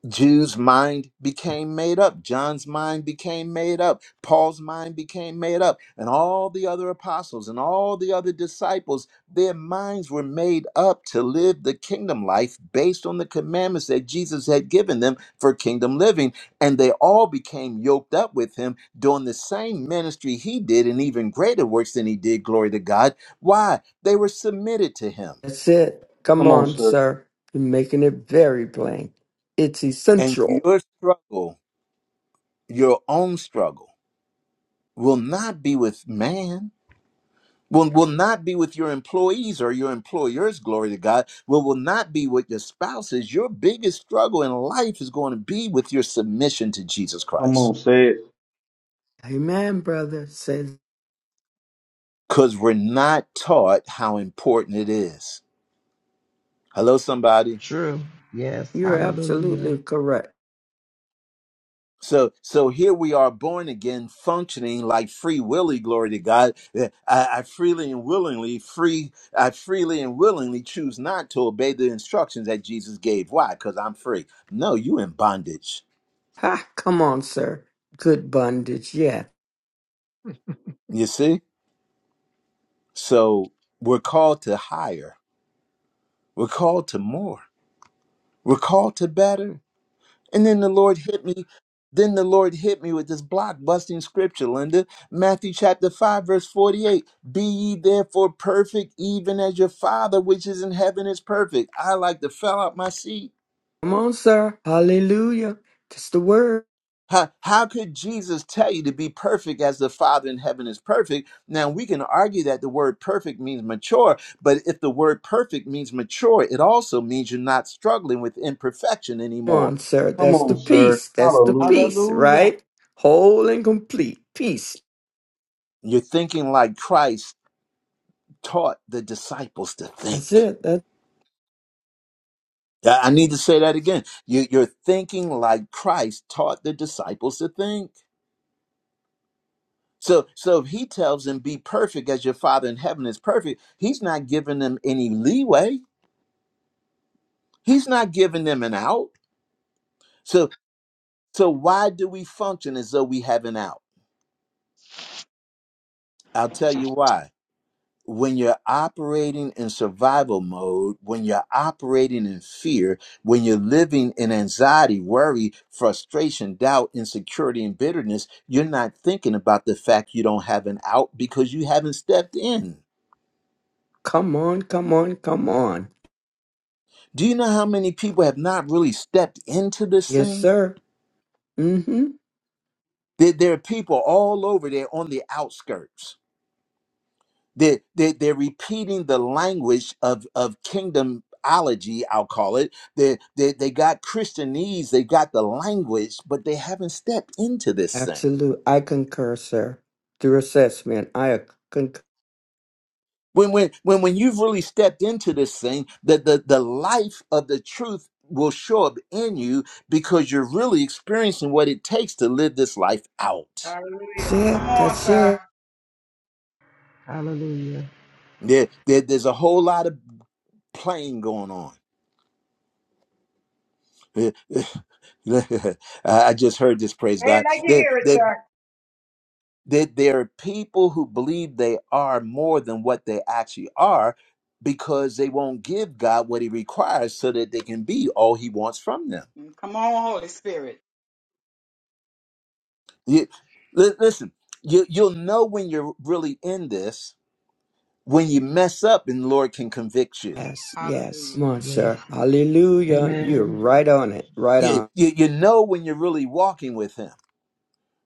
Speaker 1: Jude's mind became made up. John's mind became made up. Paul's mind became made up. And all the other apostles and all the other disciples, their minds were made up to live the kingdom life based on the commandments that Jesus had given them for kingdom living. And they all became yoked up with him doing the same ministry he did and even greater works than he did. Glory to God. Why? They were submitted to him.
Speaker 9: That's it. Come
Speaker 4: Come on,
Speaker 9: on,
Speaker 4: sir.
Speaker 9: sir. You're making it very plain. It's
Speaker 1: And
Speaker 9: essential.
Speaker 1: your struggle, your own struggle, will not be with man will, will not be with your employees or your employers glory to god will, will not be with your spouses your biggest struggle in life is going to be with your submission to jesus
Speaker 4: Come
Speaker 1: christ
Speaker 4: on. Say it.
Speaker 9: Amen, brother. Say
Speaker 1: because we're not taught how important it is hello somebody
Speaker 3: True. Yes.
Speaker 9: you're
Speaker 3: Hallelujah.
Speaker 9: absolutely correct.
Speaker 1: So so here we are born again, functioning like free willie, glory to God. Uh, I, I freely and willingly, free, I freely and willingly choose not to obey the instructions that Jesus gave. Why? Because I'm free. No, you in bondage.
Speaker 9: Ha, come on, sir. Good bondage, yeah.
Speaker 1: You see? So we're called to higher. We're called to more. We're called to better. And then the Lord hit me. Then the Lord hit me with this blockbusting scripture, Linda. Matthew chapter 5, verse 48. Be ye therefore perfect, even as your Father which is in heaven is perfect. I like to fell out my seat.
Speaker 9: Come on, sir. Hallelujah. That's the word.
Speaker 1: How, how could Jesus tell you to be perfect as the Father in heaven is perfect? Now, we can argue that the word perfect means mature, but if the word perfect means mature, it also means you're not struggling with imperfection
Speaker 9: Come
Speaker 1: anymore.
Speaker 9: on, sir.
Speaker 4: Come
Speaker 9: That's the
Speaker 4: on, sir.
Speaker 9: peace. That's the
Speaker 4: Hallelujah.
Speaker 9: peace,
Speaker 10: Hallelujah.
Speaker 9: right? Whole and complete peace.
Speaker 1: You're thinking like Christ, taught the disciples to think.
Speaker 9: That's it. That
Speaker 1: I I need to say that again. You, you're thinking like Christ taught the disciples to think. So, so if he tells them, be perfect as your father in heaven is perfect, he's not giving them any leeway. He's not giving them an out. So, so why do we function as though we have an out? I'll tell you why when you're operating in survival mode, when you're operating in fear, when you're living in anxiety, worry, frustration, doubt, insecurity, and bitterness, you're not thinking about the fact you don't have an out because you haven't stepped in.
Speaker 9: come on, come on, come on.
Speaker 1: Do you know how many people have not really stepped into this
Speaker 9: Yes,
Speaker 1: thing?
Speaker 9: sir. Mm-hmm.
Speaker 1: There, there are people all over there on the outskirts They're, they're, they're repeating the language of, of kingdomology, I'll call it. They, they, they got Christianese, they got the language, but they haven't stepped into this thing.
Speaker 9: Absolute. I concur, sir. Through assessment, I concur.
Speaker 1: When, when, when, when you've really stepped into this thing, the, the, the life of the truth will show up in you because you're really experiencing what it takes to live this life out.
Speaker 9: That's
Speaker 8: Hallelujah.
Speaker 9: it.
Speaker 8: Come on,
Speaker 9: That's
Speaker 8: sir.
Speaker 9: it.
Speaker 3: Hallelujah.
Speaker 1: There, there, there's a whole lot of playing going on. [LAUGHS] I I just heard this praise
Speaker 8: Say it
Speaker 1: God.
Speaker 8: like you hear it,
Speaker 1: that
Speaker 8: sir.
Speaker 1: that there are people who believe they are more than what they actually are because they won't give God what he requires so that they can be all he wants from them.
Speaker 8: Mm, Come on, Holy Spirit.
Speaker 1: You, li- listen, you, you'll know when you're really in this when you mess up and the Lord can convict you.
Speaker 9: Yes, yes.
Speaker 8: Hallelujah.
Speaker 9: Come on,
Speaker 3: Yes.
Speaker 9: sir. Hallelujah. You're
Speaker 3: Amen.
Speaker 9: right on it. Right
Speaker 1: You,
Speaker 9: on.
Speaker 1: you. you know when you're really walking with him,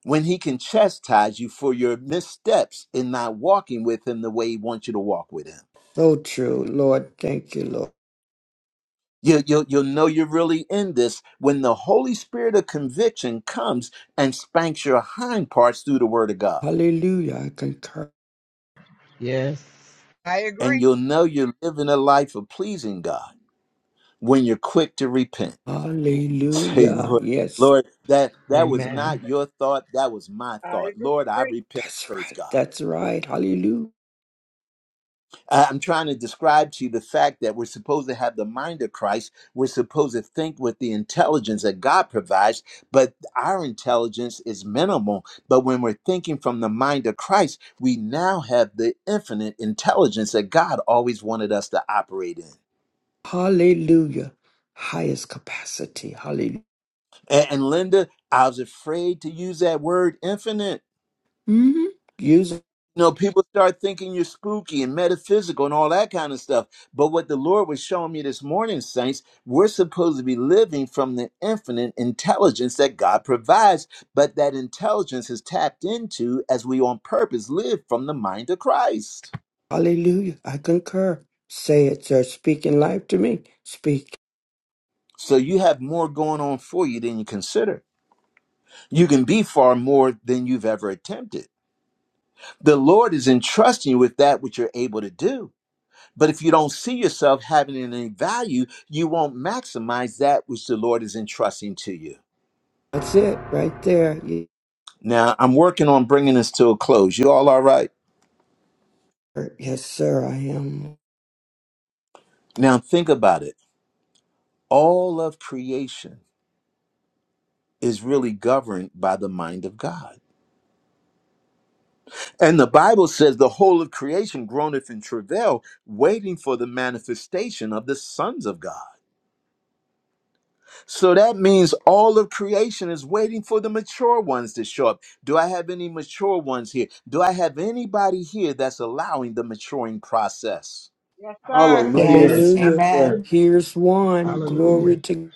Speaker 1: when he can chastise you for your missteps in not walking with him the way he wants you to walk with him.
Speaker 9: So true. Lord, thank you, Lord.
Speaker 1: You, you, you'll know you're really in this when the Holy Spirit of conviction comes and spanks your hind parts through the Word of God.
Speaker 9: Hallelujah. I concur.
Speaker 3: Yes.
Speaker 8: I
Speaker 1: And
Speaker 8: agree.
Speaker 1: you'll know you're living a life of pleasing God when you're quick to repent. [LAUGHS] Say,
Speaker 9: Hallelujah.
Speaker 1: Lord,
Speaker 9: Yes,
Speaker 1: Lord, that, that was
Speaker 3: Amen.
Speaker 1: not your thought, that was my
Speaker 8: I
Speaker 1: thought. Lord, I
Speaker 8: agree.
Speaker 1: repent.
Speaker 9: that's
Speaker 1: Praise
Speaker 9: right.
Speaker 1: God.
Speaker 9: That's right. Hallelujah.
Speaker 1: I- I'm trying to describe to you the fact that we're supposed to have the mind of Christ. We're supposed to think with the intelligence that God provides, but our intelligence is minimal. But when we're thinking from the mind of Christ, we now have the infinite intelligence that God always wanted us to operate in.
Speaker 9: Hallelujah. Highest capacity. Hallelujah.
Speaker 1: A- And, Linda, I was afraid to use that word infinite
Speaker 9: hmm Use it.
Speaker 1: You know, people start thinking you're spooky and metaphysical and all that kind of stuff. But what the Lord was showing me this morning, saints, we're supposed to be living from the infinite intelligence that God provides, but that intelligence is tapped into as we on purpose live from the mind of Christ.
Speaker 9: Hallelujah. I concur. Say it, sir. Speaking life to me. Speak.
Speaker 1: So you have more going on for you than you consider. You can be far more than you've ever attempted. The Lord is entrusting you with that which you're able to do But if you don't see yourself having any value, you won't maximize that which the Lord is entrusting to you.
Speaker 9: That's it right there. Yes,
Speaker 1: Now, I'm working on bringing this to a close. You all all right?
Speaker 9: sir, Yes, sir, I am.
Speaker 1: Now, think about it. All of creation is really governed by the mind of God. And the Bible says the whole of creation groaneth in travail, waiting for the manifestation of the sons of God. So that means all of creation is waiting for the mature ones to show up. Do I have any mature ones here? Do I have anybody here that's allowing the maturing process?
Speaker 8: Yes, sir.
Speaker 4: Hallelujah.
Speaker 10: Yes.
Speaker 3: Yes.
Speaker 4: Yes,
Speaker 9: Hallelujah.
Speaker 4: sir.
Speaker 10: Amen.
Speaker 9: Here's one. Glory
Speaker 3: Hallelujah.
Speaker 9: to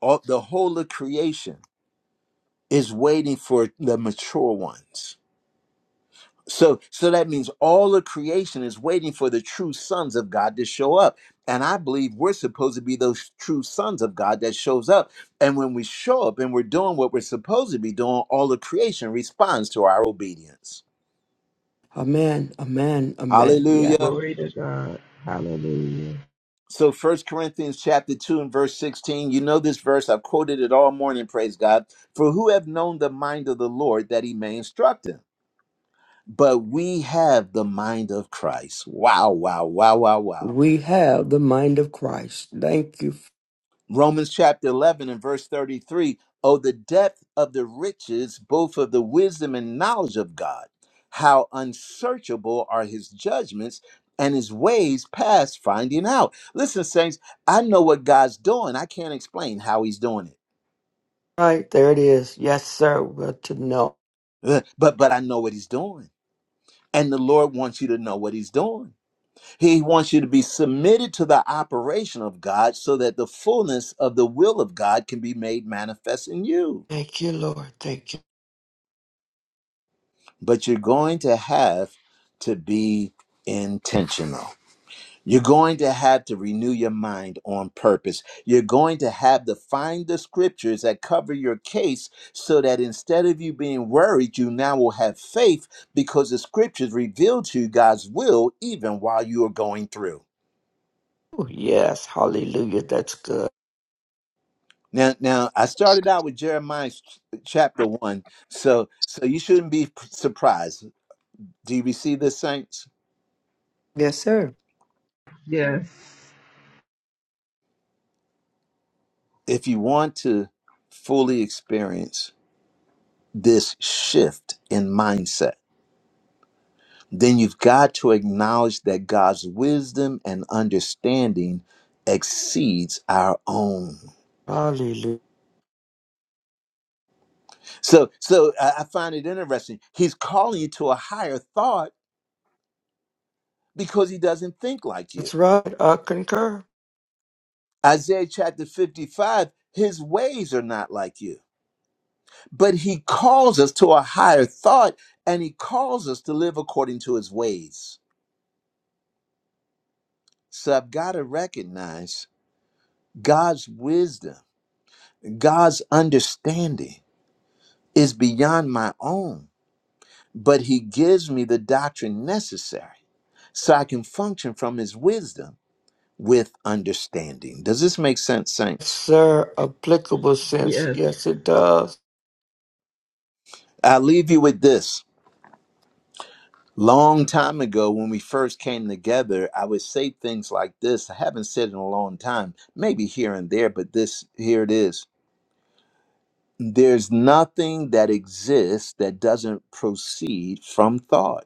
Speaker 1: All, the whole of creation is waiting for the mature ones. So, so that means all of creation is waiting for the true sons of God to show up. And I believe we're supposed to be those true sons of God that shows up. And when we show up and we're doing what we're supposed to be doing, all of creation responds to our obedience.
Speaker 9: a A man. a man. A man. Yeah.
Speaker 1: Hallelujah.
Speaker 3: Glory to God. Hallelujah.
Speaker 1: So First Corinthians chapter 2 and verse 16, you know this verse, I've quoted it all morning, praise God. For who have known the mind of the Lord that he may instruct him? But we have the mind of Christ. Wow, wow, wow, wow, wow.
Speaker 9: We have the mind of Christ. Thank you.
Speaker 1: Romans chapter 11 and verse 33 Oh, the depth of the riches, both of the wisdom and knowledge of God. How unsearchable are his judgments and his ways past finding out. Listen, saints, I know what God's doing. I can't explain how he's doing it,
Speaker 9: Right, there it is. Yes, sir. Well, to know.
Speaker 1: Ugh, but, but I know what he's doing. And the Lord wants you to know what he's doing. He wants you to be submitted to the operation of God so that the fullness of the will of God can be made manifest in you.
Speaker 9: Thank you, Lord. Thank you.
Speaker 1: but you're going to have to be intentional. You're going to have to renew your mind on purpose. You're going to have to find the scriptures that cover your case so that instead of you being worried, you now will have faith because the scriptures reveal to you God's will even while you are going through.
Speaker 9: Ooh, Yes, hallelujah. That's good.
Speaker 1: Now, now I started out with Jeremiah ch- chapter one, so so you shouldn't be p- surprised. Do you receive this, saints?
Speaker 6: Yes, sir.
Speaker 3: Yes.
Speaker 1: if you want to fully experience this shift in mindset, then you've got to acknowledge that God's wisdom and understanding exceeds our own.
Speaker 9: Hallelujah.
Speaker 1: So, so I I find it interesting. He's calling you to a higher thought because he doesn't think like you.
Speaker 9: That's right. I concur.
Speaker 1: Isaiah chapter 55, his ways are not like you. But he calls us to a higher thought and he calls us to live according to his ways. So I've got to recognize God's wisdom, God's understanding is beyond my own, but He gives me the doctrine necessary so I can function from His wisdom with understanding. Does this make sense,
Speaker 9: Yes,
Speaker 1: saints?
Speaker 9: sir. Applicable sense.
Speaker 3: Yes.
Speaker 9: Yes, it does.
Speaker 1: I'll leave you with this. Long time ago, when we first came together, I would say things like this. I haven't said it in a long time, maybe here and there, but this here it is. there's nothing that exists that doesn't proceed from thought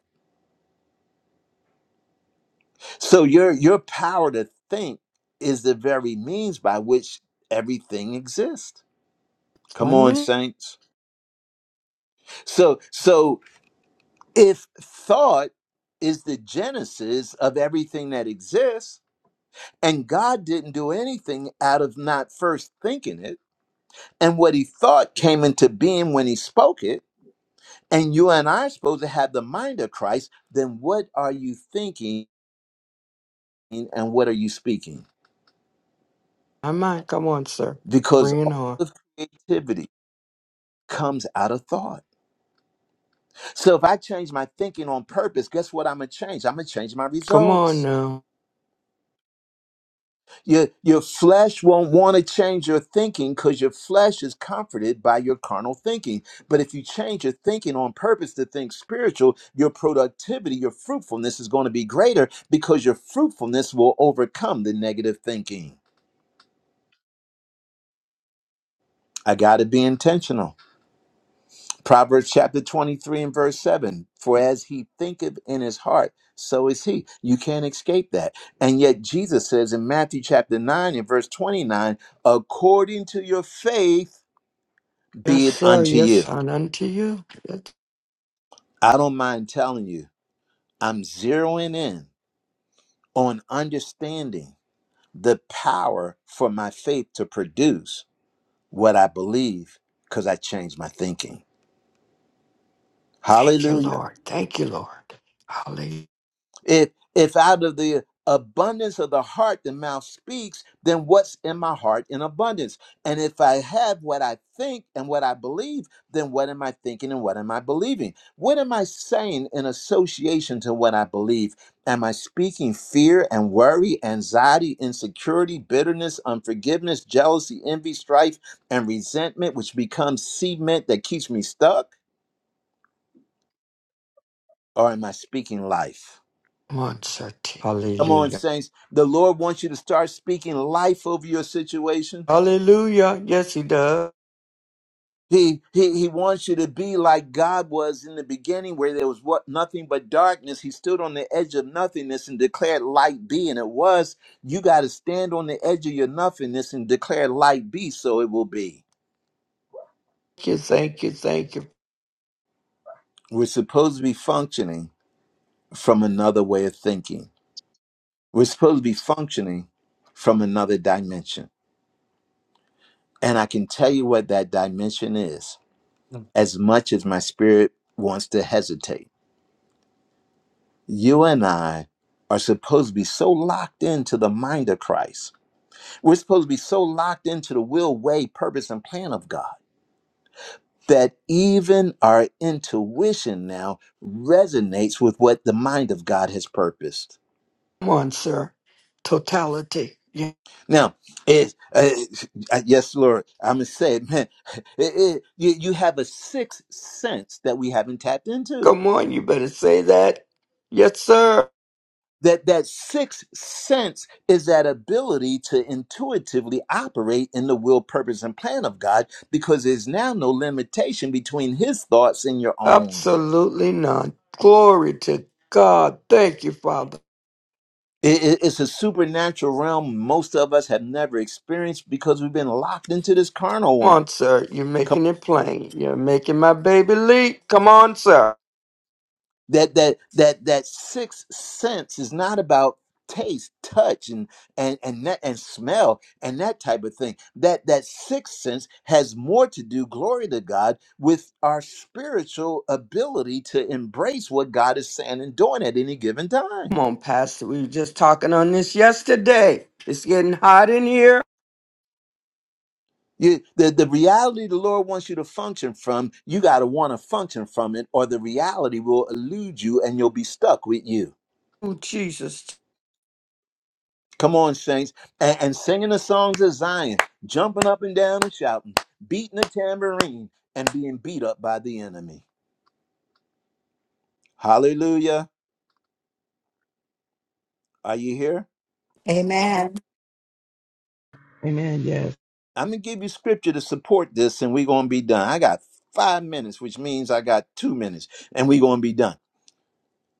Speaker 1: so your your power to think is the very means by which everything exists come on
Speaker 9: Amen.
Speaker 1: saints so so if thought is the genesis of everything that exists and god didn't do anything out of not first thinking it and what he thought came into being when he spoke it and you and I are supposed to have the mind of Christ, then what are you thinking and what are you speaking?
Speaker 9: Amen. Come on, sir.
Speaker 1: Because
Speaker 9: Bring it
Speaker 1: all
Speaker 9: on.
Speaker 1: of creativity comes out of thought. So if I change my thinking on purpose, guess what I'm going to change? I'm going to change my
Speaker 9: Come
Speaker 1: results.
Speaker 9: on now.
Speaker 1: Your, your flesh won't want to change your thinking because your flesh is comforted by your carnal thinking. But if you change your thinking on purpose to think spiritual, your productivity, your fruitfulness is going to be greater because your fruitfulness will overcome the negative thinking. I got to be intentional. Proverbs chapter 23 and verse 7 For as he thinketh in his heart, so is he. You can't escape that. And yet Jesus says in Matthew chapter 9 and verse 29, according to your faith,
Speaker 9: Yes,
Speaker 1: be it
Speaker 9: sir.
Speaker 1: unto
Speaker 9: Yes,
Speaker 1: you.
Speaker 9: and unto you. Yes.
Speaker 1: I don't mind telling you, I'm zeroing in on understanding the power for my faith to produce what I believe because I changed my thinking.
Speaker 9: Thank you,
Speaker 1: Hallelujah.
Speaker 9: Lord. Thank you, Lord. Hallelujah.
Speaker 1: If if out of the abundance of the heart the mouth speaks, then what's in my heart in abundance? And if I have what I think and what I believe, then what am I thinking and what am I believing? What am I saying in association to what I believe? Am I speaking fear and worry, anxiety, insecurity, bitterness, unforgiveness, jealousy, envy, strife, and resentment, which becomes cement that keeps me stuck? Or am I speaking life?
Speaker 9: Come on, sir.
Speaker 1: Come on,
Speaker 9: Hallelujah.
Speaker 1: saints. The Lord wants you to start speaking life over your situations.
Speaker 9: Hallelujah. Yes, he does.
Speaker 1: He, he he wants you to be like God was in the beginning, where there was what nothing but darkness. He stood on the edge of nothingness and declared light be, and it was. You got to stand on the edge of your nothingness and declare light be, so it will be.
Speaker 9: Thank you, thank you, thank you.
Speaker 1: We're supposed to be functioning from another way of thinking. We're supposed to be functioning from another dimension, and I can tell you what that dimension is. as much as my spirit wants to hesitate. You and I are supposed to be so locked into the mind of Christ. We're supposed to be so locked into the will, way, purpose, and plan of God that even our intuition now resonates with what the mind of God has purposed.
Speaker 9: Come on, sir. Totality. Yeah.
Speaker 1: Now, it, uh, uh, yes, Lord, I'm going to say it, man, [LAUGHS] it, it- you, you have a sixth sense that we haven't tapped into
Speaker 9: Come on, you better say that. Yes, sir.
Speaker 1: that that sixth sense is that ability to intuitively operate in the will purpose and plan of god because there's now no limitation between his thoughts and your own
Speaker 9: Absolutely none. Glory to God. Thank you, Father.
Speaker 1: It- it- it's a supernatural realm most of us have never experienced because we've been locked into this carnal
Speaker 9: Come
Speaker 1: one
Speaker 9: on, sir. You're making it plain. You're making my baby leap. Come on, sir.
Speaker 1: that that that that sixth sense is not about taste touch and and and that, and smell and that type of thing that that sixth sense has more to do glory to god with our spiritual ability to embrace what god is saying and doing at any given
Speaker 9: Come
Speaker 1: time
Speaker 9: on, Pastor. We were just talking on this yesterday. It's getting hot in here.
Speaker 1: you, the, the reality the lord wants you to function from you got to want to function from it or the reality will elude you and you'll be stuck with you
Speaker 9: Oh, Jesus.
Speaker 1: Come on, saints, and, and singing the songs of Zion, jumping up and down and shouting, beating the tambourine, and being beat up by the enemy. Hallelujah. Are you here?
Speaker 10: Amen.
Speaker 3: Amen. Yes.
Speaker 1: I'm going to give you scripture to support this, and we're going to be done. I got five minutes, which means I got two minutes, and we're going to be done.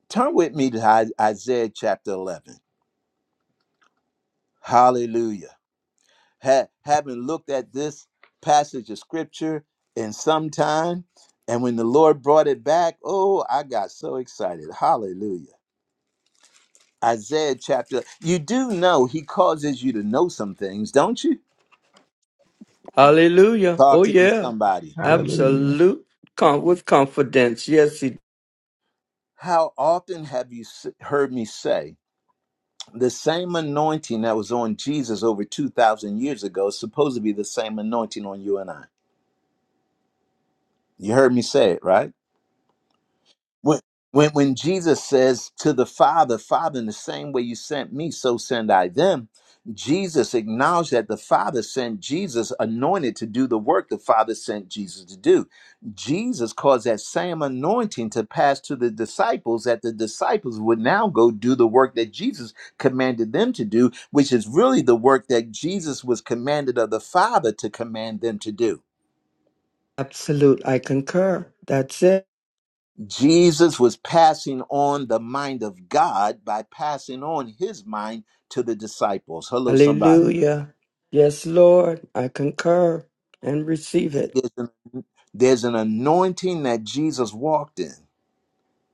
Speaker 1: Turn with me to I- Isaiah chapter 11. Hallelujah. ha- haven't looked at this passage of scripture in some time. And when the Lord brought it back, oh, I got so excited. Hallelujah. Isaiah chapter, you do know he causes you to know some things, don't you?
Speaker 9: Hallelujah. Oh,
Speaker 1: Talk to me,
Speaker 9: yeah.
Speaker 1: somebody.
Speaker 3: Hallelujah.
Speaker 9: Absolute. Com- with confidence. Yes, he.
Speaker 1: How often have you s- heard me say the same anointing that was on Jesus over 2,000 years ago is supposed to be the same anointing on you and I? You heard me say it, right? when when when Jesus says to the Father, Father, in the same way you sent me, so send I them. Jesus acknowledged that the Father sent Jesus anointed to do the work the Father sent Jesus to do. Jesus caused that same anointing to pass to the disciples, that the disciples would now go do the work that Jesus commanded them to do, which is really the work that Jesus was commanded of the Father to command them to do.
Speaker 9: Absolute. I concur. That's it.
Speaker 1: Jesus was passing on the mind of God by passing on his mind to the disciples. Hello, somebody.
Speaker 9: Hallelujah. Yes, Lord, I concur and receive it.
Speaker 1: There's an, there's an anointing that Jesus walked in,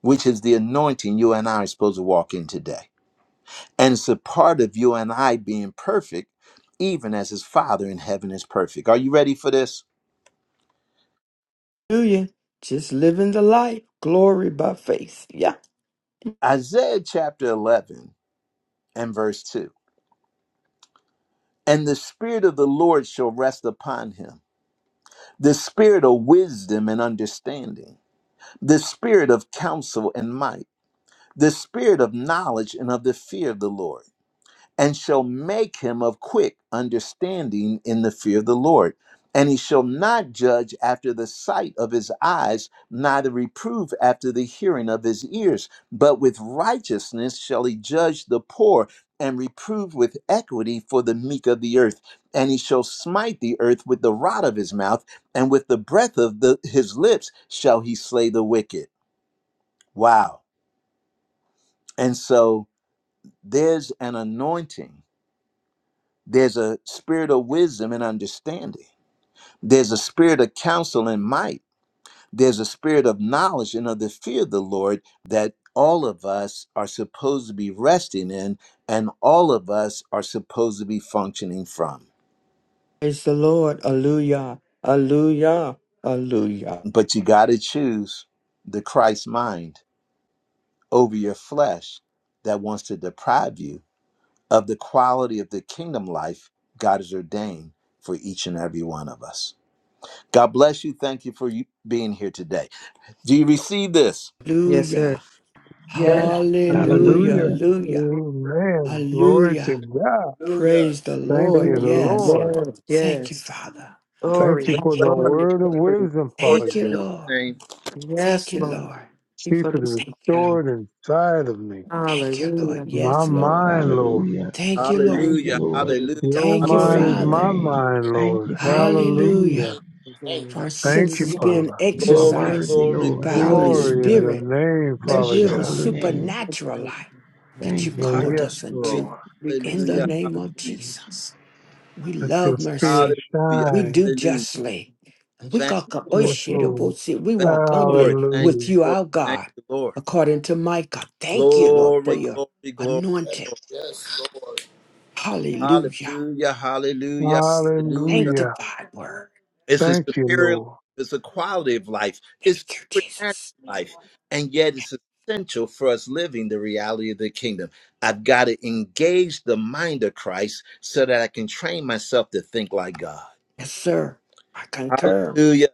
Speaker 1: which is the anointing you and I are supposed to walk in today. And it's a part of you and I being perfect, even as his Father in heaven is perfect. Are you ready for this?
Speaker 9: Hallelujah. Just living the life, glory by faith. Yeah.
Speaker 1: Isaiah chapter 11 and verse 2. And the Spirit of the Lord shall rest upon him, the Spirit of wisdom and understanding the spirit of counsel and might, the spirit of knowledge and of the fear of the Lord, and shall make him of quick understanding in the fear of the Lord. And he shall not judge after the sight of his eyes, neither reprove after the hearing of his ears, but with righteousness shall he judge the poor, and reprove with equity for the meek of the earth. And he shall smite the earth with the rod of his mouth, and with the breath of the, his lips shall he slay the wicked. Wow. And so there's an anointing, there's a spirit of wisdom and understanding, there's a spirit of counsel and might, there's a spirit of knowledge and of the fear of the Lord that all of us are supposed to be resting in and all of us are supposed to be functioning from.
Speaker 9: Praise the Lord. Hallelujah. Hallelujah. Hallelujah.
Speaker 1: But you got to choose the Christ mind over your flesh that wants to deprive you of the quality of the kingdom life God has ordained for each and every one of us. God bless you. Thank you for you being here today. Do you receive this?
Speaker 6: Yes, sir.
Speaker 9: Hallelujah.
Speaker 3: Yes.
Speaker 6: Sir.
Speaker 9: Hallelujah.
Speaker 7: Hallelujah.
Speaker 3: Hallelujah.
Speaker 9: Hallelujah.
Speaker 7: Amen.
Speaker 11: Hey,
Speaker 7: Glory to
Speaker 9: Hallelujah.
Speaker 7: God.
Speaker 11: Hallelujah.
Speaker 9: Praise the
Speaker 7: Thank
Speaker 9: Lord.
Speaker 7: you,
Speaker 9: Yes.
Speaker 7: Lord.
Speaker 6: Yes.
Speaker 9: Thank you,
Speaker 6: Yes.
Speaker 9: Father.
Speaker 7: Thank
Speaker 6: Glory.
Speaker 7: you
Speaker 9: Thank
Speaker 1: Let's
Speaker 7: for
Speaker 9: you.
Speaker 1: bless
Speaker 7: the
Speaker 6: Glory.
Speaker 7: word of
Speaker 6: Glory.
Speaker 7: wisdom,
Speaker 1: the Lord
Speaker 7: Father
Speaker 9: Thank
Speaker 1: and
Speaker 9: you,
Speaker 1: do
Speaker 7: God.
Speaker 9: Lord.
Speaker 1: his name.
Speaker 9: Thank
Speaker 6: Yes,
Speaker 9: you,
Speaker 6: Lord. Thank
Speaker 9: Lord.
Speaker 6: you for
Speaker 7: Keep it
Speaker 6: this
Speaker 9: Thank you,
Speaker 6: time.
Speaker 9: Lord.
Speaker 7: restored inside of me.
Speaker 9: Thank you, Lord.
Speaker 6: Hallelujah.
Speaker 7: My
Speaker 9: Yes, Lord.
Speaker 7: mind, Lord.
Speaker 3: Hallelujah.
Speaker 9: Thank you, Lord.
Speaker 3: Thank you,
Speaker 1: Hallelujah.
Speaker 3: Lord.
Speaker 6: Glory
Speaker 1: Hallelujah.
Speaker 7: Your
Speaker 9: Thank you,
Speaker 3: Glory
Speaker 7: mind
Speaker 3: to
Speaker 7: is
Speaker 1: Hallelujah.
Speaker 3: your
Speaker 9: Father.
Speaker 7: my
Speaker 3: name.
Speaker 7: mind,
Speaker 11: Yes,
Speaker 3: Thank
Speaker 7: Lord.
Speaker 3: you.
Speaker 6: to
Speaker 3: Thank you. Thank you.
Speaker 9: Hallelujah.
Speaker 7: Hallelujah.
Speaker 11: thank, thank
Speaker 6: glory.
Speaker 9: For
Speaker 11: you.
Speaker 9: our
Speaker 7: Thank you,
Speaker 9: senses being
Speaker 7: Father.
Speaker 3: You are
Speaker 1: Glory,
Speaker 9: exercised
Speaker 3: worthy,
Speaker 1: glory,
Speaker 3: Lord.
Speaker 9: by
Speaker 1: glory,
Speaker 6: Thank you,
Speaker 9: Holy
Speaker 1: glory.
Speaker 7: Glory in
Speaker 3: Hallelujah.
Speaker 7: your
Speaker 9: Spirit
Speaker 7: name,
Speaker 9: to
Speaker 3: Bless
Speaker 7: Father
Speaker 9: live
Speaker 3: your
Speaker 9: a
Speaker 7: God.
Speaker 3: holy name.
Speaker 6: blessed
Speaker 9: supernatural
Speaker 6: Lord.
Speaker 9: life that you
Speaker 3: Thank
Speaker 6: Amen.
Speaker 3: you,
Speaker 7: Well,
Speaker 9: called
Speaker 7: yes,
Speaker 3: God.
Speaker 9: us
Speaker 1: Hallelujah.
Speaker 9: unto.
Speaker 7: Lord.
Speaker 6: We
Speaker 9: In the
Speaker 1: Hallelujah.
Speaker 6: continue
Speaker 9: name of
Speaker 1: Hallelujah.
Speaker 9: Jesus. We
Speaker 7: Let your
Speaker 9: love
Speaker 7: spirit
Speaker 9: mercy.
Speaker 1: Hallelujah.
Speaker 9: We
Speaker 7: shine.
Speaker 9: do
Speaker 1: Hallelujah.
Speaker 9: justly. And
Speaker 6: to
Speaker 9: we
Speaker 1: Thank
Speaker 9: got the-
Speaker 1: you,
Speaker 9: oh,
Speaker 1: Lord.
Speaker 7: Yes,
Speaker 6: trust.
Speaker 9: shit, oh,
Speaker 7: Lord.
Speaker 9: bullshit. we
Speaker 1: Thank
Speaker 9: walk
Speaker 1: you, Lord.
Speaker 9: humbly
Speaker 1: Thank
Speaker 9: with
Speaker 7: Hallelujah.
Speaker 9: you,
Speaker 1: you, Lord.
Speaker 9: our
Speaker 1: Thank
Speaker 9: God,
Speaker 1: you, Lord.
Speaker 9: according to Micah. Thank you, Lord, for
Speaker 1: Glory,
Speaker 9: your
Speaker 1: glory, glory,
Speaker 11: Yes,
Speaker 1: glory.
Speaker 9: anointed.
Speaker 11: yes, Lord.
Speaker 9: Hallelujah.
Speaker 1: Hallelujah, hallelujah, hallelujah.
Speaker 7: Hallelujah.
Speaker 9: Sanctified word.
Speaker 1: It's a
Speaker 7: Thank you,
Speaker 1: superior life,
Speaker 7: Lord.
Speaker 1: it's a quality of life,
Speaker 9: Thank
Speaker 1: it's
Speaker 9: you,
Speaker 1: supernatural
Speaker 9: Jesus.
Speaker 1: life, and yet it's essential for us living the reality of the kingdom. I've got to engage the mind of Christ so that I can train myself to think like God.
Speaker 9: Yes, sir. I concur.
Speaker 1: Hallelujah.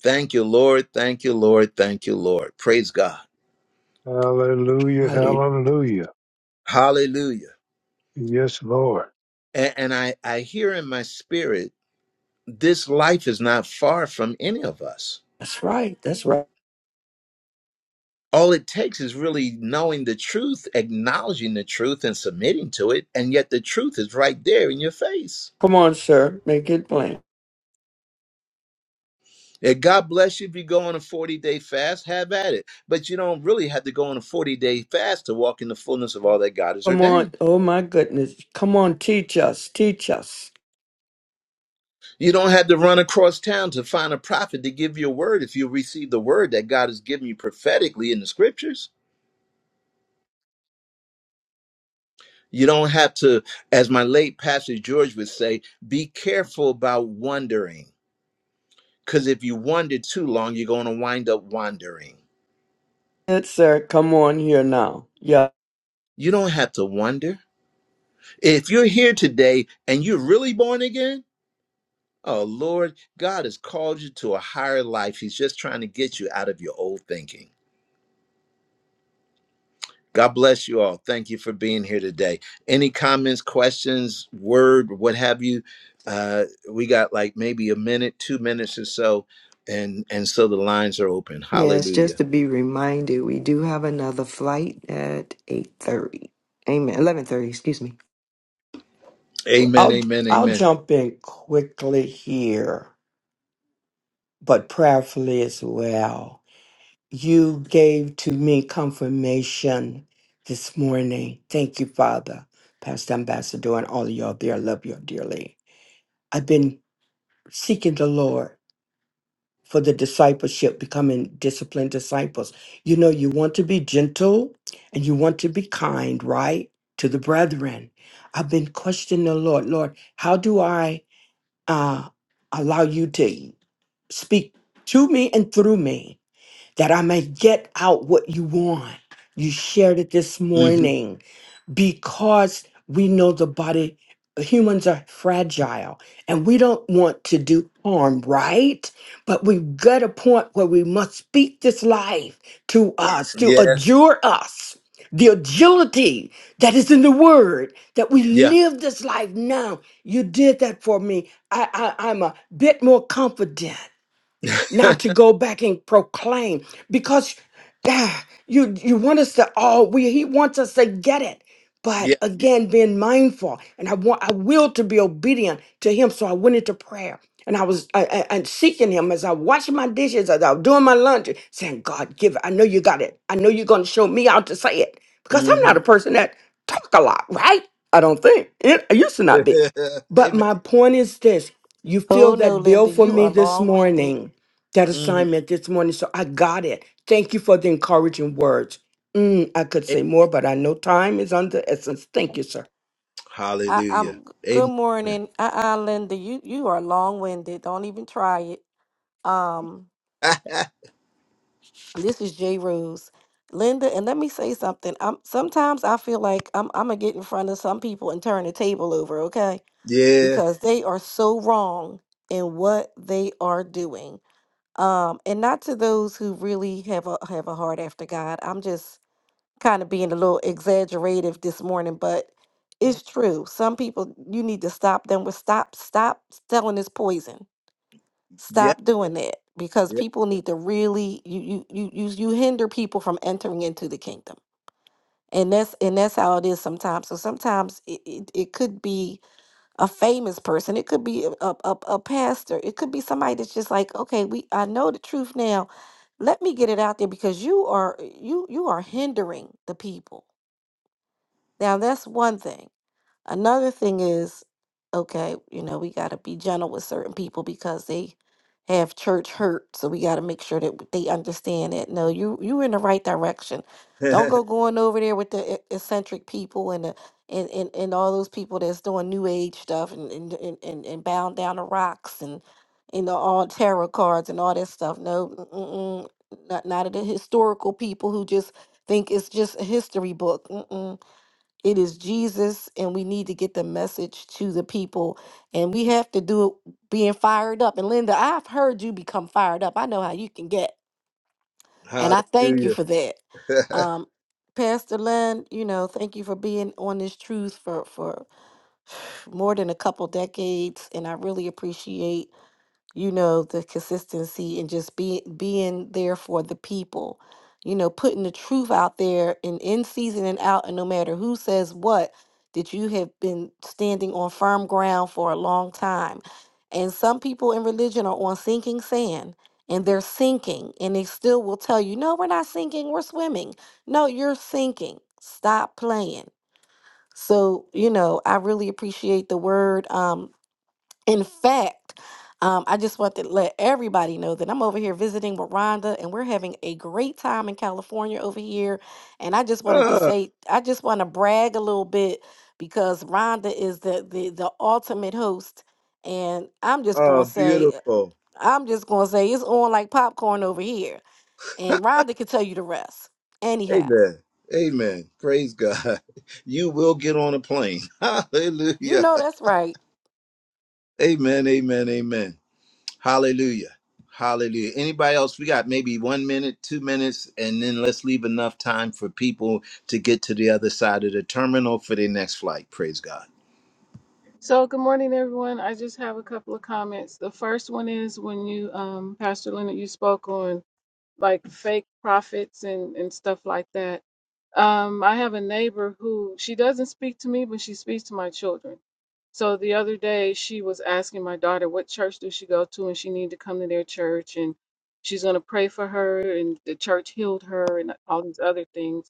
Speaker 1: Thank you, Lord. Thank you, Lord. Thank you, Lord. Praise God.
Speaker 7: Hallelujah.
Speaker 9: Hallelujah.
Speaker 7: Hallelujah.
Speaker 1: Hallelujah.
Speaker 7: Yes, Lord.
Speaker 1: And, and I, I hear in my spirit, this life is not far from any of us
Speaker 9: That's right. That's right.
Speaker 1: all it takes is really knowing the truth, acknowledging the truth, and submitting to it. And yet the truth is right there in your face.
Speaker 9: Come on, sir. Make it plain.
Speaker 1: And God bless you if you go on a 40 day fast, have at it. But you don't really have to go on a 40 day fast to walk in the fullness of all that God has
Speaker 9: Come on.
Speaker 1: ordained.
Speaker 9: Oh, my goodness. Come on. Teach us. Teach us.
Speaker 1: You don't have to run across town to find a prophet to give you a word if you receive the word that God has given you prophetically in the scriptures. You don't have to, as my late pastor George would say, be careful about wondering. Because if you wander too long, you're going to wind up wandering.
Speaker 9: Yes, sir. Come on here now. Yeah.
Speaker 1: You don't have to wonder. If you're here today and you're really born again, oh Lord, God has called you to a higher life. He's just trying to get you out of your old thinking. God bless you all. Thank you for being here today. Any comments, questions, word, what have you? Uh, we got like maybe a minute, two minutes or so, and and so the lines are open.
Speaker 6: Yes, just
Speaker 1: Hallelujah.
Speaker 6: to be reminded, we do have another flight at 8.30. Amen. 11.30, excuse me.
Speaker 1: Amen.
Speaker 9: I'll,
Speaker 1: Amen.
Speaker 9: I'll
Speaker 1: Amen.
Speaker 9: jump in quickly here, but prayerfully as well. You gave to me confirmation this morning. Thank you, Father, Pastor Ambassador, and all of y'all there. I love you dearly. I've been seeking the Lord for the discipleship, becoming disciplined disciples. You know, you want to be gentle and you want to be kind, right? To the brethren. I've been questioning the Lord, Lord, how do I uh, allow you to speak to me and through me that I may get out what you want? You shared it this
Speaker 1: hmm
Speaker 9: morning because we know the body humans are fragile and we don't want to do harm right but we got a point where we must speak this life to us to
Speaker 1: Yes.
Speaker 9: adjure us the agility that is in the word that we
Speaker 1: Yeah.
Speaker 9: live this life now you did that for me i, I i'm a bit more confident now to go back and proclaim because ah, you you want us to all we he wants us to get it
Speaker 1: Yeah.
Speaker 9: but again being mindful and i want i will to be obedient to him so i went into prayer and i was I, I- and seeking him as i washed my dishes as i was doing my laundry saying god give it i know you got it i know you're going to show me how to say it because i'm
Speaker 1: hmm
Speaker 9: not a person that talk a lot right i don't think it, I used to
Speaker 1: [LAUGHS]
Speaker 9: not be but
Speaker 1: Amen.
Speaker 9: my point is this you feel
Speaker 12: Oh no,
Speaker 9: that bill
Speaker 12: Linda,
Speaker 9: for
Speaker 12: you
Speaker 9: me
Speaker 12: are
Speaker 9: this
Speaker 12: long-winded.
Speaker 9: morning that
Speaker 1: hmm
Speaker 9: assignment this morning, so I got it. Thank you for the encouraging words. Mm, I could say more, but I know time is under essence. Thank you, sir.
Speaker 12: I,
Speaker 1: Hallelujah.
Speaker 12: I'm good
Speaker 1: Amen.
Speaker 12: morning. Uh-uh, Linda, you you are long-winded. Don't even try it. Um, this is J Rose. Linda, and let me say something. Um, sometimes I feel like I'm I'm gonna get in front of some people and turn the table over, okay?
Speaker 1: Yeah.
Speaker 12: Because they are so wrong in what they are doing. Um, and not to those who really have a have a heart after God. I'm just kind of being a little exaggerative this morning, but it's true. Some people you need to stop them with stop stop selling this poison.
Speaker 1: Yeah.
Speaker 12: Stop doing that because
Speaker 1: Yeah.
Speaker 12: people need to really you you you you you hinder people from entering into the kingdom. And that's and that's how it is sometimes. So sometimes it, it, it could be a famous person, it could be a, a, a a pastor, it could be somebody that's just like, okay, we I know the truth now. Let me get it out there because you are you you are hindering the people Now, that's one thing. Another thing is, okay, you know, we got to be gentle with certain people because they have church hurt. So we got to make sure that they understand that no, you you in the right direction. Don't go going over there with the e- eccentric people and the and, and, and all those people that's doing new age stuff and and, and, and and bowing down to rocks and you know all tarot cards and all that stuff. No, mm-mm, not not of the historical people who just think it's just a history book. Mm-mm it is Jesus, and we need to get the message to the people. And we have to do it being fired up. And Linda, I've heard you become fired up. I know how you can get. And I thank you for that. Um, Pastor Len, you know, thank you for being on this truth for, for [SIGHS] more than a couple decades. And I really appreciate you know the consistency and just be, being there for the people you know putting the truth out there and in season and out and no matter who says what that you have been standing on firm ground for a long time and some people in religion are on sinking sand and they're sinking and they still will tell you no we're not sinking we're swimming no you're sinking stop playing so you know i really appreciate the word um. In fact, um, I just want to let everybody know that I'm over here visiting with Rhonda and we're having a great time in California over here. And I just wanted to
Speaker 1: Oh,
Speaker 12: say, I just want to brag a little bit because Rhonda is the the, the ultimate host. And I'm just
Speaker 1: oh,
Speaker 12: gonna say,
Speaker 1: beautiful.
Speaker 12: I'm just gonna say it's on like popcorn over here. And Rhonda can tell you the rest. Anyhow,
Speaker 1: Amen. Amen. Praise God. [LAUGHS] You will get on a plane. [LAUGHS]
Speaker 12: you
Speaker 1: Hallelujah.
Speaker 12: know that's right.
Speaker 1: Amen. Amen. Amen. Hallelujah. Hallelujah. Anybody else? We got maybe one minute, two minutes, and then let's leave enough time for people to get to the other side of the terminal for their next flight. Praise God.
Speaker 13: So, good morning, everyone. I just have a couple of comments. The first one is when you, um, Pastor Leonard, you spoke on like fake prophets and, and stuff like that. Um, I have a neighbor who she doesn't speak to me, but she speaks to my children. So the other day, she was asking my daughter, what church does she go to? And she needed to come to their church and she's going to pray for her and the church healed her and all these other things.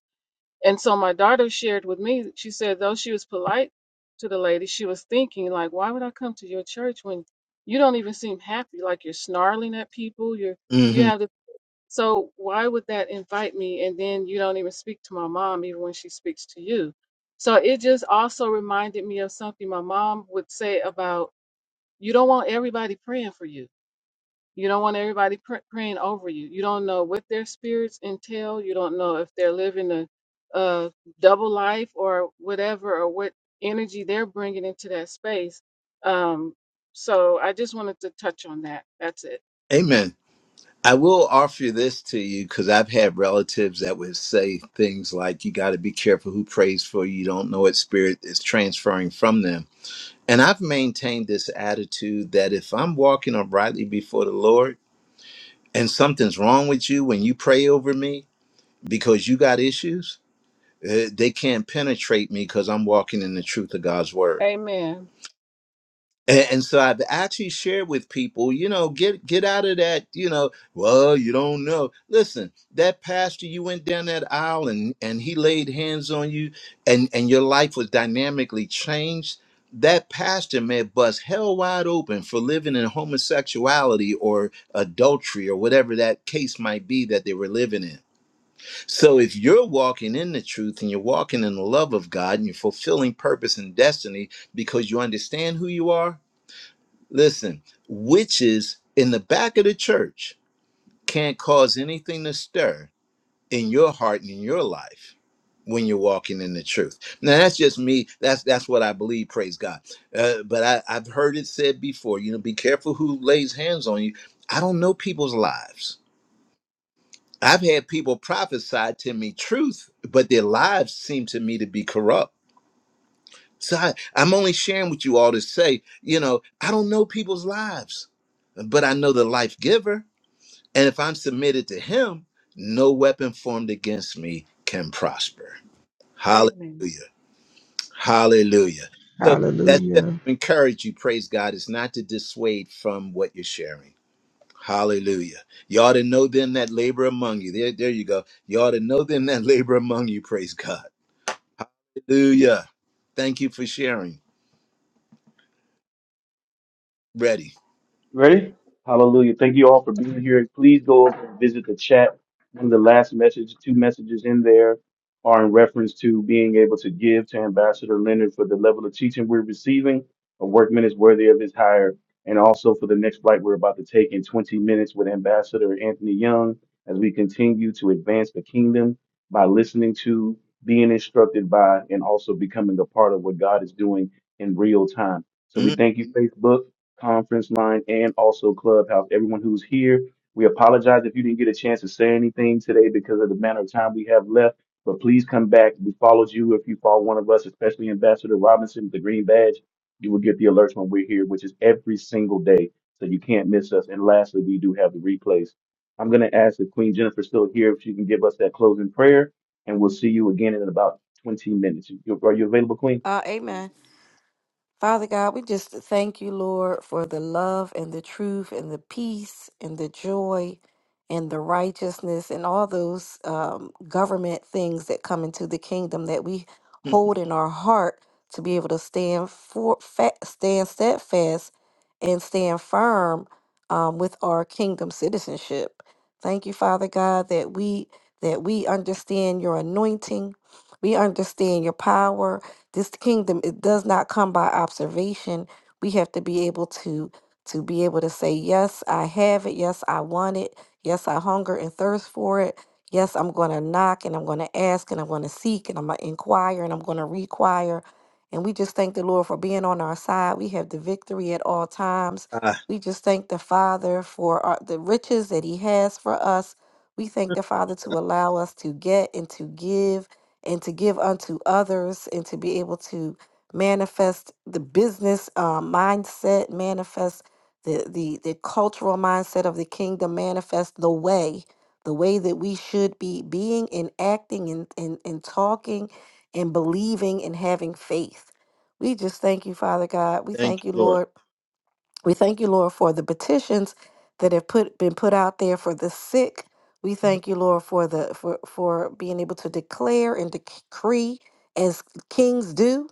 Speaker 13: And so my daughter shared with me, she said, though she was polite to the lady, she was thinking, like, why would I come to your church when you don't even seem happy? Like you're snarling at people, you're you
Speaker 1: hmm
Speaker 13: have the so why would that invite me and then you don't even speak to my mom even when she speaks to you? So it just also reminded me of something my mom would say about you don't want everybody praying for you you don't want everybody pr- praying over you. You don't know what their spirits entail. You don't know if they're living a, a double life or whatever, or what energy they're bringing into that space. Um, so I just wanted to touch on that. That's it.
Speaker 1: Amen. I will offer you this to you because I've had relatives that would say things like, you got to be careful who prays for you. You don't know what spirit is transferring from them. And I've maintained this attitude that if I'm walking uprightly before the Lord and something's wrong with you when you pray over me because you got issues, uh, they can't penetrate me because I'm walking in the truth of God's word.
Speaker 13: Amen.
Speaker 1: And, and so I've actually shared with people, you know, get get out of that, you know, well, you don't know. Listen, that pastor, you went down that aisle and and he laid hands on you, and and your life was dynamically changed. That pastor may bust hell wide open for living in homosexuality or adultery or whatever that case might be that they were living in. So if you're walking in the truth and you're walking in the love of God and you're fulfilling purpose and destiny because you understand who you are Listen, witches in the back of the church can't cause anything to stir in your heart and in your life when you're walking in the truth. Now that's just me. That's that's what I believe. Praise God. Uh, but I, I've heard it said before. You know, be careful who lays hands on you. I don't know people's lives. I've had people prophesy to me truth, but their lives seem to me to be corrupt. So I, I'm only sharing with you all to say, you know, I don't know people's lives, but I know the life giver. And if I'm submitted to him, no weapon formed against me can prosper. Hallelujah.
Speaker 13: Amen.
Speaker 1: Hallelujah. So that's just
Speaker 3: Hallelujah.
Speaker 1: to encourage you, praise God, It's not to dissuade from what you're sharing. Hallelujah. You ought to know them that labor among you. There, there you go. You ought to know them that [LAUGHS] labor among you, praise God. Hallelujah. Thank you for sharing. Ready.
Speaker 4: Ready? Hallelujah. Thank you all for being here. Please go over and visit the chat. One of the last message, two messages in there are in reference to being able to give to Ambassador Leonard for the level of teaching we're receiving. A workman is worthy of his hire. And also for the next flight we're about to take in 20 minutes with Ambassador Anthony Young as we continue to advance the kingdom by listening to, being instructed by, and also becoming a part of what God is doing in real time. So we
Speaker 1: Mm.
Speaker 4: thank you, Facebook conference line and also clubhouse everyone who's here we apologize if you didn't get a chance to say anything today because of the amount of time we have left but please come back we followed you if you follow one of us especially ambassador robinson with the green badge you will get the alerts when we're here which is every single day so you can't miss us and lastly we do have the replays i'm going to ask if queen jennifer's still here if she can give us that closing prayer and we'll see you again in about 20 minutes You- are you available queen
Speaker 12: Uh, amen. Father God, we just thank you, Lord, for the love and the truth and the peace and the joy and the righteousness and all those um, government things that come into the kingdom that we hold in our heart to be able to stand for fa- stand steadfast and stand firm um, with our kingdom citizenship. Thank you, Father God, that we that we understand your anointing, we understand your power, this kingdom, it does not come by observation. We have to be able to to be able to say, yes, I have it. Yes, I want it. Yes, I hunger and thirst for it. Yes, I'm going to knock and I'm going to ask and I'm going to seek and I'm going to inquire and I'm going to require. And we just thank the Lord for being on our side. We have the victory at all times.
Speaker 1: ah.
Speaker 12: We just thank the Father for our, the riches that He has for us. We thank the Father to allow us to get and to give and to give unto others and to be able to manifest the business um, mindset, manifest the, the the cultural mindset of the kingdom, manifest the way, the way that we should be being and acting and, and, and talking and believing and having faith. We just thank you, Father God. We
Speaker 1: Thank
Speaker 12: thank
Speaker 1: you,
Speaker 12: you,
Speaker 1: Lord.
Speaker 12: Lord we thank you, Lord, for the petitions that have put been put out there for the sick. We thank you, Lord, for the for for being able to declare and decree as kings do.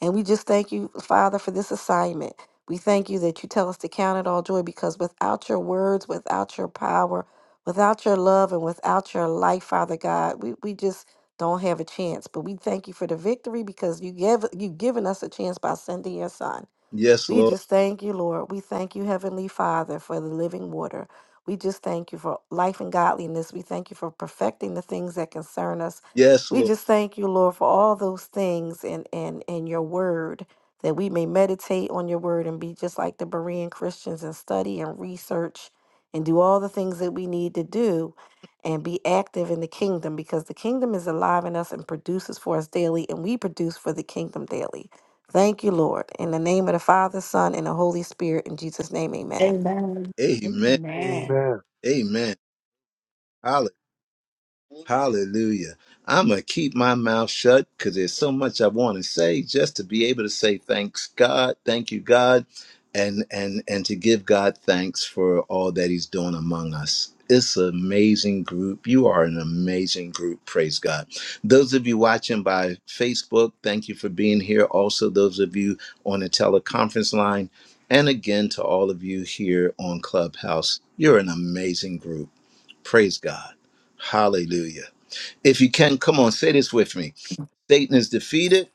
Speaker 12: And we just thank you, Father, for this assignment. We thank you that you tell us to count it all joy because without your words, without your power, without your love, and without your life, Father God, we, we just don't have a chance. But we thank you for the victory because you gave you've given us a chance by sending your son.
Speaker 1: Yes,
Speaker 12: We
Speaker 1: Lord.
Speaker 12: just thank you, Lord. We thank you, Heavenly Father, for the living water. We just thank you for life and godliness. We thank you for perfecting the things that concern us.
Speaker 1: Yes,
Speaker 12: We
Speaker 1: Lord.
Speaker 12: just thank you, Lord, for all those things and and and your word that we may meditate on your word and be just like the Berean Christians and study and research and do all the things that we need to do and be active in the kingdom because the kingdom is alive in us and produces for us daily and we produce for the kingdom daily. Thank you, Lord. In the name of the Father, Son, and the Holy Spirit, in Jesus' name, amen.
Speaker 10: Amen.
Speaker 1: Amen.
Speaker 10: Amen.
Speaker 7: Amen.
Speaker 1: Amen.
Speaker 14: Amen.
Speaker 1: Hallelujah. I'm going to keep my mouth shut because there's so much I want to say just to be able to say thanks God, thank you God, and and and to give God thanks for all that he's doing among us. It's an amazing group. You are an amazing group. Praise God. Those of you watching by Facebook, thank you for being here. Also, those of you on the teleconference line. And again, to all of you here on Clubhouse, you're an amazing group. Praise God. Hallelujah. If you can, come on, say this with me. Satan is defeated,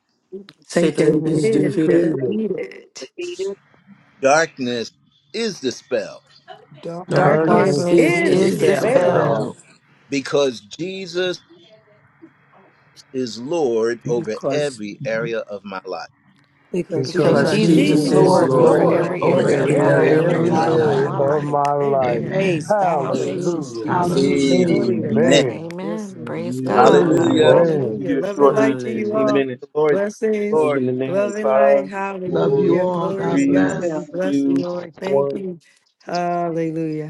Speaker 9: Satan
Speaker 7: Satan
Speaker 6: Satan
Speaker 9: is
Speaker 7: is
Speaker 6: is
Speaker 9: defeated,
Speaker 7: defeated.
Speaker 14: Satan is
Speaker 6: defeated.
Speaker 14: defeated.
Speaker 1: darkness is dispelled
Speaker 10: Don't
Speaker 14: God,
Speaker 3: Darkness
Speaker 14: is
Speaker 9: darkness
Speaker 7: Darkness
Speaker 6: Darkness
Speaker 12: Darkness
Speaker 9: is
Speaker 6: is
Speaker 10: excuse
Speaker 14: take
Speaker 7: is
Speaker 12: is
Speaker 3: is
Speaker 10: this
Speaker 9: dispelled
Speaker 6: expelled
Speaker 10: thing
Speaker 12: dispelled
Speaker 2: Jesus.
Speaker 7: dispelled
Speaker 3: dispelled
Speaker 1: because Jesus is Lord over
Speaker 9: because
Speaker 1: every area of my life.
Speaker 2: because
Speaker 7: because
Speaker 12: because
Speaker 14: because
Speaker 9: because
Speaker 10: because
Speaker 6: because
Speaker 3: because
Speaker 2: Jesus
Speaker 12: Jesus is
Speaker 9: Jesus
Speaker 7: Jesus
Speaker 2: is
Speaker 3: Jesus
Speaker 14: Jesus,
Speaker 10: Jesus
Speaker 7: is
Speaker 6: Jesus
Speaker 9: is
Speaker 3: is
Speaker 14: trust
Speaker 6: is
Speaker 12: Lord
Speaker 2: Lord
Speaker 14: the
Speaker 10: is
Speaker 12: over
Speaker 9: Lord
Speaker 14: Lord
Speaker 7: Lord
Speaker 2: of
Speaker 3: Lord
Speaker 6: Lord
Speaker 12: every
Speaker 10: Lord
Speaker 14: with
Speaker 9: over
Speaker 14: the
Speaker 2: every
Speaker 3: over
Speaker 6: over
Speaker 10: in
Speaker 12: area of
Speaker 7: in
Speaker 9: every
Speaker 12: my
Speaker 10: every
Speaker 3: every
Speaker 2: area
Speaker 6: every
Speaker 9: area
Speaker 12: life.
Speaker 2: of
Speaker 9: of
Speaker 7: every
Speaker 3: area
Speaker 10: area
Speaker 9: my
Speaker 2: my
Speaker 6: area
Speaker 3: of
Speaker 10: of
Speaker 6: of
Speaker 9: life.
Speaker 3: my
Speaker 7: area
Speaker 2: life.
Speaker 6: my
Speaker 10: my
Speaker 7: of
Speaker 3: life.
Speaker 10: life.
Speaker 6: life.
Speaker 7: my life.
Speaker 6: Amen.
Speaker 3: Amen.
Speaker 14: son of
Speaker 10: Praise
Speaker 14: the
Speaker 10: God.
Speaker 14: Lord.
Speaker 10: Thank you,
Speaker 6: Hallelujah.
Speaker 7: Hallelujah.
Speaker 10: Jesus.
Speaker 2: Hallelujah.
Speaker 3: Hallelujah.
Speaker 6: Glory
Speaker 14: The
Speaker 6: to
Speaker 14: Lord.
Speaker 1: Amen.
Speaker 6: God.
Speaker 7: Amen.
Speaker 6: Yes,
Speaker 12: Amen.
Speaker 6: Lord.
Speaker 12: Praise
Speaker 6: thank
Speaker 4: Hallelujah.
Speaker 12: God.
Speaker 6: you,
Speaker 4: Love
Speaker 6: Lord.
Speaker 4: you
Speaker 1: Hallelujah.
Speaker 4: all.
Speaker 9: Hallelujah.
Speaker 14: Thank
Speaker 12: Hallelujah.
Speaker 7: Amen.
Speaker 4: See
Speaker 14: you,
Speaker 4: you
Speaker 6: Hallelujah.
Speaker 4: here
Speaker 6: Love and
Speaker 14: Jesus.
Speaker 6: light
Speaker 4: shortly.
Speaker 6: to you
Speaker 4: 15
Speaker 9: Hallelujah.
Speaker 6: all.
Speaker 4: minutes.
Speaker 1: Lord,
Speaker 6: Blessings.
Speaker 1: Lord.
Speaker 4: Closing the name in
Speaker 6: Love
Speaker 14: Yes,
Speaker 6: and
Speaker 14: God,
Speaker 6: light.
Speaker 4: five,
Speaker 14: Jesus.
Speaker 3: Love you
Speaker 4: four,
Speaker 6: Hallelujah.
Speaker 3: all.
Speaker 6: Glory
Speaker 3: God
Speaker 6: to
Speaker 4: three,
Speaker 6: God.
Speaker 14: Save
Speaker 3: bless.
Speaker 6: We
Speaker 14: us,
Speaker 6: bless you,
Speaker 4: two,
Speaker 6: Lord. Thank
Speaker 4: one.
Speaker 6: you. Hallelujah.